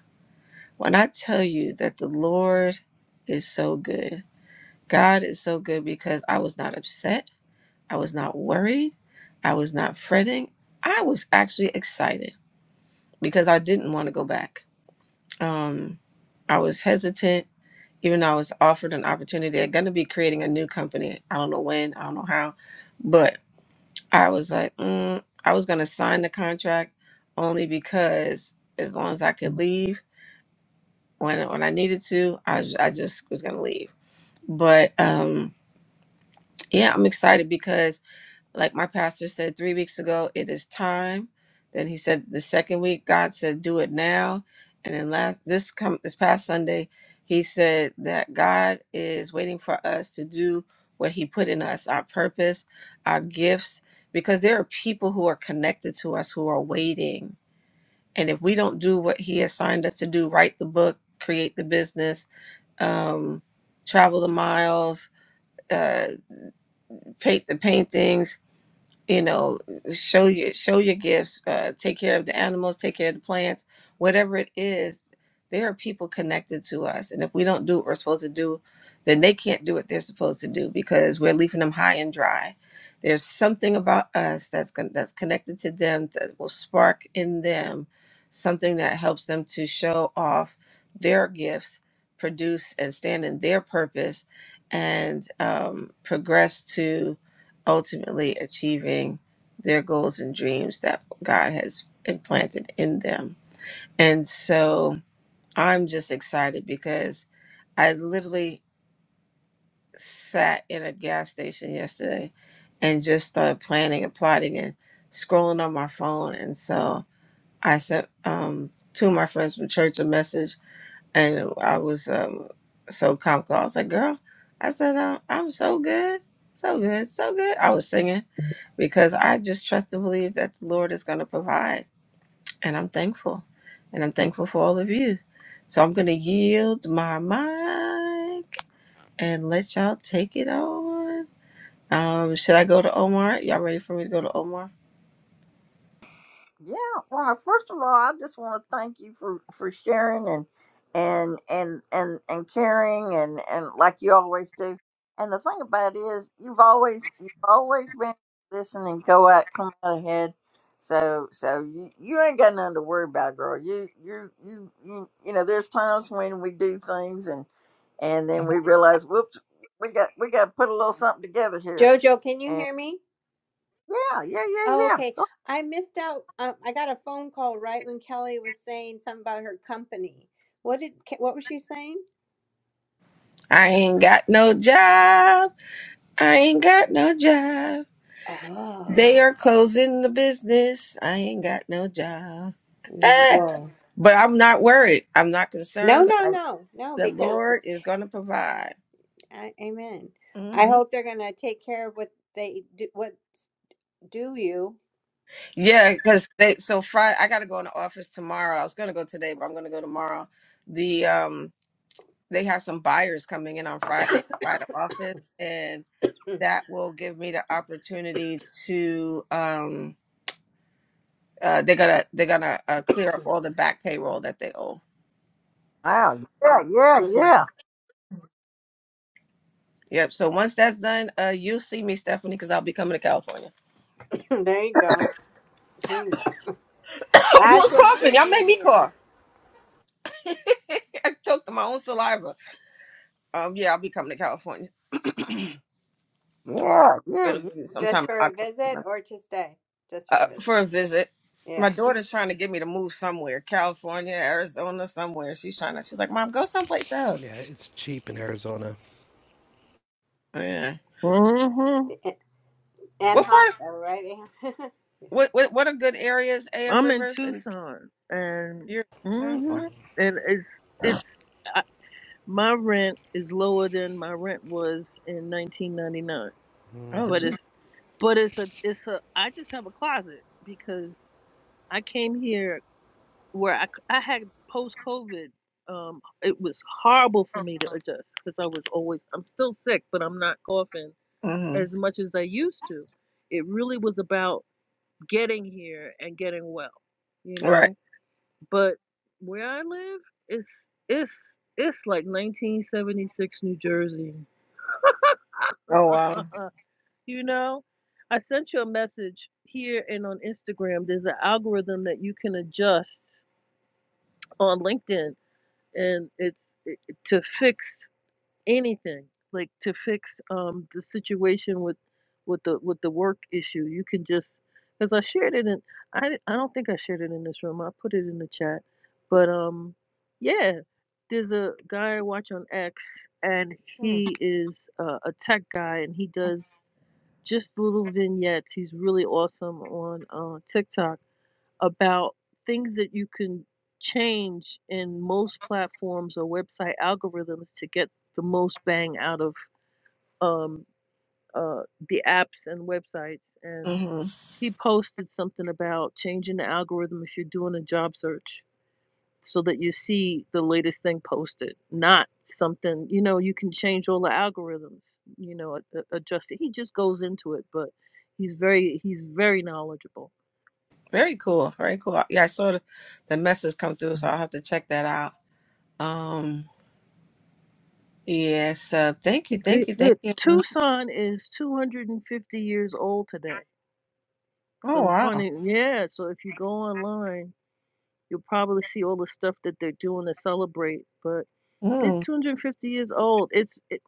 Speaker 13: When I tell you that the Lord is so good, God is so good because I was not upset. I was not worried. I was not fretting. I was actually excited because I didn't want to go back. Um, I was hesitant, even though I was offered an opportunity. They're going to be creating a new company. I don't know when, I don't know how, but I was like, mm, I was going to sign the contract only because as long as I could leave when when I needed to, I, was- I just was going to leave. But um, yeah, I'm excited because. like my pastor said three weeks ago, it is time. Then he said the second week, God said, do it now. And then last this come this past Sunday, he said that God is waiting for us to do what he put in us, our purpose, our gifts, because there are people who are connected to us who are waiting. And if we don't do what he assigned us to do, write the book, create the business, um, travel the miles, uh, paint the paintings, you know show your show your gifts uh, take care of the animals take care of the plants whatever it is there are people connected to us and if we don't do what we're supposed to do then they can't do what they're supposed to do because we're leaving them high and dry there's something about us that's con- that's connected to them that will spark in them something that helps them to show off their gifts produce and stand in their purpose and um, progress ultimately achieving their goals and dreams that God has implanted in them. And so I'm just excited because I literally sat in a gas station yesterday and just started planning and plotting and scrolling on my phone. And so I sent um, two of my friends from church a message, and I was um, so comical. I was like, "Girl," I said, uh, "I'm so good, so good, so good." I was singing because I just trust and believe that the Lord is going to provide. And I'm thankful. And I'm thankful for all of you. So I'm going to yield my mic and let y'all take it on. Um, should I go to Omar? Y'all ready for me to go to Omar?
Speaker 2: Yeah, well, first of all, I just want to thank you for for sharing and and and and and caring and and like you always do. And the thing about it is, you've always you've always been listening and go out come out ahead. So so you you ain't got nothing to worry about, girl. You you you you you know, there's times when we do things and and then we realize, whoops, we got we got to put a little something together here.
Speaker 1: Jojo, can you
Speaker 2: And
Speaker 1: hear me?
Speaker 2: yeah, yeah, yeah,
Speaker 1: Oh,
Speaker 2: yeah.
Speaker 1: okay.
Speaker 2: Oh,
Speaker 1: I missed out. Um, I got a phone call right when Kelly was saying something about her company. What did Ke- what was she saying?
Speaker 13: I ain't got no job. I ain't got no job. They
Speaker 1: Oh,
Speaker 13: are closing the business. I ain't got no job. Eh,
Speaker 1: whoa.
Speaker 13: but I'm not worried. I'm not
Speaker 1: No,
Speaker 13: concerned
Speaker 1: no,
Speaker 13: because
Speaker 1: no, no.
Speaker 13: the
Speaker 1: Because
Speaker 13: Lord is going to provide.
Speaker 1: I, amen. I
Speaker 13: Mm-hmm.
Speaker 1: hope they're gonna take care of what they do. What do you?
Speaker 13: Yeah, because they so Friday I gotta go in the office tomorrow. I was gonna go today, but I'm gonna go tomorrow. The um they have some buyers coming in on Friday by the office, and that will give me the opportunity to um uh they're gonna they're gonna uh, clear up all the back payroll that they owe.
Speaker 2: Wow, yeah, yeah, yeah.
Speaker 13: Yep. So once that's done, uh you'll see me, Stephanie, because I'll be coming to California.
Speaker 1: there you go. There you go. That's
Speaker 13: Who's
Speaker 1: what's
Speaker 13: coughing?
Speaker 1: getting
Speaker 13: Y'all
Speaker 1: you
Speaker 13: made me
Speaker 1: here.
Speaker 13: cough. I choked on my own saliva. Um yeah, I'll be coming to California.
Speaker 2: Yeah, yeah,
Speaker 13: It'll
Speaker 2: yeah.
Speaker 13: be sometime
Speaker 1: Just
Speaker 13: in
Speaker 1: for a visit
Speaker 13: October.
Speaker 1: or to stay? Just for
Speaker 13: uh,
Speaker 1: a visit.
Speaker 13: for a visit. My
Speaker 1: Yeah.
Speaker 13: daughter's trying to get me to move somewhere, California, Arizona, somewhere. She's trying to. She's like, "Mom, go someplace
Speaker 6: Yeah,
Speaker 13: else."
Speaker 6: it's cheap in Arizona.
Speaker 13: Yeah.
Speaker 12: stops. hmm
Speaker 13: What
Speaker 1: And hot
Speaker 13: part of
Speaker 1: though, right?
Speaker 13: what what what are good areas? A.M.
Speaker 12: I'm in
Speaker 13: Rivers and
Speaker 12: Tucson and
Speaker 13: your
Speaker 12: hmm
Speaker 13: oh,
Speaker 12: and it's it's I, My rent is lower than my rent was in 1999, but
Speaker 13: geez.
Speaker 12: it's but it's a it's a I just have a closet because I came here where I c- I had post COVID. Um, it was horrible for me to adjust because I was always I'm still sick, but I'm not coughing as
Speaker 13: Mm-hmm.
Speaker 12: much as I used to. It really was about getting here and getting well, you
Speaker 13: Right.
Speaker 12: know. But where I live, it's it's it's like 1976 New Jersey
Speaker 13: Oh wow.
Speaker 12: you know, I sent you a message here and on Instagram. There's an algorithm that you can adjust on LinkedIn, and it's it, to fix anything, like to fix um the situation with with the with the work issue. You can just because I shared it in I di- I don't think I shared it in this room. I put it in the chat, but um yeah, there's a guy I watch on X, and he is uh, a tech guy, and he does just little vignettes. He's really awesome on uh, TikTok about things that you can change in most platforms or website algorithms to get the most bang out of um, uh, the apps and websites. And
Speaker 13: Mm-hmm.
Speaker 12: he posted something about changing the algorithm if you're doing a job search so that you see the latest thing posted, not something, you know, you can change all the algorithms, you know, a- a- adjust it. He just goes into it, but he's very he's very knowledgeable.
Speaker 13: Very cool. Very cool. Yeah, I saw the, the message come through, so I'll have to check that out. Um. Yes. Uh, thank
Speaker 12: Y-
Speaker 13: you.
Speaker 12: y-
Speaker 13: Thank you. Thank
Speaker 12: Look,
Speaker 13: you.
Speaker 12: Tucson is 250 years old today.
Speaker 13: Oh
Speaker 12: So
Speaker 13: wow.
Speaker 12: funny, yeah, so if you go online, you'll probably see all the stuff that they're doing to celebrate, but it's
Speaker 13: Mm.
Speaker 12: 250 years old. It's it,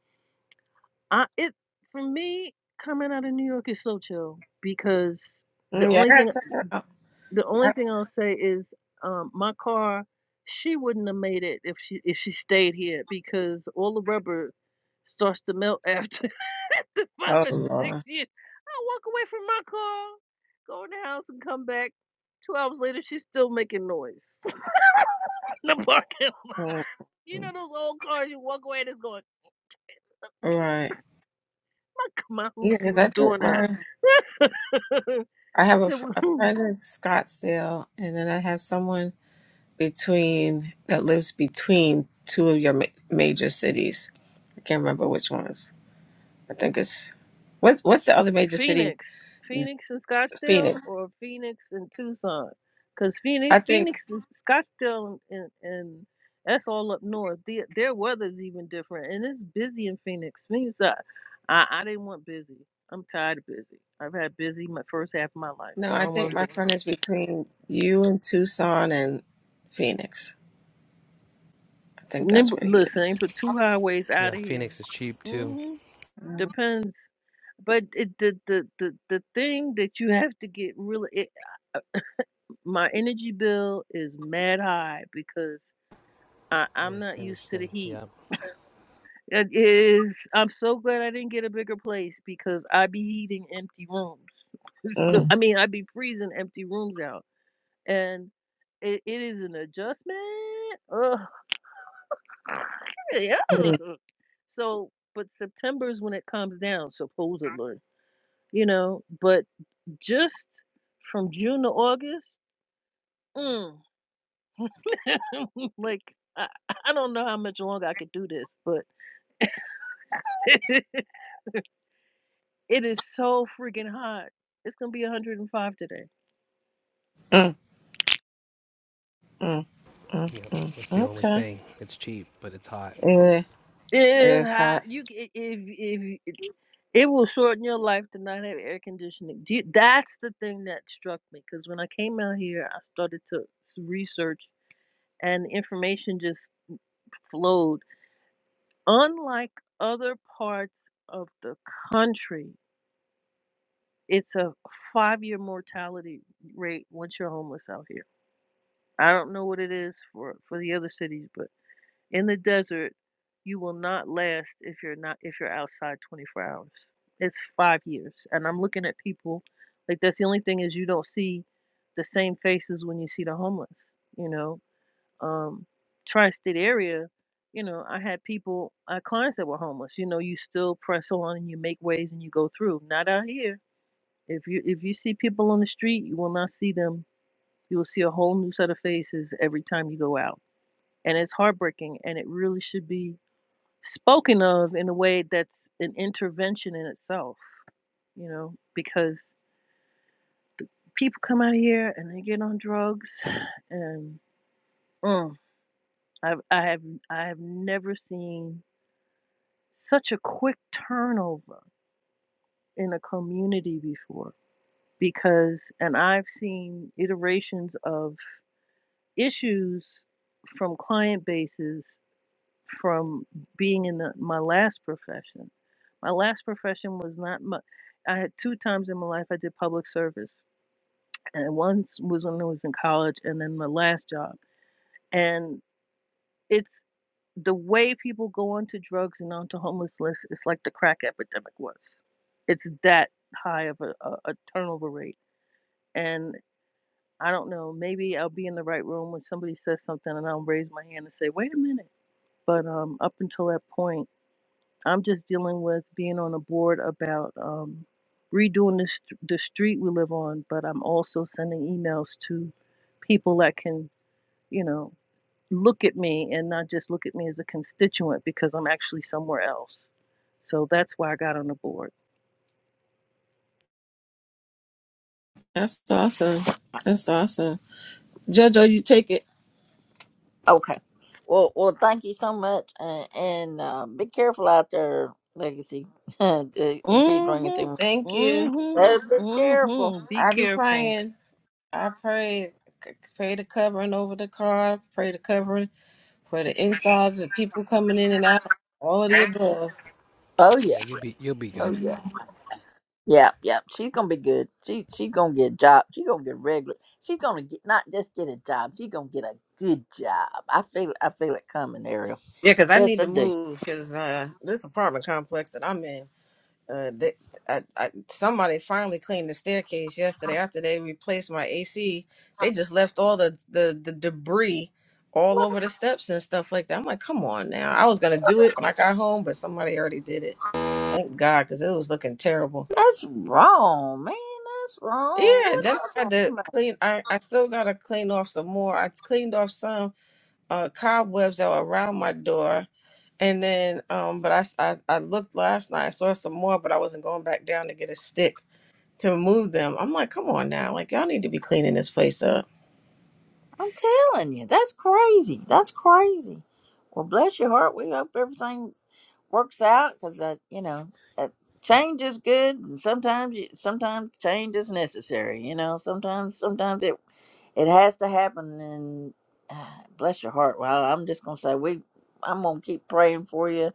Speaker 12: I it for me coming out of New York is so chill because the
Speaker 13: Mm, Yeah. I
Speaker 12: only thing
Speaker 13: gotta check that out.
Speaker 12: the only
Speaker 13: I-
Speaker 12: thing I'll say is um, my car. She wouldn't have made it if she if she stayed here because all the rubber starts to melt after after five
Speaker 13: Oh
Speaker 12: or
Speaker 13: Lord.
Speaker 12: six years. I walk away from my car, go in the house, and come back. Two hours later, she's still making noise in the parking. lot.
Speaker 13: Mm,
Speaker 12: You know those old cars you walk away and it's going.
Speaker 13: Right.
Speaker 12: My my
Speaker 13: Yeah,
Speaker 12: hoopty
Speaker 13: because I
Speaker 12: was
Speaker 13: don't
Speaker 12: doing that.
Speaker 13: mind. I
Speaker 12: I
Speaker 13: have a,
Speaker 12: said,
Speaker 13: f- a
Speaker 12: well,
Speaker 13: friend in Scottsdale, and then I have someone between that lives between two of your ma- major cities. I can't remember which ones. I think it's what's what's the other major city?
Speaker 12: Phoenix, Phoenix and Scottsdale,
Speaker 13: Phoenix.
Speaker 12: or Phoenix and Tucson? Because
Speaker 13: I
Speaker 12: Phoenix,
Speaker 13: think
Speaker 12: Phoenix, is, Scottsdale, and, and that's all up north. The, their weather's even different, and it's busy in Phoenix. Phoenix, I, I, I didn't want busy. I'm tired of busy. I've had busy my first half of my life.
Speaker 13: no,
Speaker 12: I
Speaker 13: I
Speaker 12: don't want
Speaker 13: think
Speaker 12: to do.
Speaker 13: my
Speaker 12: it.
Speaker 13: friend is between you and Tucson and Phoenix. I think
Speaker 12: Nim-
Speaker 13: that's where he
Speaker 12: Listen, ain't
Speaker 13: is.
Speaker 12: but two highways out
Speaker 6: Yeah,
Speaker 12: of here.
Speaker 6: Phoenix is cheap too.
Speaker 12: hmm Depends. But it, the, the the the thing that you have to get really. It, my energy bill is mad high because I, I'm
Speaker 6: Air
Speaker 12: not used to the
Speaker 6: conditioning.
Speaker 12: heat.
Speaker 6: Yep.
Speaker 12: It is. I'm so glad I didn't get a bigger place because I be heating empty rooms. so
Speaker 13: Mm,
Speaker 12: I mean, I be freezing empty rooms out, and it, it is an adjustment. Ugh.
Speaker 13: mm,
Speaker 12: Yuck. so, but September is when it comes down, supposedly. You know, but just from June to August. Mm Like I, I don't know how much longer I could do this, but it is so freaking hot. It's gonna be 105 today.
Speaker 13: mm, mm, mm,
Speaker 6: Yep.
Speaker 13: mm.
Speaker 6: That's the only
Speaker 13: Okay.
Speaker 6: thing. It's cheap, but it's hot.
Speaker 13: Yeah,
Speaker 12: It is
Speaker 13: it's hot.
Speaker 12: hot. You c- i- if if it will shorten your life to not have air conditioning. Do you, that's the thing that struck me because when I came out here, I started to s- research and information just flowed. Unlike other parts of the country, it's a five-year mortality rate once you're homeless out here. I don't know what it is for for the other cities, but in the desert, you will not last if you're not if you're outside 24 hours. It's five years, and I'm looking at people like that's the only thing is you don't see the same faces when you see the homeless. You know, um, tri-state area. You know, I had people, I had clients that were homeless. You know, you still press on and you make ways and you go through. Not out here. If you if you see people on the street, you will not see them you will see a whole new set of faces every time you go out. And it's heartbreaking and it really should be spoken of in a way that's an intervention in itself, you know, because people come out here and they get on drugs and mm, I've, I have I have never seen such a quick turnover in a community before because and I've seen iterations of issues from client bases from being in the, my last profession. My last profession was not my. I had two times in my life I did public service, and once was when I was in college, and then my last job. And it's the way people go onto drugs and onto homelessness. It's like the crack epidemic was. It's that high of a, a, a turnover rate, and I don't know. Maybe I'll be in the right room when somebody says something, and I'll raise my hand and say, "Wait a minute." But um, up until that point I'm just dealing with being on a board about um, redoing the, st- the street we live on, but I'm also sending emails to people that can, you know, look at me and not just look at me as a constituent because I'm actually somewhere else. So that's why I got on the board.
Speaker 13: That's awesome. That's awesome. Jojo, you take it.
Speaker 2: Okay. Well, well, thank you so much, and, and uh, be careful out there, Legacy. it, it keeps
Speaker 12: Mm
Speaker 2: ringing through. me.
Speaker 12: hmm.
Speaker 13: Thank you.
Speaker 12: Mm
Speaker 2: Oh, be
Speaker 12: hmm. Mm
Speaker 2: careful.
Speaker 12: hmm. Be
Speaker 13: I be
Speaker 12: careful.
Speaker 13: praying. I pray. c- Pray the covering over the car. Pray the covering for the insides, the people coming in and out. All of the above.
Speaker 2: Oh yeah.
Speaker 6: Yeah, you'll be you'll be good.
Speaker 2: Oh
Speaker 13: Mhm.
Speaker 2: yeah. Yeah, yeah. She's gonna be good. She she's gonna get a job. She's gonna get regular. She's gonna get not just get a job. She's gonna get a good job. I feel I feel it coming, Ariel.
Speaker 13: Yeah, because I
Speaker 2: Yes,
Speaker 13: need
Speaker 2: I
Speaker 13: to
Speaker 2: do.
Speaker 13: move because uh, this apartment complex that I'm in. Uh, they, I, I, somebody finally cleaned the staircase yesterday after they replaced my AC. They just left all the, the, the debris all
Speaker 2: What?
Speaker 13: over the steps and stuff like that. I'm like, come on now. I was gonna do it when I got home, but somebody already did it. Thank God, because it was looking terrible.
Speaker 2: that's wrong, man. That's wrong.
Speaker 13: Yeah, then I had to
Speaker 2: What?
Speaker 13: clean. I, I still gotta clean off some more. I cleaned off some uh, cobwebs that were around my door, and then um, but I, I I looked last night. I saw some more, but I wasn't going back down to get a stick to move them. I'm like, come on now. Like, y'all need to be cleaning this place up.
Speaker 2: I'm telling you, that's crazy. That's crazy. Well, bless your heart. We hope everything works out because that, you know, that change is good, and sometimes, you, sometimes change is necessary. You know, sometimes, sometimes it it has to happen. And ah, bless your heart. Well, I'm just gonna say we. I'm gonna keep praying for you,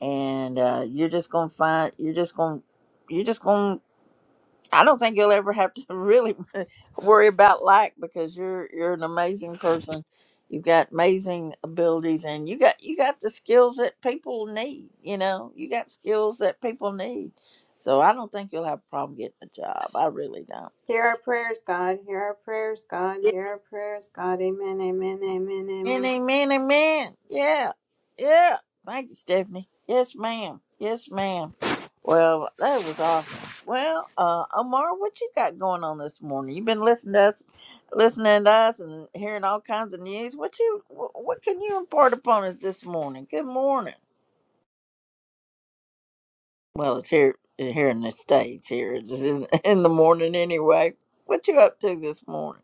Speaker 2: and uh, you're just gonna find. You're just gonna. You're just gonna I don't think you'll ever have to really worry about lack because you're you're an amazing person. You've got amazing abilities and you got you got the skills that people need, you know. You got skills that people need. So I don't think you'll have a problem getting a job. I really don't.
Speaker 1: Hear our prayers, God. Hear our prayers, God.
Speaker 2: Yeah.
Speaker 1: Hear our prayers, God. Amen, amen, amen,
Speaker 2: Many, many men. Yeah. Yeah. Thank you, Stephanie. Yes, ma'am. Yes, ma'am. Well, that was awesome. Well, uh, Amar, what you got going on this morning? You've been listening to us, listening to us, and hearing all kinds of news. What you, wh- what can you impart upon us this morning? Good morning. Well, it's here, here in the states. Here it's in, in the morning anyway. What you up to this morning?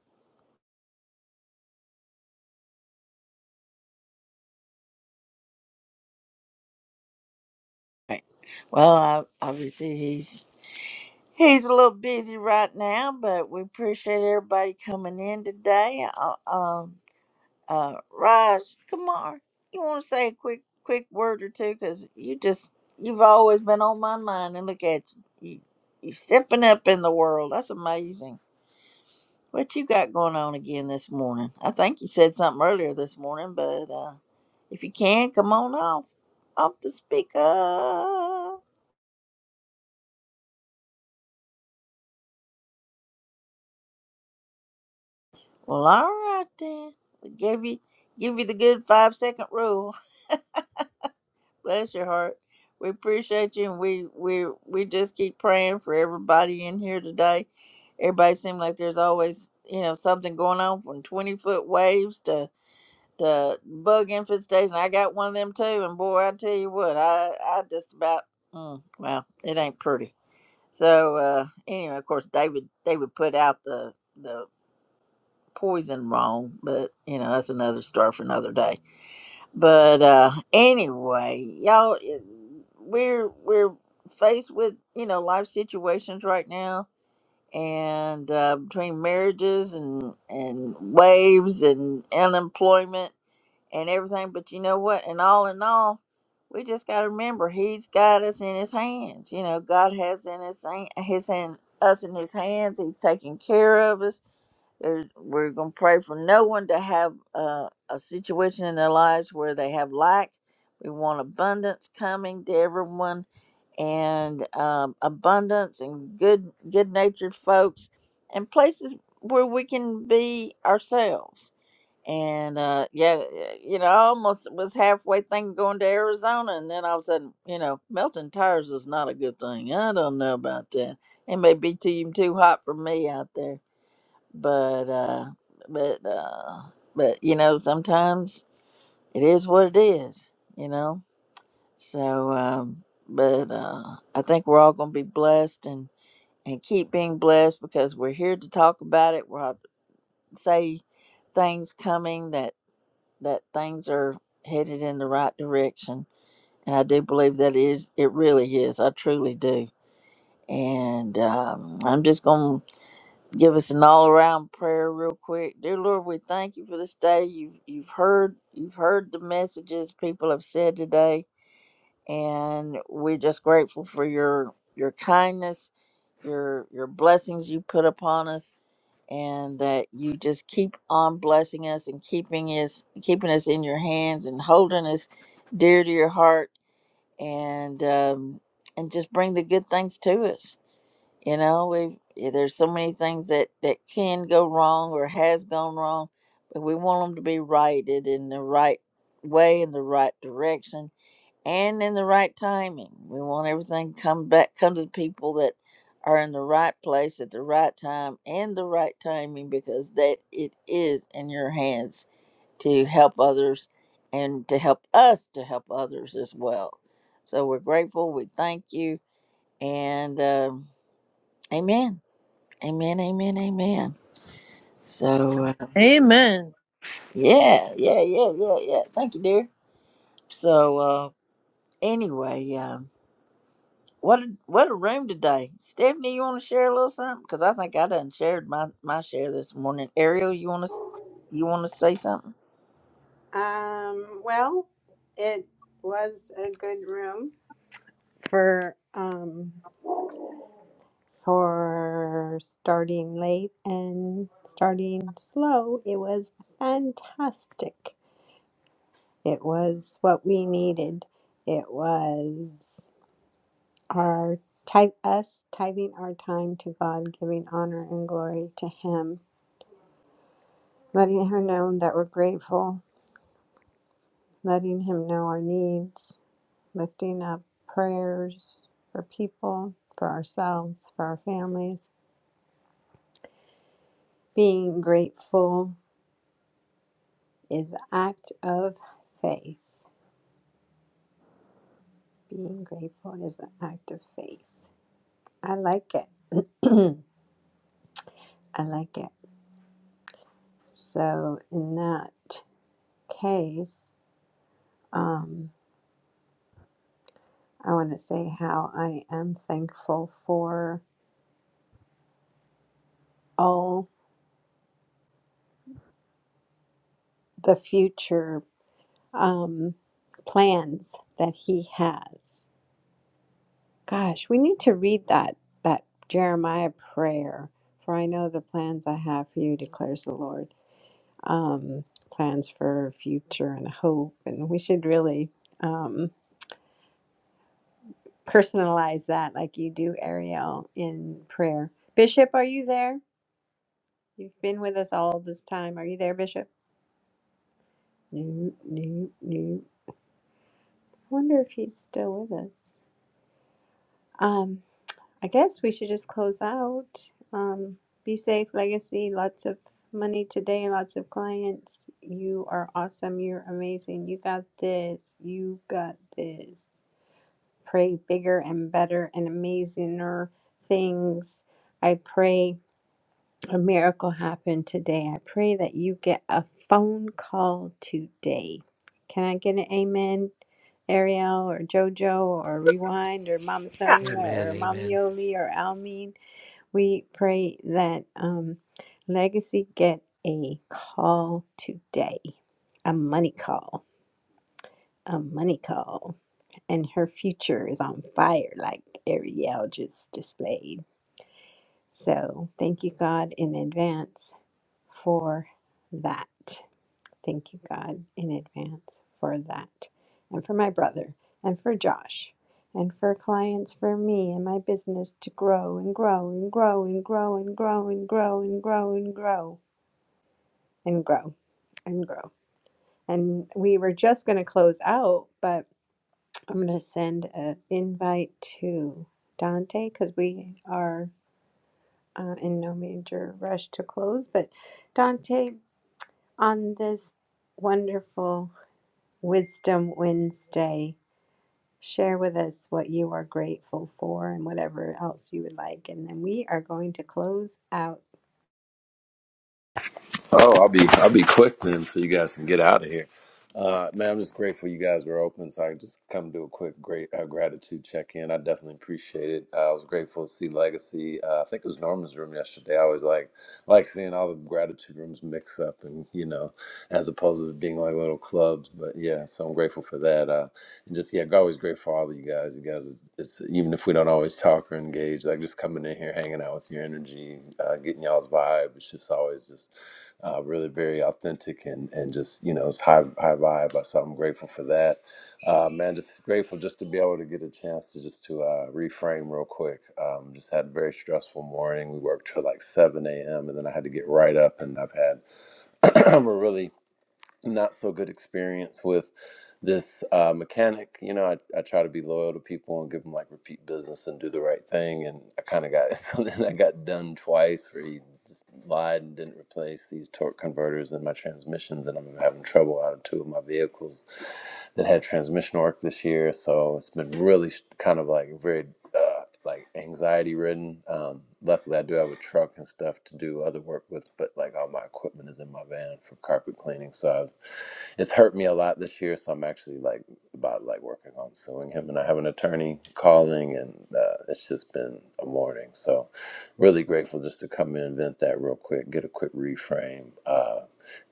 Speaker 2: Right. Well, I, obviously he's he's a little busy right now, but we appreciate everybody coming in today. Uh, Um. Uh, Raj Kumar, you want to say a quick quick word or two? Cause you just you've always been on my mind, and look at you, you you stepping up in the world. That's amazing. What you got going on again this morning? I think you said something earlier this morning, but uh, if you can, come on off off the speaker. Well, all right then. We give you give you the good five second rule. Bless your heart. We appreciate you, and we we we just keep praying for everybody in here today. Everybody seems like there's always you know something going on from twenty foot waves to to bug infestation. I got one of them too, and boy, I tell you what, I I just about mm, well, it ain't pretty. So uh anyway, of course, David David put out the the poison wrong, but you know that's another story for another day. But uh anyway, y'all it- we're we're faced with, you know, life situations right now and uh between marriages and and waves and unemployment and everything, but you know what? And all in all, we just got to remember he's got us in his hands. You know, God has in his hand, his hand us in his hands. He's taking care of us there's, we're going to pray for no one to have uh, a situation in their lives where they have lack. We want abundance coming to everyone, and um, abundance and good, good-natured folks, and places where we can be ourselves. And uh, yeah, you know, I almost was halfway thinking going to Arizona, and then all of a sudden, you know, melting tires is not a good thing. I don't know about that. It may be too too hot for me out there but uh but uh but you know sometimes it is what it is you know so um but uh i think we're all gonna be blessed and and keep being blessed because we're here to talk about it we'll say things coming that that things are headed in the right direction and i do believe that is it really is i truly do and um i'm just gonna give us an all around prayer real quick. Dear Lord, we thank you for this day. You've you've heard you've heard the messages people have said today, and we're just grateful for your your kindness, your your blessings you put upon us, and that you just keep on blessing us and keeping us keeping us in your hands and holding us dear to your heart and um and just bring the good things to us you know, we yeah, there's so many things that that can go wrong or has gone wrong, but we want them to be righted in the right way, in the right direction, and in the right timing. We want everything to come back, come to the people that are in the right place at the right time and the right timing, because that it is in your hands to help others and to help us to help others as well. So we're grateful. We thank you, and um, Amen. Amen, amen, amen. So, uh,
Speaker 12: Amen.
Speaker 2: yeah, yeah, yeah, yeah, yeah. Thank you, dear. So, uh, anyway, um, what a, what a room today. Stephanie, you want to share a little something? Because I think I done shared my, my share this morning. Ariel, you want to you want to say something?
Speaker 1: amen. Um, well, it was a good room for um for starting late and starting slow. It was fantastic. It was what we needed. It was our type us tithing our time to God, giving honor and glory to Him, letting Him know that we're grateful letting Him know our needs, lifting up prayers for people, for ourselves, for our families. Being grateful is an act of faith. Being grateful is an act of faith. I like it. I like it. So, in that case, um, I want to say how I am thankful for all the future um, plans that He has. Gosh, we need to read that that Jeremiah prayer. For I know the plans I have for you, declares the Lord. Um, plans for future and hope, and we should really um, personalize that, like you do, Ariel, in prayer. Bishop, are you there? You've been with us all this time. Are you there, Bishop? No, no, no. I wonder if he's still with us. Um, I guess we should just close out. Um, be safe, legacy. Lots of money today, lots of clients. You are awesome. You're amazing. You got this. You got this. Pray bigger and better and amazinger things. I pray a miracle happen today. I pray that you get a phone call today. Can I get an amen, Ariel or JoJo or Rewind or Mama Sonia
Speaker 6: Amen.
Speaker 1: or Mama
Speaker 6: Amen.
Speaker 1: Yoli or Almin? We pray that um, Legacy get a call today, a money call, a money call, and her future is on fire, like Ariel just displayed. So thank you, God, in advance for that. Thank you, God, in advance for that, and for my brother, and for Josh, and for clients, for me and my business to grow and grow and grow and grow and grow and grow and grow and grow and grow and grow and grow. And we were just going to close out, but I'm going to send an invite to Dante because we are uh, in no major rush to close. But Dante, on this wonderful Wisdom Wednesday, share with us what you are grateful for and whatever else you would like. And then we are going to close out.
Speaker 14: Oh, I'll be I'll be quick then, so you guys can get out of here. Uh, man, I'm just grateful you guys were open, so I can just come do a quick great uh, gratitude check in. I definitely appreciate it. Uh, I was grateful to see Legacy. Uh, I think it was Norman's room yesterday. I always like like seeing all the gratitude rooms mix up, and you know, as opposed to being like little clubs. But yeah, so I'm grateful for that. Uh, and just yeah, always grateful for all of you guys. You guys, it's even if we don't always talk or engage, like just coming in here, hanging out with your energy, uh, getting y'all's vibe. It's just always just uh, really very authentic and, and just you know it's high high vibe. So I'm grateful for that. Uh, man, just grateful just to be able to get a chance to just to uh, reframe real quick. Um, just had a very stressful morning. We worked till like 7 a.m. and then I had to get right up and I've had a really not so good experience with this uh, mechanic. You know, I, I try to be loyal to people and give them like repeat business and do the right thing. And I kind of got so then I got done twice where he just lied and didn't replace these torque converters in my transmissions, and I'm having trouble out of two of my vehicles that had transmission work this year. So it's been really sh- kind of like very. uh, uh, like anxiety ridden. Um, luckily, I do have a truck and stuff to do other work with, but like all my equipment is in my van for carpet cleaning. So I've, it's hurt me a lot this year. So I'm actually like about like working on suing him, and I have an attorney calling, and uh, it's just been a morning. So really grateful just to come in, vent that real quick, get a quick reframe. uh,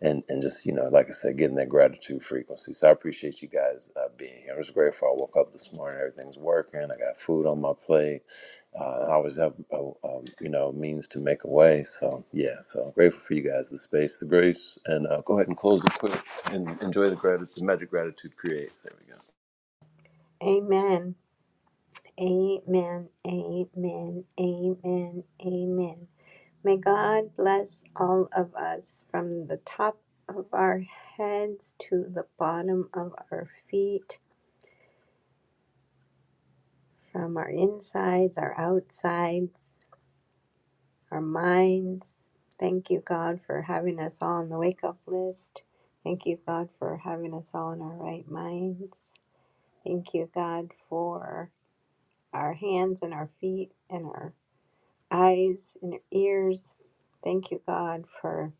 Speaker 14: and and just you know like i said getting that gratitude frequency so i appreciate you guys uh, being here i'm just grateful i woke up this morning everything's working i got food on my plate uh, i always have a, um, you know means to make a way so yeah so I'm grateful for you guys the space the grace and uh, go ahead and close it quick and enjoy the gratitude magic gratitude creates there we go
Speaker 1: Amen. Amen. Amen. Amen. Amen. May God bless all of us from the top of our heads to the bottom of our feet, from our insides, our outsides, our minds. Thank you, God, for having us all on the wake up list. Thank you, God, for having us all in our right minds. Thank you, God, for our hands and our feet and our eyes and our ears. Thank you, God, for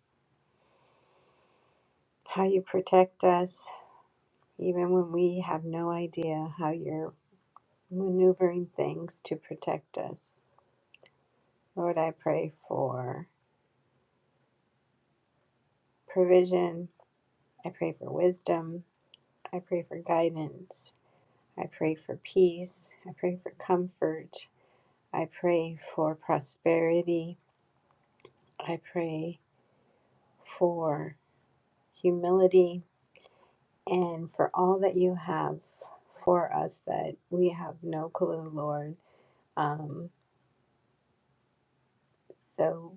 Speaker 1: how you protect us even when we have no idea how you're maneuvering things to protect us. Lord, I pray for provision. I pray for wisdom. I pray for guidance. I pray for peace. I pray for comfort. I pray for prosperity. I pray for humility and for all that you have for us that we have no clue, Lord. Um, so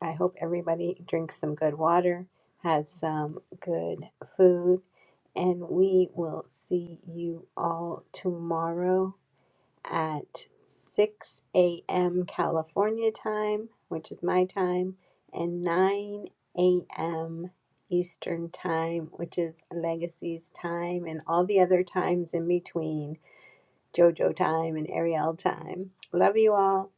Speaker 1: I hope everybody drinks some good water, has some good food, and we will see you all tomorrow at 6 a.m. California time, which is my time, and 9 a.m. Eastern time, which is Legacy's time, and all the other times in between JoJo time and Ariel time. Love you all.